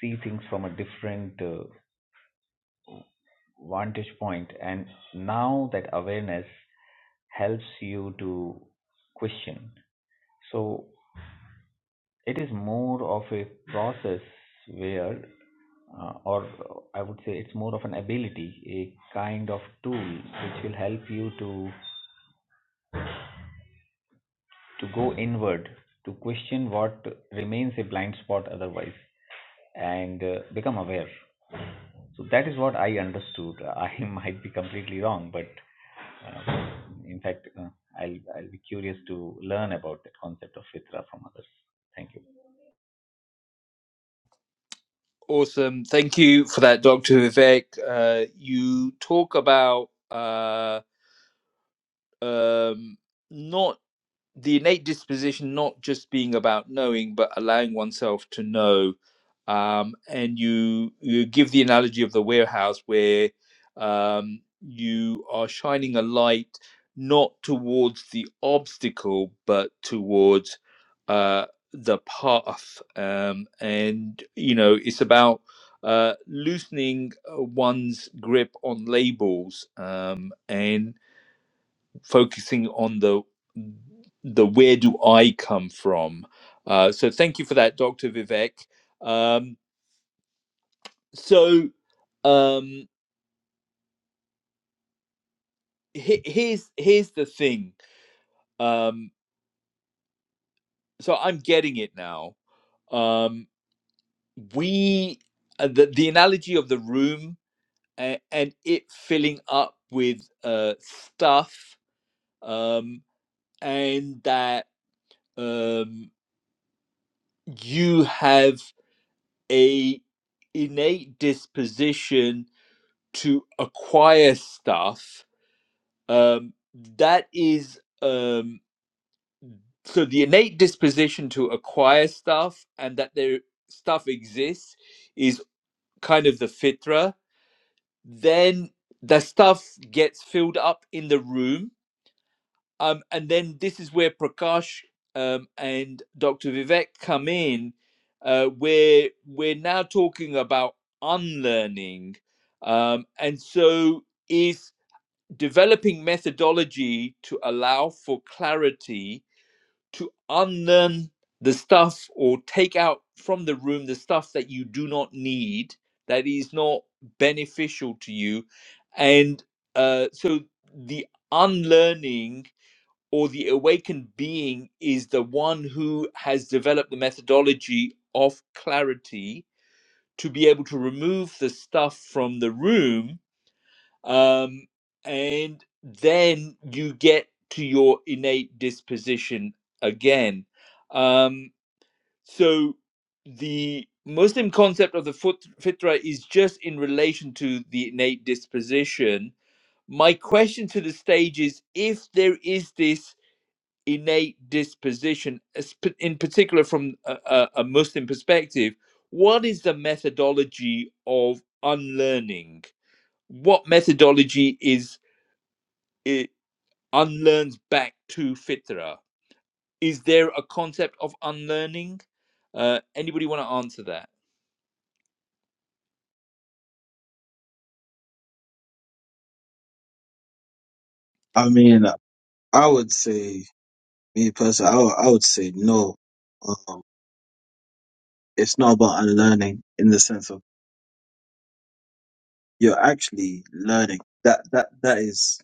see things from a different uh, vantage point and now that awareness helps you to question so it is more of a process where uh, or i would say it's more of an ability a kind of tool which will help you to to go inward to question what remains a blind spot otherwise and uh, become aware so that is what i understood i [laughs] might be completely wrong but uh, in fact uh, i'll i'll be curious to learn about that concept of fitra from others thank you
Awesome. Thank you for that, Dr. Vivek. Uh, you talk about uh, um, not the innate disposition not just being about knowing but allowing oneself to know um, and you you give the analogy of the warehouse where um, you are shining a light not towards the obstacle but towards uh, the path um, and you know it's about uh, loosening uh, one's grip on labels um, and focusing on the the where do I come from. Uh, so thank you for that, Dr. Vivek. Um, so um, he- here's here's the thing. Um, so I'm getting it now. Um, we uh, the the analogy of the room and, and it filling up with uh, stuff um, and that um, you have a innate disposition to acquire stuff um that is um so the innate disposition to acquire stuff and that their stuff exists is kind of the fitra then the stuff gets filled up in the room Um, and then this is where Prakash um, and Dr. Vivek come in, uh, where we're now talking about unlearning. Um, and so, is developing methodology to allow for clarity to unlearn the stuff or take out from the room the stuff that you do not need, that is not beneficial to you. And uh, so, the unlearning or the awakened being is the one who has developed the methodology of clarity to be able to remove the stuff from the room um, and then you get to your innate disposition again um, so the muslim concept of the fut- fitra is just in relation to the innate disposition my question to the stage is if there is this innate disposition, in particular from a, a Muslim perspective, what is the methodology of unlearning? What methodology is it unlearns back to fitra? Is there a concept of unlearning? Uh, anybody want to answer that?
I mean, I would say, me personally, I would, I would say no. Um, it's not about unlearning in the sense of you're actually learning. That that that is.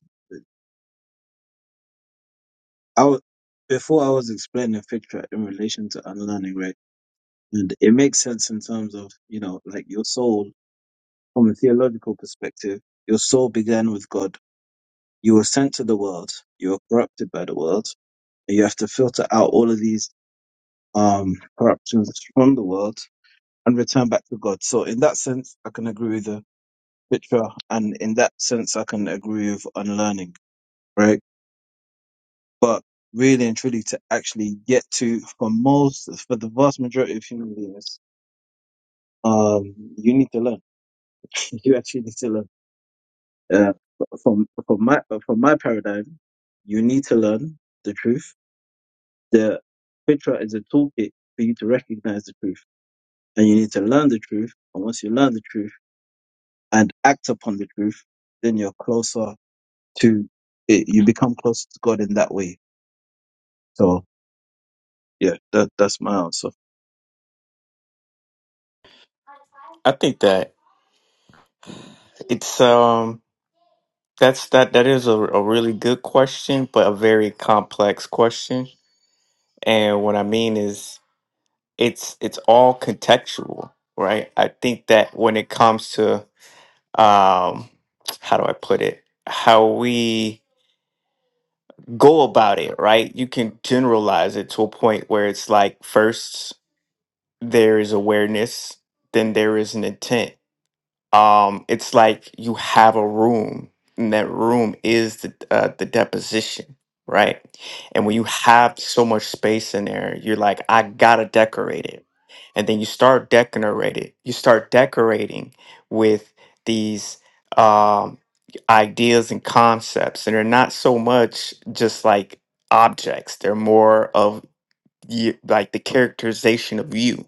I would, before I was explaining Fitra in relation to unlearning, right? And it makes sense in terms of you know, like your soul. From a theological perspective, your soul began with God. You were sent to the world. You were corrupted by the world. And you have to filter out all of these um, corruptions from the world and return back to God. So, in that sense, I can agree with the picture. And in that sense, I can agree with unlearning, right? But really and truly, to actually get to, for most, for the vast majority of human beings, um, you need to learn. [laughs] You actually need to learn Uh, from from my from my paradigm, you need to learn the truth. The fitra is a toolkit for you to recognize the truth, and you need to learn the truth. And once you learn the truth and act upon the truth, then you're closer to it. You become closer to God in that way. So yeah, that that's my answer.
I think that it's um that's that that is a, a really good question, but a very complex question. And what I mean is it's it's all contextual, right? I think that when it comes to um how do I put it? How we go about it, right? You can generalize it to a point where it's like firsts there is awareness, then there is an intent. Um, it's like you have a room, and that room is the uh, the deposition, right? And when you have so much space in there, you're like, I gotta decorate it, and then you start decorating. You start decorating with these um, ideas and concepts, and they're not so much just like objects; they're more of you, like the characterization of you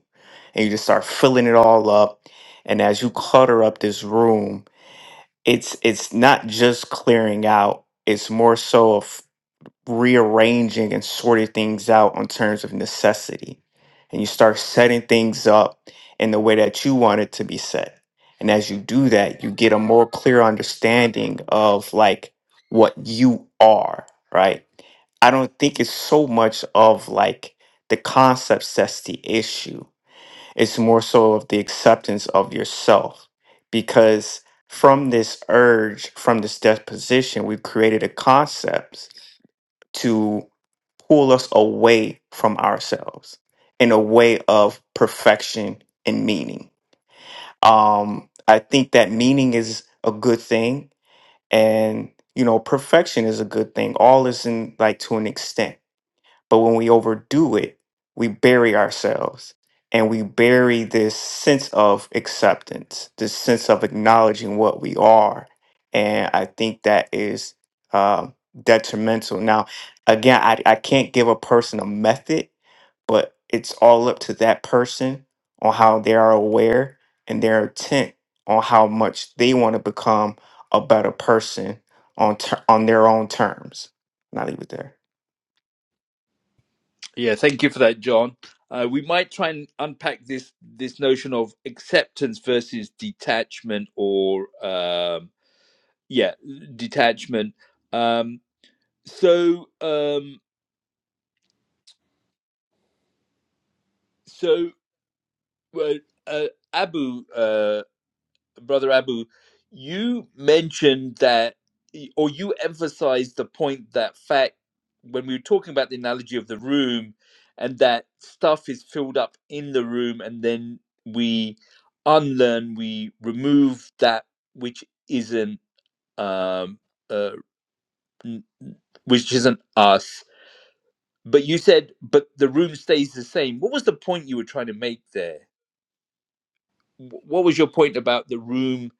and you just start filling it all up and as you clutter up this room it's it's not just clearing out it's more so rearranging and sorting things out in terms of necessity. And you start setting things up in the way that you want it to be set. And as you do that, you get a more clear understanding of like what you are, right? I don't think it's so much of like the concepts that's the issue. It's more so of the acceptance of yourself. Because from this urge, from this disposition, we've created a concept to pull us away from ourselves in a way of perfection and meaning. Um, I think that meaning is a good thing, and you know, perfection is a good thing. All is in like to an extent but when we overdo it, we bury ourselves and we bury this sense of acceptance, this sense of acknowledging what we are. And I think that is um detrimental. Now, again, I, I can't give a person a method, but it's all up to that person on how they are aware and their intent on how much they want to become a better person on ter- on their own terms. And I leave it there.
Yeah, thank you for that, John. Uh, we might try and unpack this this notion of acceptance versus detachment, or um, yeah, detachment. Um, so um so uh, uh, abu uh brother abu you mentioned that or you emphasized the point that fact when we were talking about the analogy of the room and that stuff is filled up in the room and then we unlearn we remove that which isn't um uh, which isn't us but you said but the room stays the same what was the point you were trying to make there what was your point about the room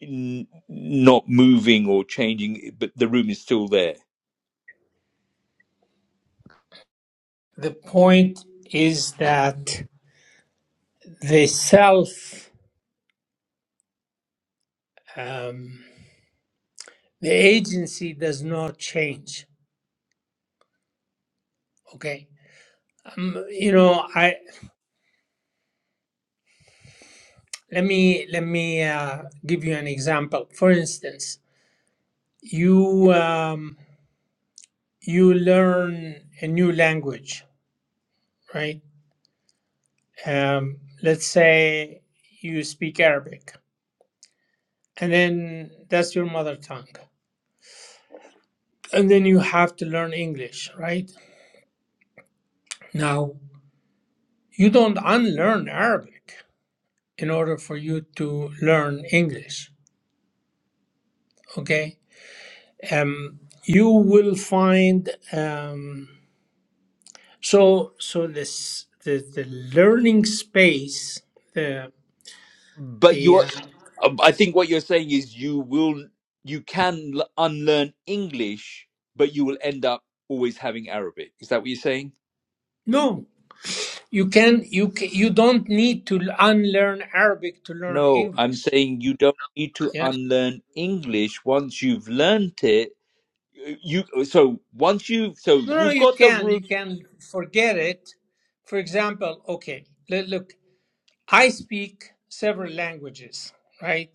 n- not moving or changing, but the room is still there?
the point is that the self um, the agency does not change okay um, you know i let me let me uh, give you an example for instance you um, you learn a new language right um, let's say you speak arabic and then that's your mother tongue and then you have to learn english right now you don't unlearn arabic in order for you to learn English. Okay, um, you will find um, so so this the, the learning space the
But you,
the
are-
uh,
um, I think what you're saying is you will, you can l- unlearn English, but you will end up always having Arabic. Is that what you're saying?
no you can you can, you don't need to unlearn Arabic to learn
No, I'm
English.
saying you don't need to
Yeah,
unlearn English once you've learnt it. You so once you so
no, no,
you've
you
got the
can you
root
can forget it. For example, okay, le- look, I speak several languages, right?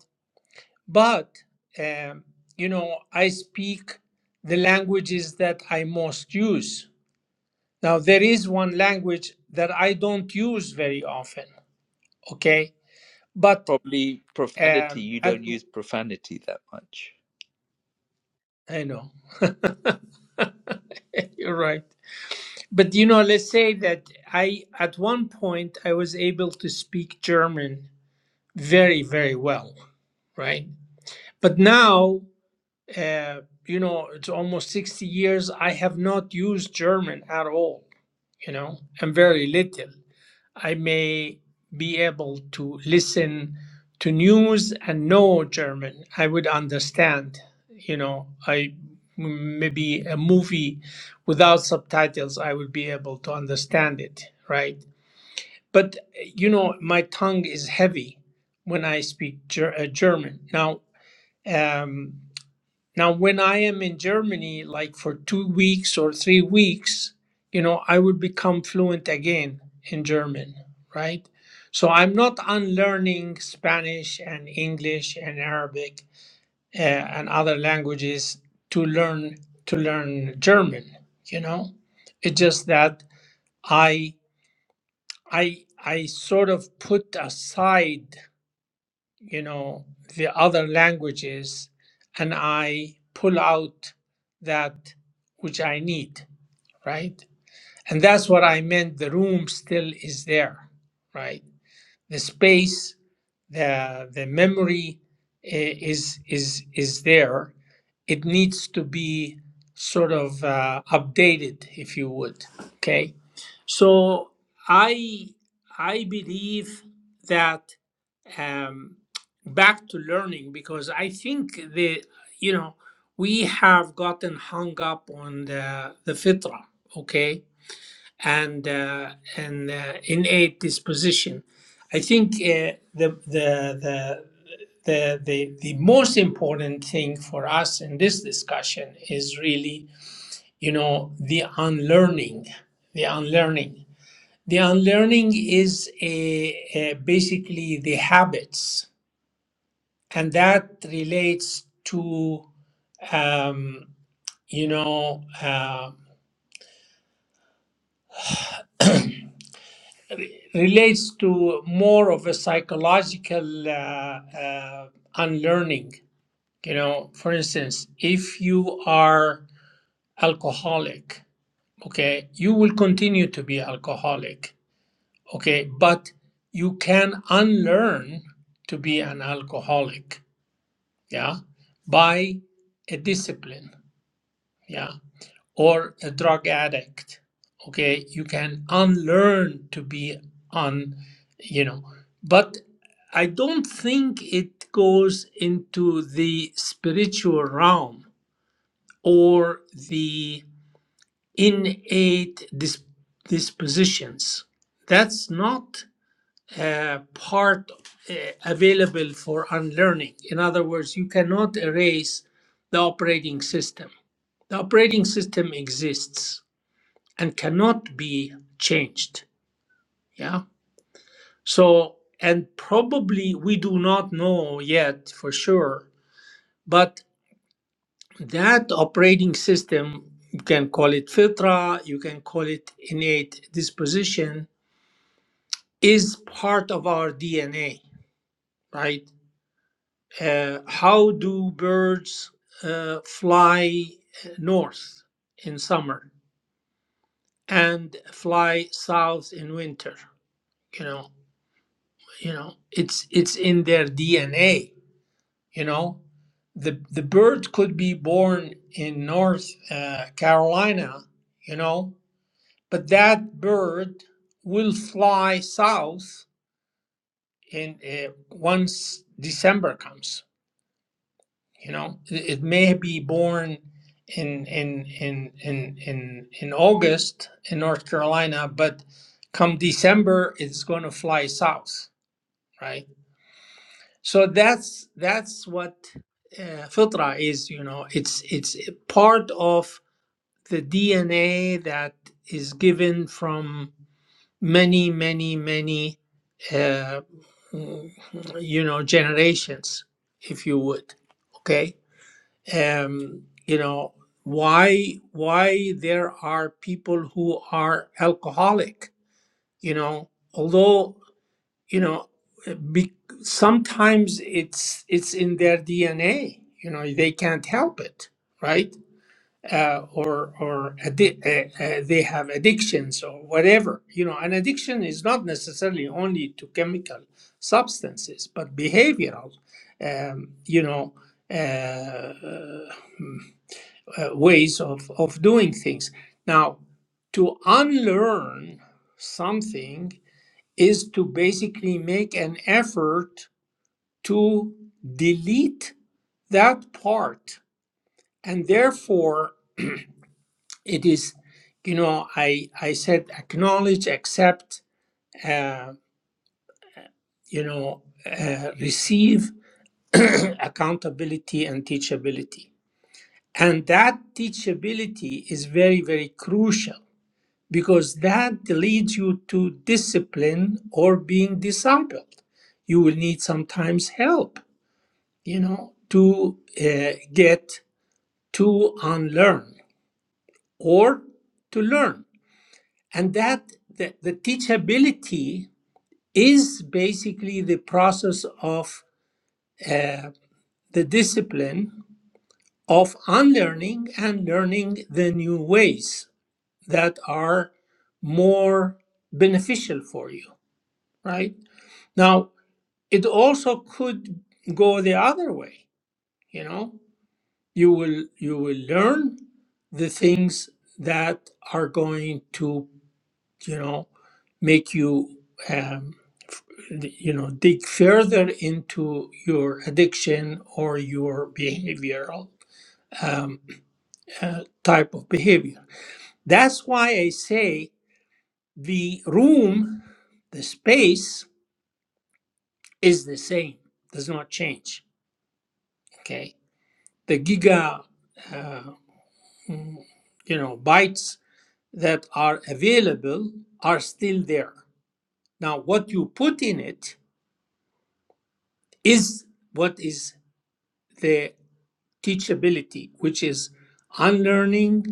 But, um, you know, I speak the languages that I most use. Now, there is one language that I don't use very often, okay? But
probably profanity.
um,
You
at,
don't use profanity that much.
I know, you're right. But, you know, let's say that I, at one point, I was able to speak German very, very well, right? But now, uh, you know, it's almost 60 years, I have not used German at all you know and very little i may be able to listen to news and know german i would understand you know i maybe a movie without subtitles i would be able to understand it right but you know my tongue is heavy when i speak ger- uh, german now um, now, when I am in Germany, like for two weeks or three weeks, you know, I would become fluent again in German, right? So I'm not unlearning Spanish and English and Arabic uh, and other languages to learn to learn German. You know, it's just that I I I sort of put aside you know the other languages and i pull out that which i need right and that's what i meant the room still is there right the space the the memory i- is is is there it needs to be sort of uh, updated if you would okay so i i believe that um, back to learning because I think the you know we have gotten hung up on the the fitra, okay, and uh, and uh, innate disposition. I think uh, the the the the, the the most important thing for us in this discussion is really you know the unlearning the unlearning the unlearning is a, a basically the habits and that relates to um, you know uh, relates to more of a psychological uh, uh, unlearning you know for instance if you are alcoholic okay you will continue to be alcoholic okay but you can unlearn to be an alcoholic yeah by a discipline yeah or a drug addict okay you can unlearn to be on you know but i don't think it goes into the spiritual realm or the innate dis- dispositions that's not uh, part uh, available for unlearning in other words you cannot erase the operating system the operating system exists and cannot be changed. Yeah. So, and probably we do not know yet for sure, but that operating system, you can call it filtra, you can call it innate disposition, is part of our DNA, right? Uh, how do birds uh, fly north in summer and fly south in winter? You know, you know it's it's in their dna you know the the bird could be born in north uh, carolina you know but that bird will fly south in uh, once december comes you know it, it may be born in in in in in in august in north carolina but come december it's going to fly south right? so that's that's what uh, fitra is you know it's it's part of the dna that is given from many many many uh, mm, you know generations if you would okay um you know why why there are people who are alcoholic you know although you know be, sometimes it's it's in their dna you know they can't help it right uh, or or addi- uh, uh, they have addictions or whatever you know an addiction is not necessarily only to chemical substances but behavioral um, you know uh, uh, ways of of doing things now to unlearn something is to basically make an effort to delete that part and therefore it is you know i i said acknowledge accept uh, you know uh, receive [clears throat] accountability and teachability and that teachability is very very crucial because that leads you to discipline or being discipled you will need sometimes help you know, to uh, get to unlearn or to learn. And that the, the teachability is basically the process of uh, the discipline of unlearning and learning the new ways that are more beneficial for you, right? Now, it also could go the other way, you know. you will you will learn the things that are going to you know make you um, you know dig further into your addiction or your behavioral um, uh, type of behavior that's why i say the room the space is the same does not change okay the giga uh, you know bytes that are available are still there. Now, what you put in it is what is the teachability, which is unlearning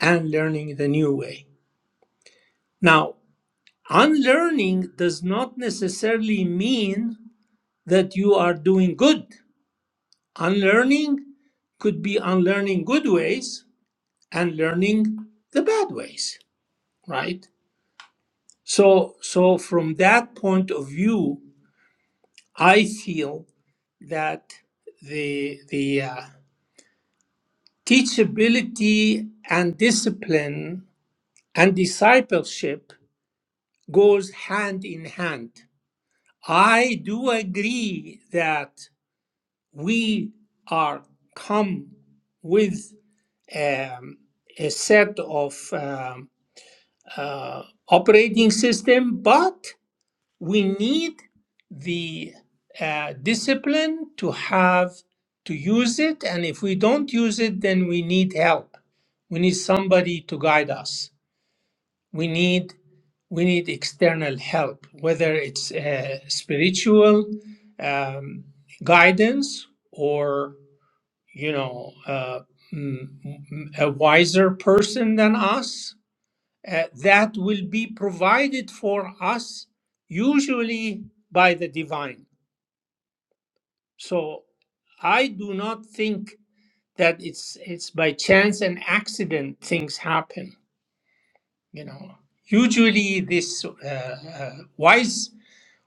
and learning the new way. Now, unlearning does not necessarily mean that you are doing good. Unlearning could be unlearning good ways and learning the bad ways, right? So, so from that point of view, I feel that the the uh, teachability and discipline and discipleship goes hand in hand. I do agree that we are come with um, a set of um, uh, operating system, but we need the uh, discipline to have to use it and if we don't use it then we need help we need somebody to guide us we need we need external help whether it's uh, spiritual um, guidance or you know uh, mm, mm, a wiser person than us uh, that will be provided for us usually by the divine. So I do not think that it's it's by chance and accident things happen. You know, usually this uh, uh, wise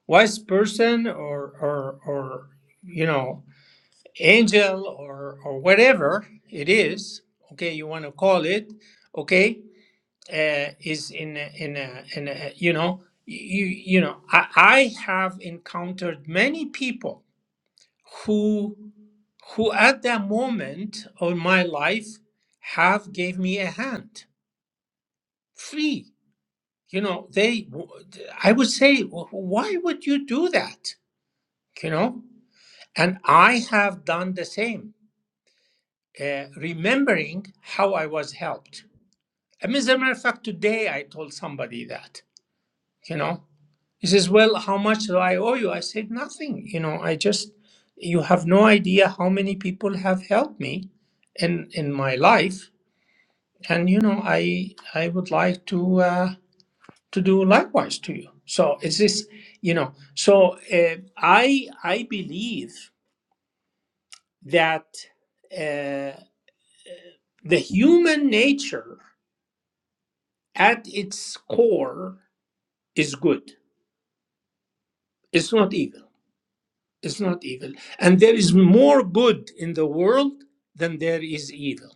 wise person or or or you know angel or or whatever it is. Okay, you want to call it. Okay, uh, is in a, in a, in a, you know you you know I, I have encountered many people who who at that moment of my life have gave me a hand free you know they i would say "Wh- why would you do that you know and i have done the same uh, remembering how i was helped I mean, as a matter of fact today i told somebody that you know he says well how much do i owe you i said nothing you know i just you have no idea how many people have helped me in in my life and you know i i would like to uh to do likewise to you so it's this you know so uh, i i believe that uh the human nature at its core is good it's not evil It's not evil. And there is more good in the world than there is evil.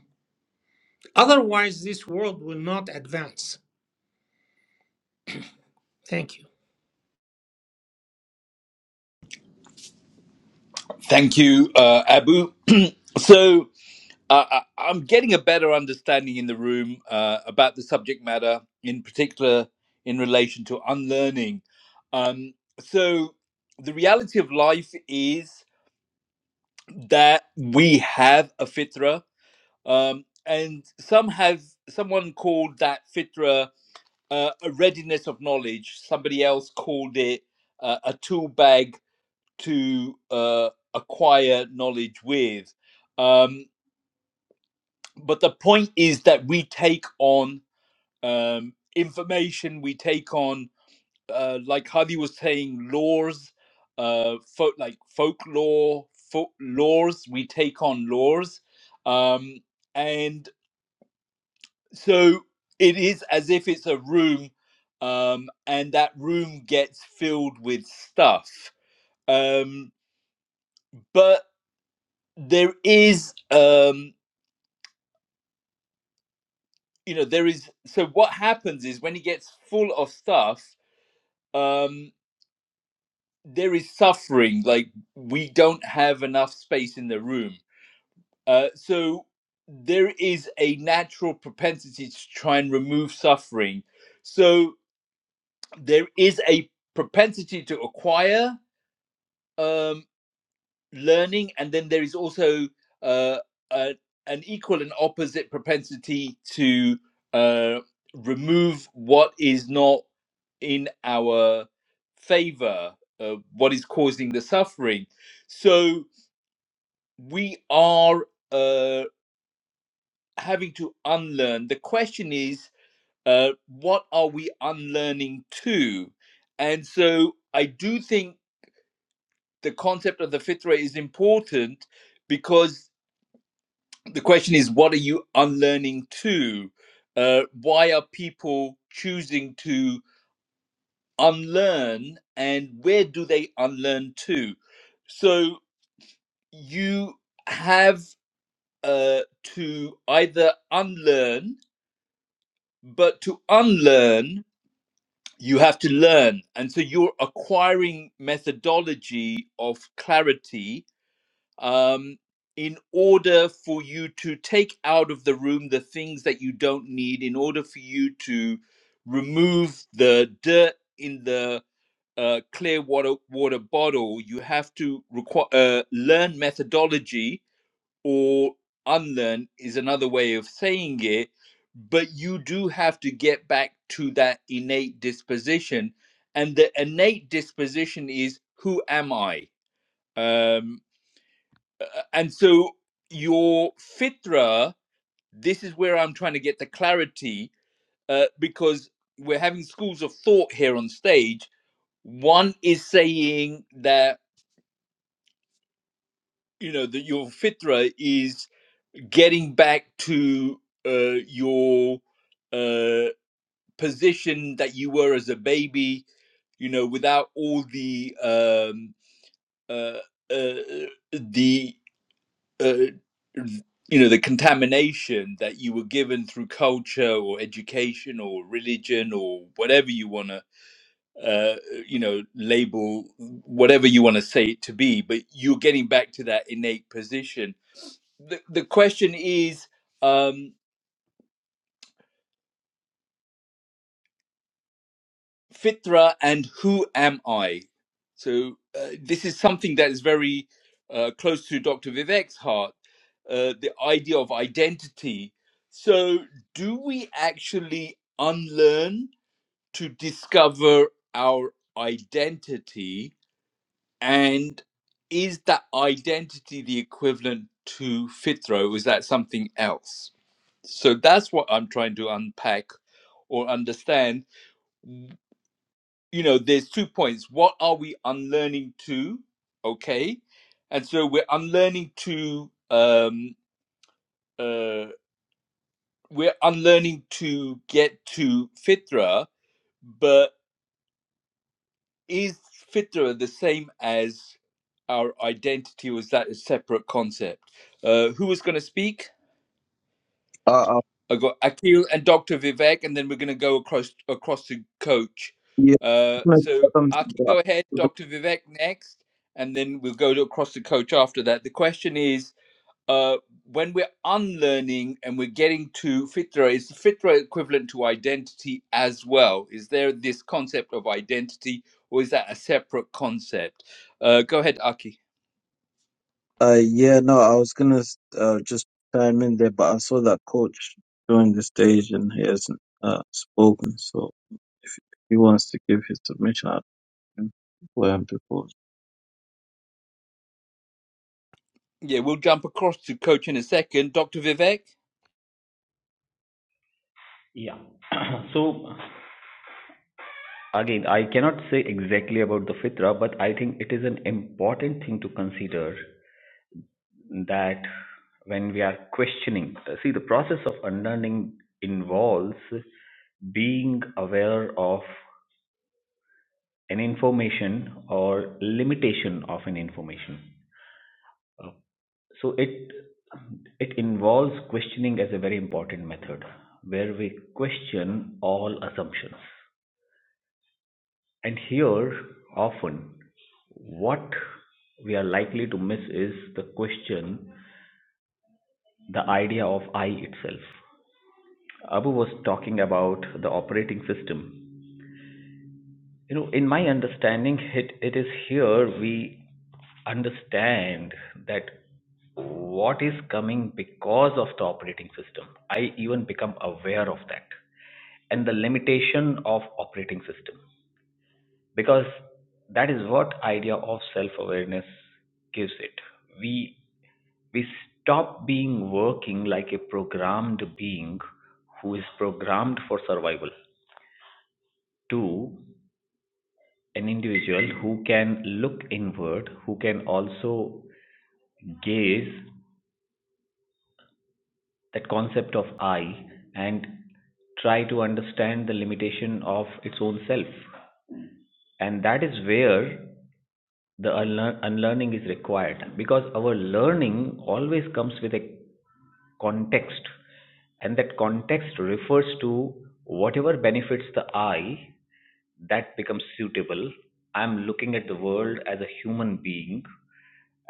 Otherwise, this world will not advance. Thank you.
Thank you, uh, Abu. [clears throat] so uh, I- I'm getting a better understanding in the room uh, about the subject matter, in particular in relation to unlearning. Um, so the reality of life is that we have a fitra, um, and some have someone called that fitra uh, a readiness of knowledge. Somebody else called it uh, a tool bag to uh, acquire knowledge with. Um, but the point is that we take on um, information, we take on, uh, like Hadi was saying, laws, uh, folk like folklore, folk laws, we take on laws. Um, and so it is as if it's a room. Um, and that room gets filled with stuff. Um, but there is um, you know there is so what happens is when he gets full of stuff um there is suffering like we don't have enough space in the room uh so there is a natural propensity to try and remove suffering so there is a propensity to acquire um learning and then there is also uh, a, an equal and opposite propensity to uh, remove what is not in our favor uh, what is causing the suffering so we are uh, having to unlearn the question is uh, what are we unlearning to and so i do think the concept of the fitra is important because the question is what are you unlearning to uh, why are people choosing to unlearn and where do they unlearn to so you have uh, to either unlearn but to unlearn you have to learn and so you're acquiring methodology of clarity um, in order for you to take out of the room the things that you don't need, in order for you to remove the dirt in the uh, clear water water bottle, you have to require uh, learn methodology or unlearn is another way of saying it. But you do have to get back to that innate disposition, and the innate disposition is who am I? Um, uh, uh, and so your fitra this is where i'm trying to get the clarity uh, because we're having schools of thought here on stage one is saying that you know that your fitra is getting back to uh, your uh, position that you were as a baby you know without all the um uh, uh the uh, you know the contamination that you were given through culture or education or religion or whatever you want to uh, you know label whatever you want to say it to be but you're getting back to that innate position the, the question is um, Fitra and Who Am I? So, uh, this is something that is very uh, close to Dr. Vivek's heart uh, the idea of identity. So, do we actually unlearn to discover our identity? And is that identity the equivalent to Fitra? Or is that something else? So, that's what I'm trying to unpack or understand you know there's two points what are we unlearning to okay and so we're unlearning to um uh we're unlearning to get to fitra but is fitra the same as our identity or is that a separate concept uh who was going to speak
Uh, uh,
I got Akhil and Dr. Vivek, and then we're going to go across across to Coach.
yeah.
Uh, so Akhil, go ahead, Dr. Vivek next, and then we'll go to across to Coach after that. The question is, uh, when we're unlearning and we're getting to fitra, is the fitra equivalent to identity as well? Is there this concept of identity, or is that a separate concept? Uh, go ahead, Aki.
Uh, yeah, no, I was gonna uh, just chime in there, but I saw that coach joined the stage and he hasn't uh, spoken. So if he wants to give his submission, I can for him to coach.
Yeah, we'll jump across to Coach in a second. Dr. Vivek.
Yeah. [clears throat] So Again, I cannot say exactly about the fitra, but I think it is an important thing to consider that when we are questioning, see, the process of unlearning involves being aware of an information or limitation of an information. Uh, So it it involves questioning as a very important method, where we question all assumptions. And here, often, what we are likely to miss is the question, the idea of I itself. Abu was talking about the operating system. You know, in my understanding, it, it is here we understand that what is coming because of the operating system. I even become aware of that and the limitation of operating system. because that is what idea of self awareness gives it we we stop being working like a programmed being who is programmed for survival to an individual who can look inward who can also gaze that concept of I and try to understand the limitation of its own self. And that is where the unlearn- unlearning is required because our learning always comes with a context, and that context refers to whatever benefits the I that becomes suitable. I'm looking at the world as a human being,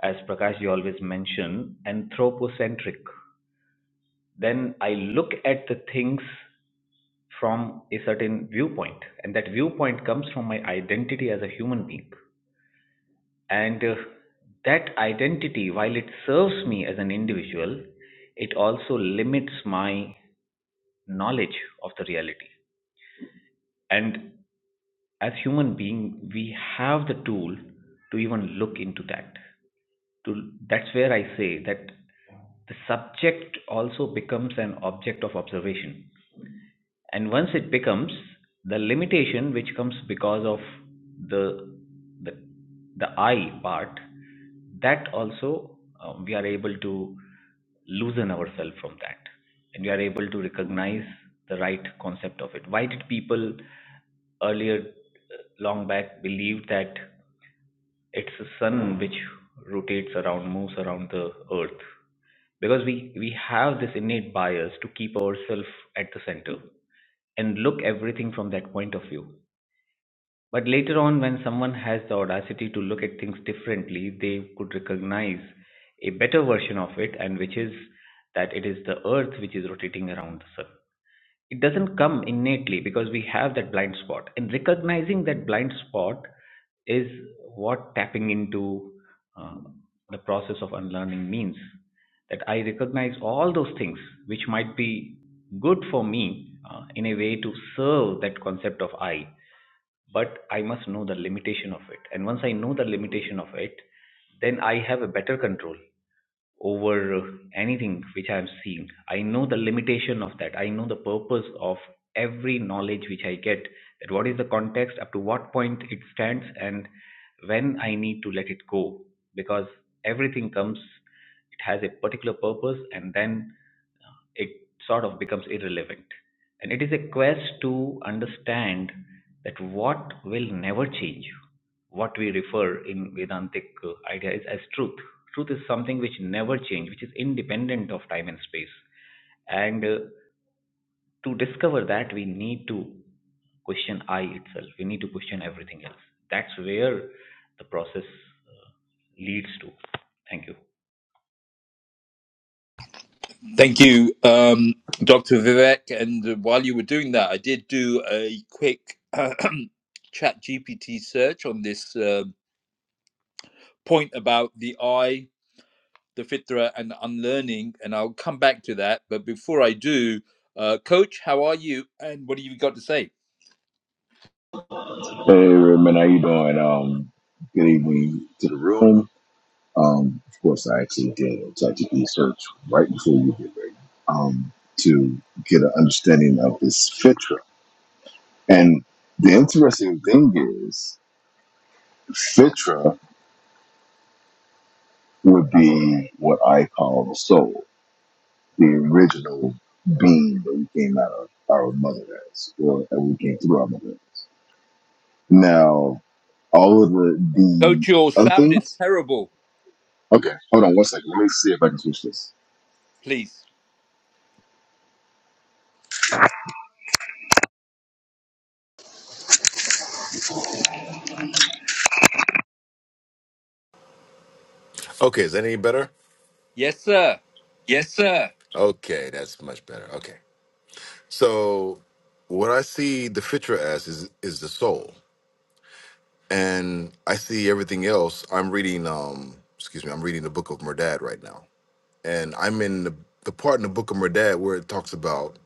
as Prakash, you always mention, anthropocentric then I look at the things from a certain viewpoint, and that viewpoint comes from my identity as a human being. And uh, that identity, while it serves me as an individual, it also limits my knowledge of the reality. And as human being, we have the tool to even look into that. To, that's where I say that the subject also becomes an object of observation and once it becomes the limitation which comes because of the the, the i part that also um, we are able to loosen ourselves from that and we are able to recognize the right concept of it why did people earlier uh, long back believed that it's the sun which rotates around moves around the earth because we we have this innate bias to keep ourselves at the center and look everything from that point of view but later on when someone has the audacity to look at things differently they could recognize a better version of it and which is that it is the earth which is rotating around the sun it doesn't come innately because we have that blind spot. And recognizing that blind spot is what tapping into uh, the process of unlearning means. That I recognize all those things which might be good for me uh, in a way to serve that concept of I but I must know the limitation of it. And once I know the limitation of it, then I have a better control over uh, anything which I am seeing. I know the limitation of that. I know the purpose of every knowledge which I get. That what is the context, up to what point it stands, and when I need to let it go. Because everything comes, it has a particular purpose, and then it sort of becomes irrelevant. And it is a quest to understand that what will never change, what we refer in Vedantic uh, idea is as truth. Truth is something which never changes, which is independent of time and space. And uh, to discover that, we need to question I itself. We need to question everything else. That's where the process uh, leads to. Thank you.
Thank you, um, Dr. Vivek. And uh, while you were doing that, I did do a quick [clears throat] chat GPT search on this uh, point about the I, the Fitra, and unlearning. And I'll come back to that. But before I do, uh, Coach, how are you? And what have you got to say?
Hey, Redman, how you doing? Um, good evening to the room. Um, of course, I actually did a ChatGPT search right before you did, Ray, um, to get an understanding of this FITRA. And the interesting thing is, FITRA would be what I call the soul, the original being that we came out of our mother as, or that we came through our mother. Now, all of the the
Coach, your
other
sound is
things
terrible,
Okay, hold on one second. Let me see if I can switch this.
please.
Okay, is that any better?
Yes, sir.
Yes, sir. Okay, that's much better. Okay. So what I see the fitra as is is the soul. And I see everything else. I'm reading um excuse me, I'm reading the book of Merdad right now. And I'm in the, the part in the book of Merdad where it talks about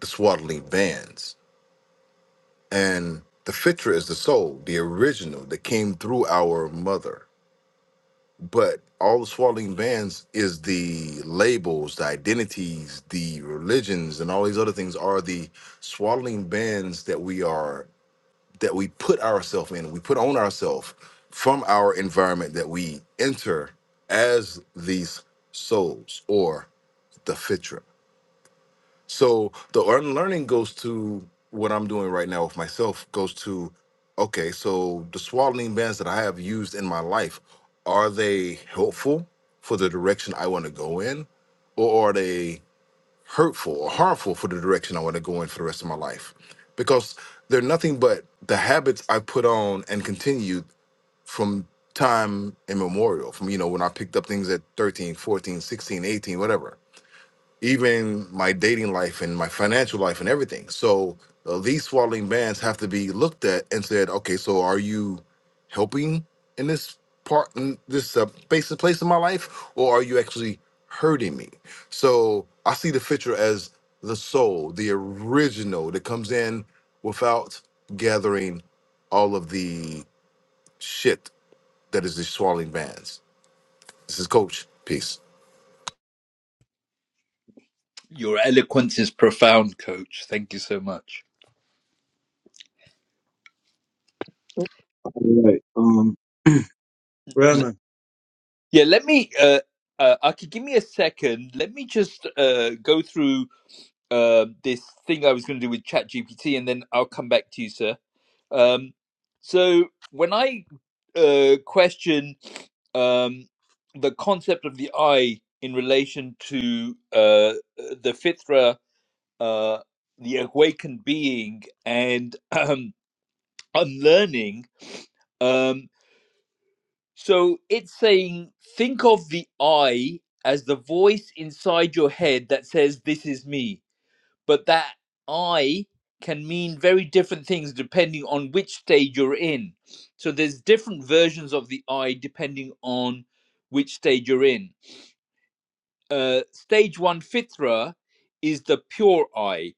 the swaddling bands. And the fitra is the soul, the original that came through our mother. But all the swaddling bands is the labels, the identities, the religions, and all these other things are the swaddling bands that we are that we put ourselves in, we put on ourselves from our environment that we enter as these souls or the fitra. So the unlearning goes to what I'm doing right now with myself goes to okay, so the swaddling bands that I have used in my life, are they helpful for the direction I want to go in? Or are they hurtful or harmful for the direction I want to go in for the rest of my life? Because they're nothing but the habits I put on and continued from time immemorial, from you know, when I picked up things at 13, 14, 16, 18, whatever even my dating life and my financial life and everything. So uh, these swaddling bands have to be looked at and said, okay, so are you helping in this part, in this uh, space place in my life, or are you actually hurting me? So I see the picture as the soul, the original that comes in without gathering all of the shit that is the swaddling bands. This is Coach. Peace.
Your eloquence is profound, Coach. Thank you so much.
All right, um, Rahman.
Yeah, let me. Uh, uh, Aki, give me a second. Let me just uh, go through uh, this thing I was going to do with ChatGPT, and then I'll come back to you, sir. Um, so when I uh, question um, the concept of the eye in relation to uh, the fitra, uh, the awakened being, and [clears throat] um, unlearning. Um, so it's saying, think of the I as the voice inside your head that says, This is me. But that I can mean very different things depending on which stage you're in. So there's different versions of the I depending on which stage you're in. Uh, stage one, Fitra, is the pure I.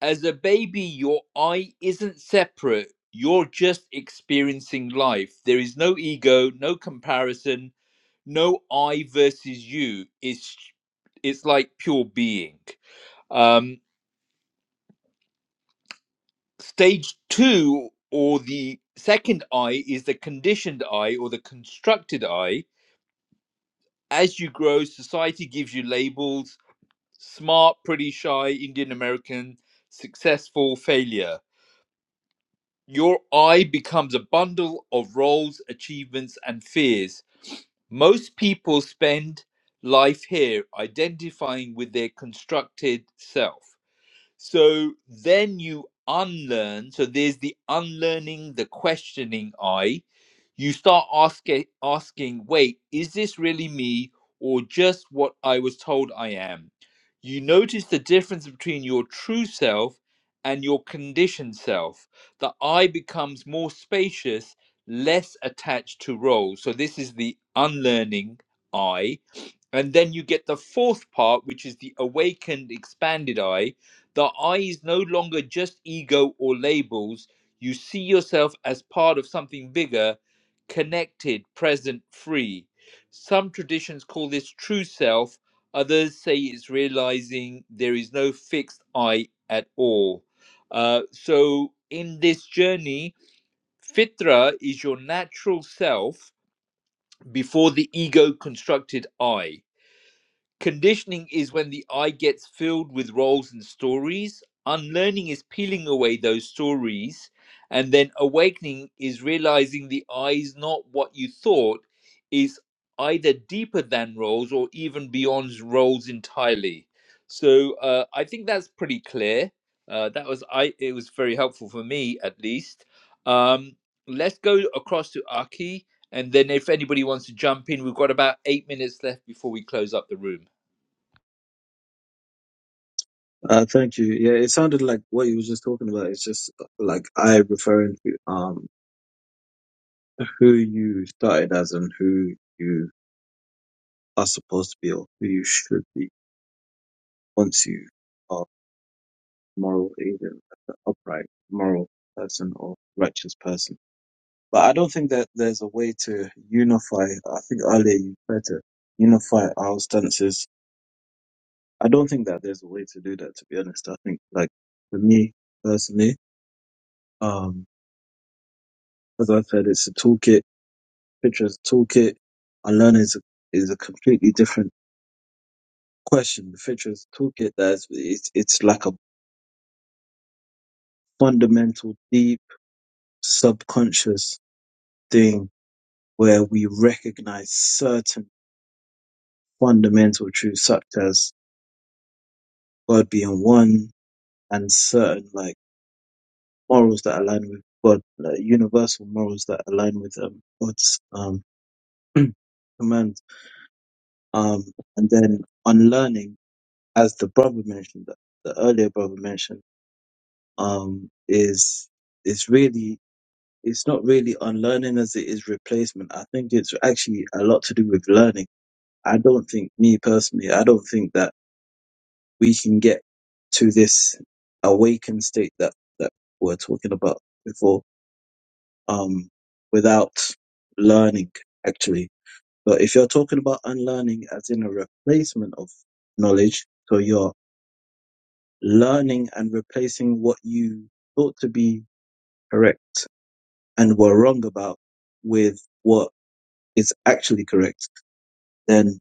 As a baby, your I isn't separate. You're just experiencing life. There is no ego, no comparison, no I versus you is it's like pure being. Um, stage two or the second I is the conditioned I or the constructed I. As you grow, society gives you labels: smart, pretty, shy, Indian American, successful, failure. Your I becomes a bundle of roles, achievements, and fears. Most people spend life here identifying with their constructed self. So then you unlearn. So there's the unlearning, the questioning I. You start asking, asking, wait, is this really me or just what I was told I am? You notice the difference between your true self and your conditioned self. The I becomes more spacious, less attached to roles. So this is the unlearning I. And then you get the fourth part, which is the awakened, expanded I the I is no longer just ego or labels. You see yourself as part of something bigger, connected, present, free. Some traditions call this true self, others say it's realizing there is no fixed I at all. Uh, so, in this journey, Fitra is your natural self before the ego constructed I. Conditioning is when the eye gets filled with roles and stories. Unlearning is peeling away those stories. And then awakening is realizing the eye is not what you thought, is either deeper than roles or even beyond roles entirely. So uh, I think that's pretty clear. Uh, that was I. It was very helpful for me, at least. Um, let's go across to Aki, and then if anybody wants to jump in, we've got about eight minutes left before we close up the room.
Uh, thank you. Yeah, it sounded like what you were just talking about. It's just uh, like I referring to um who you started as and who you are supposed to be or who you should be once you are moral, either upright, moral person or righteous person. But I don't think that there's a way to unify. I think earlier you tried to unify our stances. I don't think that there's a way to do that, to be honest. I think, like, for me personally, um, as I said, it's a toolkit. Fitcher's toolkit and is a, is a completely different question. The Fitcher's toolkit, that's, it's, it's like a fundamental, deep, subconscious thing where we recognize certain fundamental truths such as God being one, and certain like morals that align with God, like, universal morals that align with um, God's um, [clears throat] commands. Um, and then unlearning, as the brother mentioned, the, the earlier brother mentioned, um, is is really it's not really unlearning as it is replacement. I think it's actually a lot to do with learning. I don't think me personally, I don't think that we can get to this awakened state that that we we're talking about before um, without learning, actually. But if you're talking about unlearning as in a replacement of knowledge, so you're learning and replacing what you thought to be correct and were wrong about with what is actually correct, then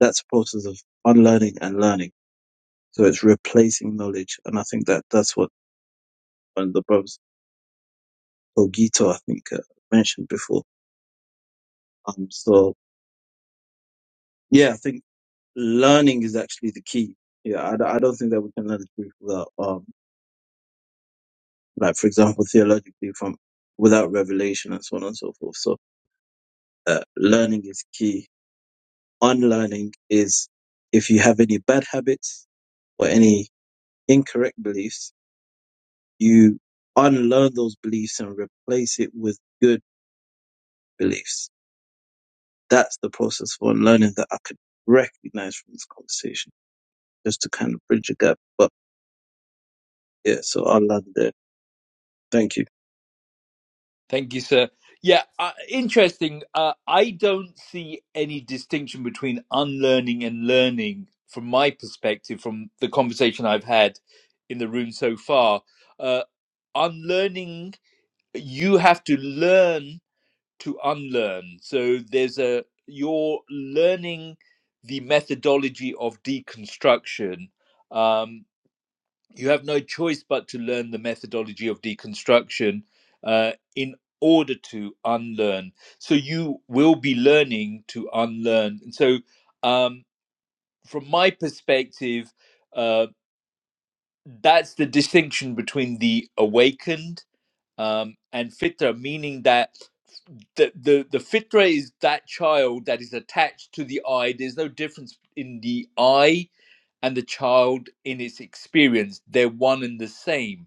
that's a process of unlearning and learning. So it's replacing knowledge. And I think that that's what one of the brothers, Ogito, I think, uh, mentioned before. Um, so yeah, I think learning is actually the key. Yeah, I, d- I don't think that we can learn the truth without, um, like for example, theologically from without revelation and so on and so forth. So uh, learning is key. Unlearning is if you have any bad habits or any incorrect beliefs, you unlearn those beliefs and replace it with good beliefs. That's the process for unlearning that I could recognize from this conversation, just to kind of bridge a gap. But yeah, so I'll land there. Thank you.
Thank you, sir. Yeah, uh, interesting. Uh, I don't see any distinction between unlearning and learning from my perspective, from the conversation I've had in the room so far. Uh, unlearning, you have to learn to unlearn. So there's a, you're learning the methodology of deconstruction. Um, you have no choice but to learn the methodology of deconstruction uh, in order to unlearn. So you will be learning to unlearn. And so, um, from my perspective, uh, that's the distinction between the awakened um, and fitra, meaning that the, the, the fitra is that child that is attached to the I. There's no difference in the I and the child in its experience, they're one and the same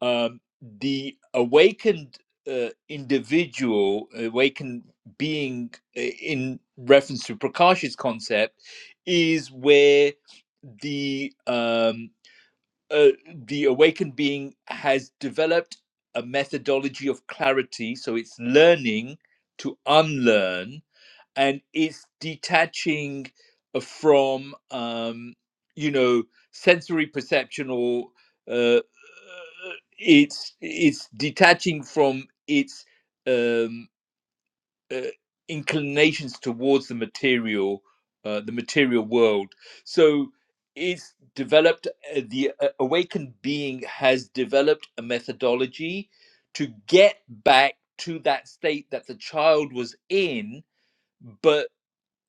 um, the awakened uh, individual, awakened being, uh, in reference to Prakash's concept, is where the um, uh, the awakened being has developed a methodology of clarity, so it's learning to unlearn and it's detaching uh, from um, you know sensory perception or uh, uh, it's it's detaching from its um, uh, inclinations towards the material uh, the material world so it's developed uh, the uh, awakened being has developed a methodology to get back to that state that the child was in but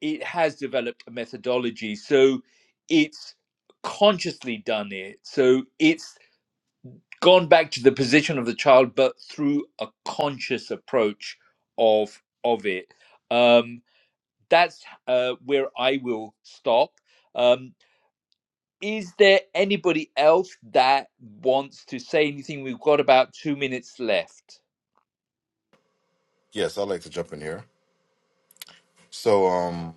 it has developed a methodology. So it's consciously done it. So it's gone back to the position of the child, but through a conscious approach of of it. Um, that's uh, where I will stop. Um, is there anybody else that wants to say anything? We've got about two minutes left.
Yes, I'd like to jump in here. So, um,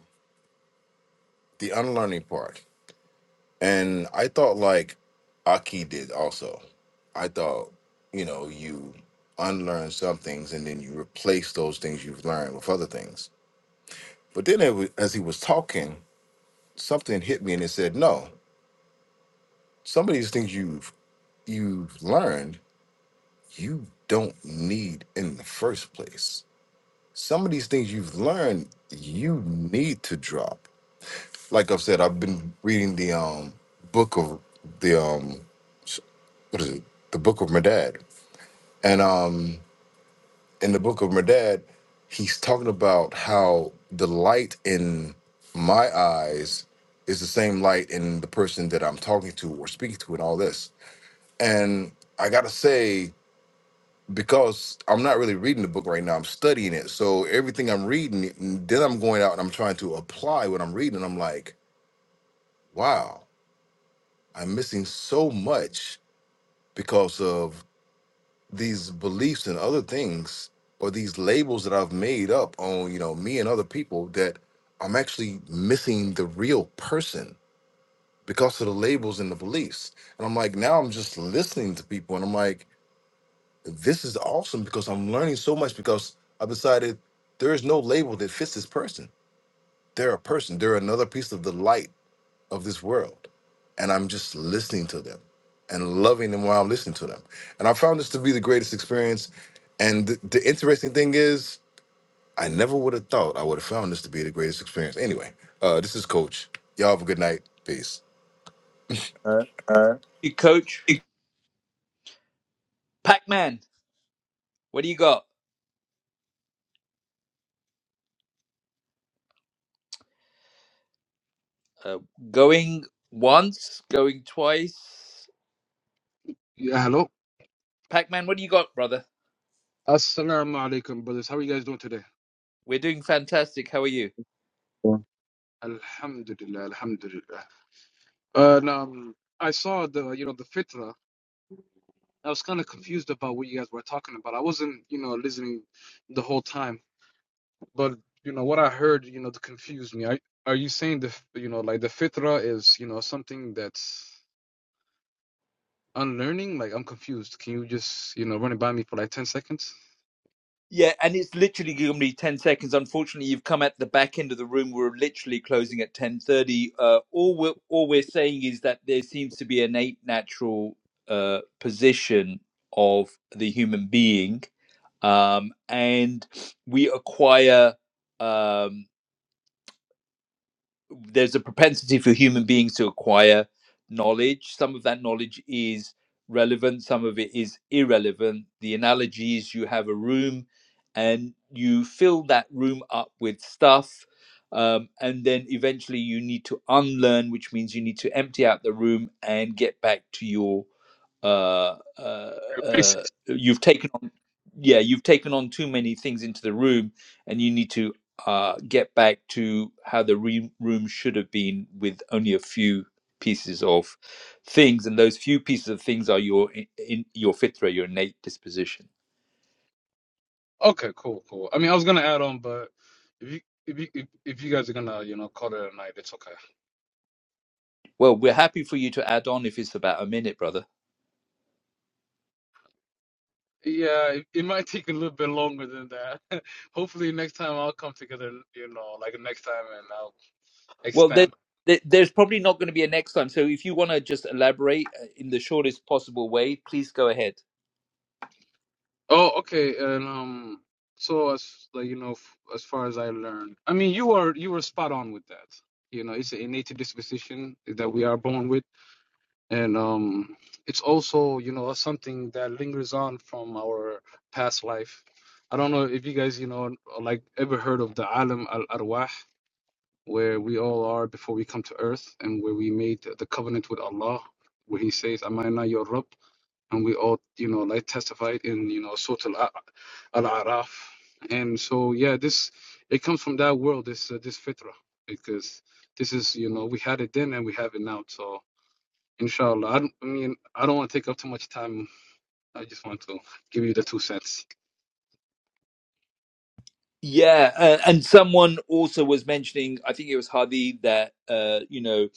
the unlearning part. And I thought like Aki did also. I thought, you know, you unlearn some things and then you replace those things you've learned with other things. But then it was, as he was talking, something hit me and it said, no, some of these things you've you've learned, you don't need in the first place. Some of these things you've learned, you need to drop. Like I've said, I've been reading the um book of the um what is it? The Book of Medad. And um, in the Book of Medad, he's talking about how the light in my eyes is the same light in the person that I'm talking to or speaking to, and all this. And I gotta say, because I'm not really reading the book right now, I'm studying it. So everything I'm reading, then I'm going out and I'm trying to apply what I'm reading. I'm like, wow, I'm missing so much because of these beliefs and other things or these labels that I've made up on, you know, me and other people that I'm actually missing the real person because of the labels and the beliefs. And I'm like, now I'm just listening to people and I'm like, this is awesome because I'm learning so much because I've decided there is no label that fits this person. They're a person. They're another piece of the light of this world. And I'm just listening to them and loving them while I'm listening to them. And I found this to be the greatest experience. And the, the interesting thing is, I never would have thought I would have found this to be the greatest experience. Anyway, uh, this is Coach. Y'all have a good night. Peace.
Uh, You coach Pac Man. What do you got? Uh, going once, going twice.
Yeah, hello.
Pac Man, what do you got, brother?
Assalamu alaikum, brothers. How are you guys doing today?
We're doing fantastic. How are you?
Alhamdulillah, alhamdulillah. Uh, now, um, I saw the, you know, the fitra. I was kind of confused about what you guys were talking about. I wasn't, you know, listening the whole time. But, you know, what I heard, you know, confused me. Are, are you saying the, you know, like the fitra is, you know, something that's unlearning? Like, I'm confused. Can you just, you know, run it by me for like 10 seconds?
Yeah, and it's literally giving me ten seconds. Unfortunately, you've come at the back end of the room. We're literally closing at ten thirty. Uh, all we're all we're saying is that there seems to be an innate natural uh, position of the human being, um, and we acquire. Um, there's a propensity for human beings to acquire knowledge. Some of that knowledge is relevant, some of it is irrelevant. The analogy is you have a room and you fill that room up with stuff. Um, and then eventually you need to unlearn, which means you need to empty out the room and get back to your. Uh, uh,
Yeah, please.
uh, you've taken on, yeah, you've taken on too many things into the room, and you need to uh, get back to how the re- room should have been with only a few pieces of things and those few pieces of things are your in, in your fitra your innate disposition
Okay, cool, cool. I mean, I was gonna add on, but if you if you if, if you guys are gonna you know call it a night, it's okay.
well we're happy for you to add on if it's about a minute brother
Yeah, it, it might [laughs] take a little bit longer than that. [laughs] Hopefully, next time I'll come together. You know, like next time, and I'll
well there,
expand.
there- there's probably not going to be a next time so if you want to just elaborate uh, in the shortest possible way please go ahead
Oh, okay. And um, so as like you know, f- as far as I learned, I mean, you are you were spot on with that. You know, it's an innate disposition that we are born with and um, it's also you know something that lingers on from our past life. I don't know if you guys you know like ever heard of the alam al arwah, where we all are before we come to earth, and where we made the covenant with Allah, where He says, "Amana your Rabb," and we all you know like testified in you know Surah al Al Araf, and so yeah, this it comes from that world, this uh, this fitra, because this is you know we had it then and we have it now, so Inshallah. I, don't- I mean, I don't want to take up too much time. I just want to give you the two cents.
yeah uh, and someone also was mentioning i think it was hadi that uh, you know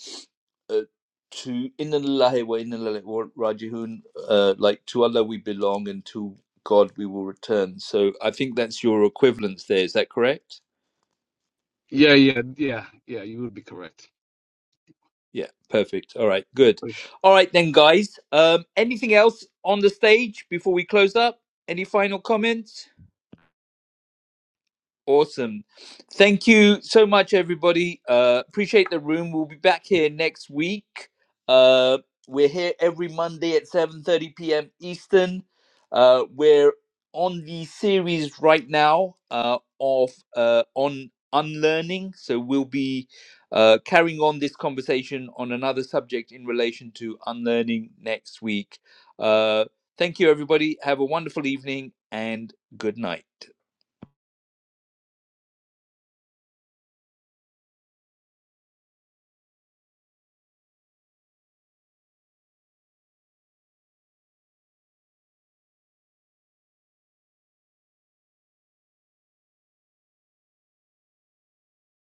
uh, to Innalillahi wa innalillahi rajihun, uh, like to Allah we belong and to God we will return. So I think that's your equivalence there. Is that correct?
Yeah, yeah, yeah, yeah. You would be correct.
Yeah, perfect. All right, good.
for sure.
All right then, guys. Um, anything else on the stage before we close up? Any final comments? Awesome. Thank you so much, everybody. Uh, appreciate the room. We'll be back here next week. Uh, we're here every Monday at 7.30 p.m. Eastern. Uh, we're on the series right now uh, of uh, on unlearning. So we'll be uh, carrying on this conversation on another subject in relation to unlearning next week. Uh, thank you, everybody. Have a wonderful evening and good night.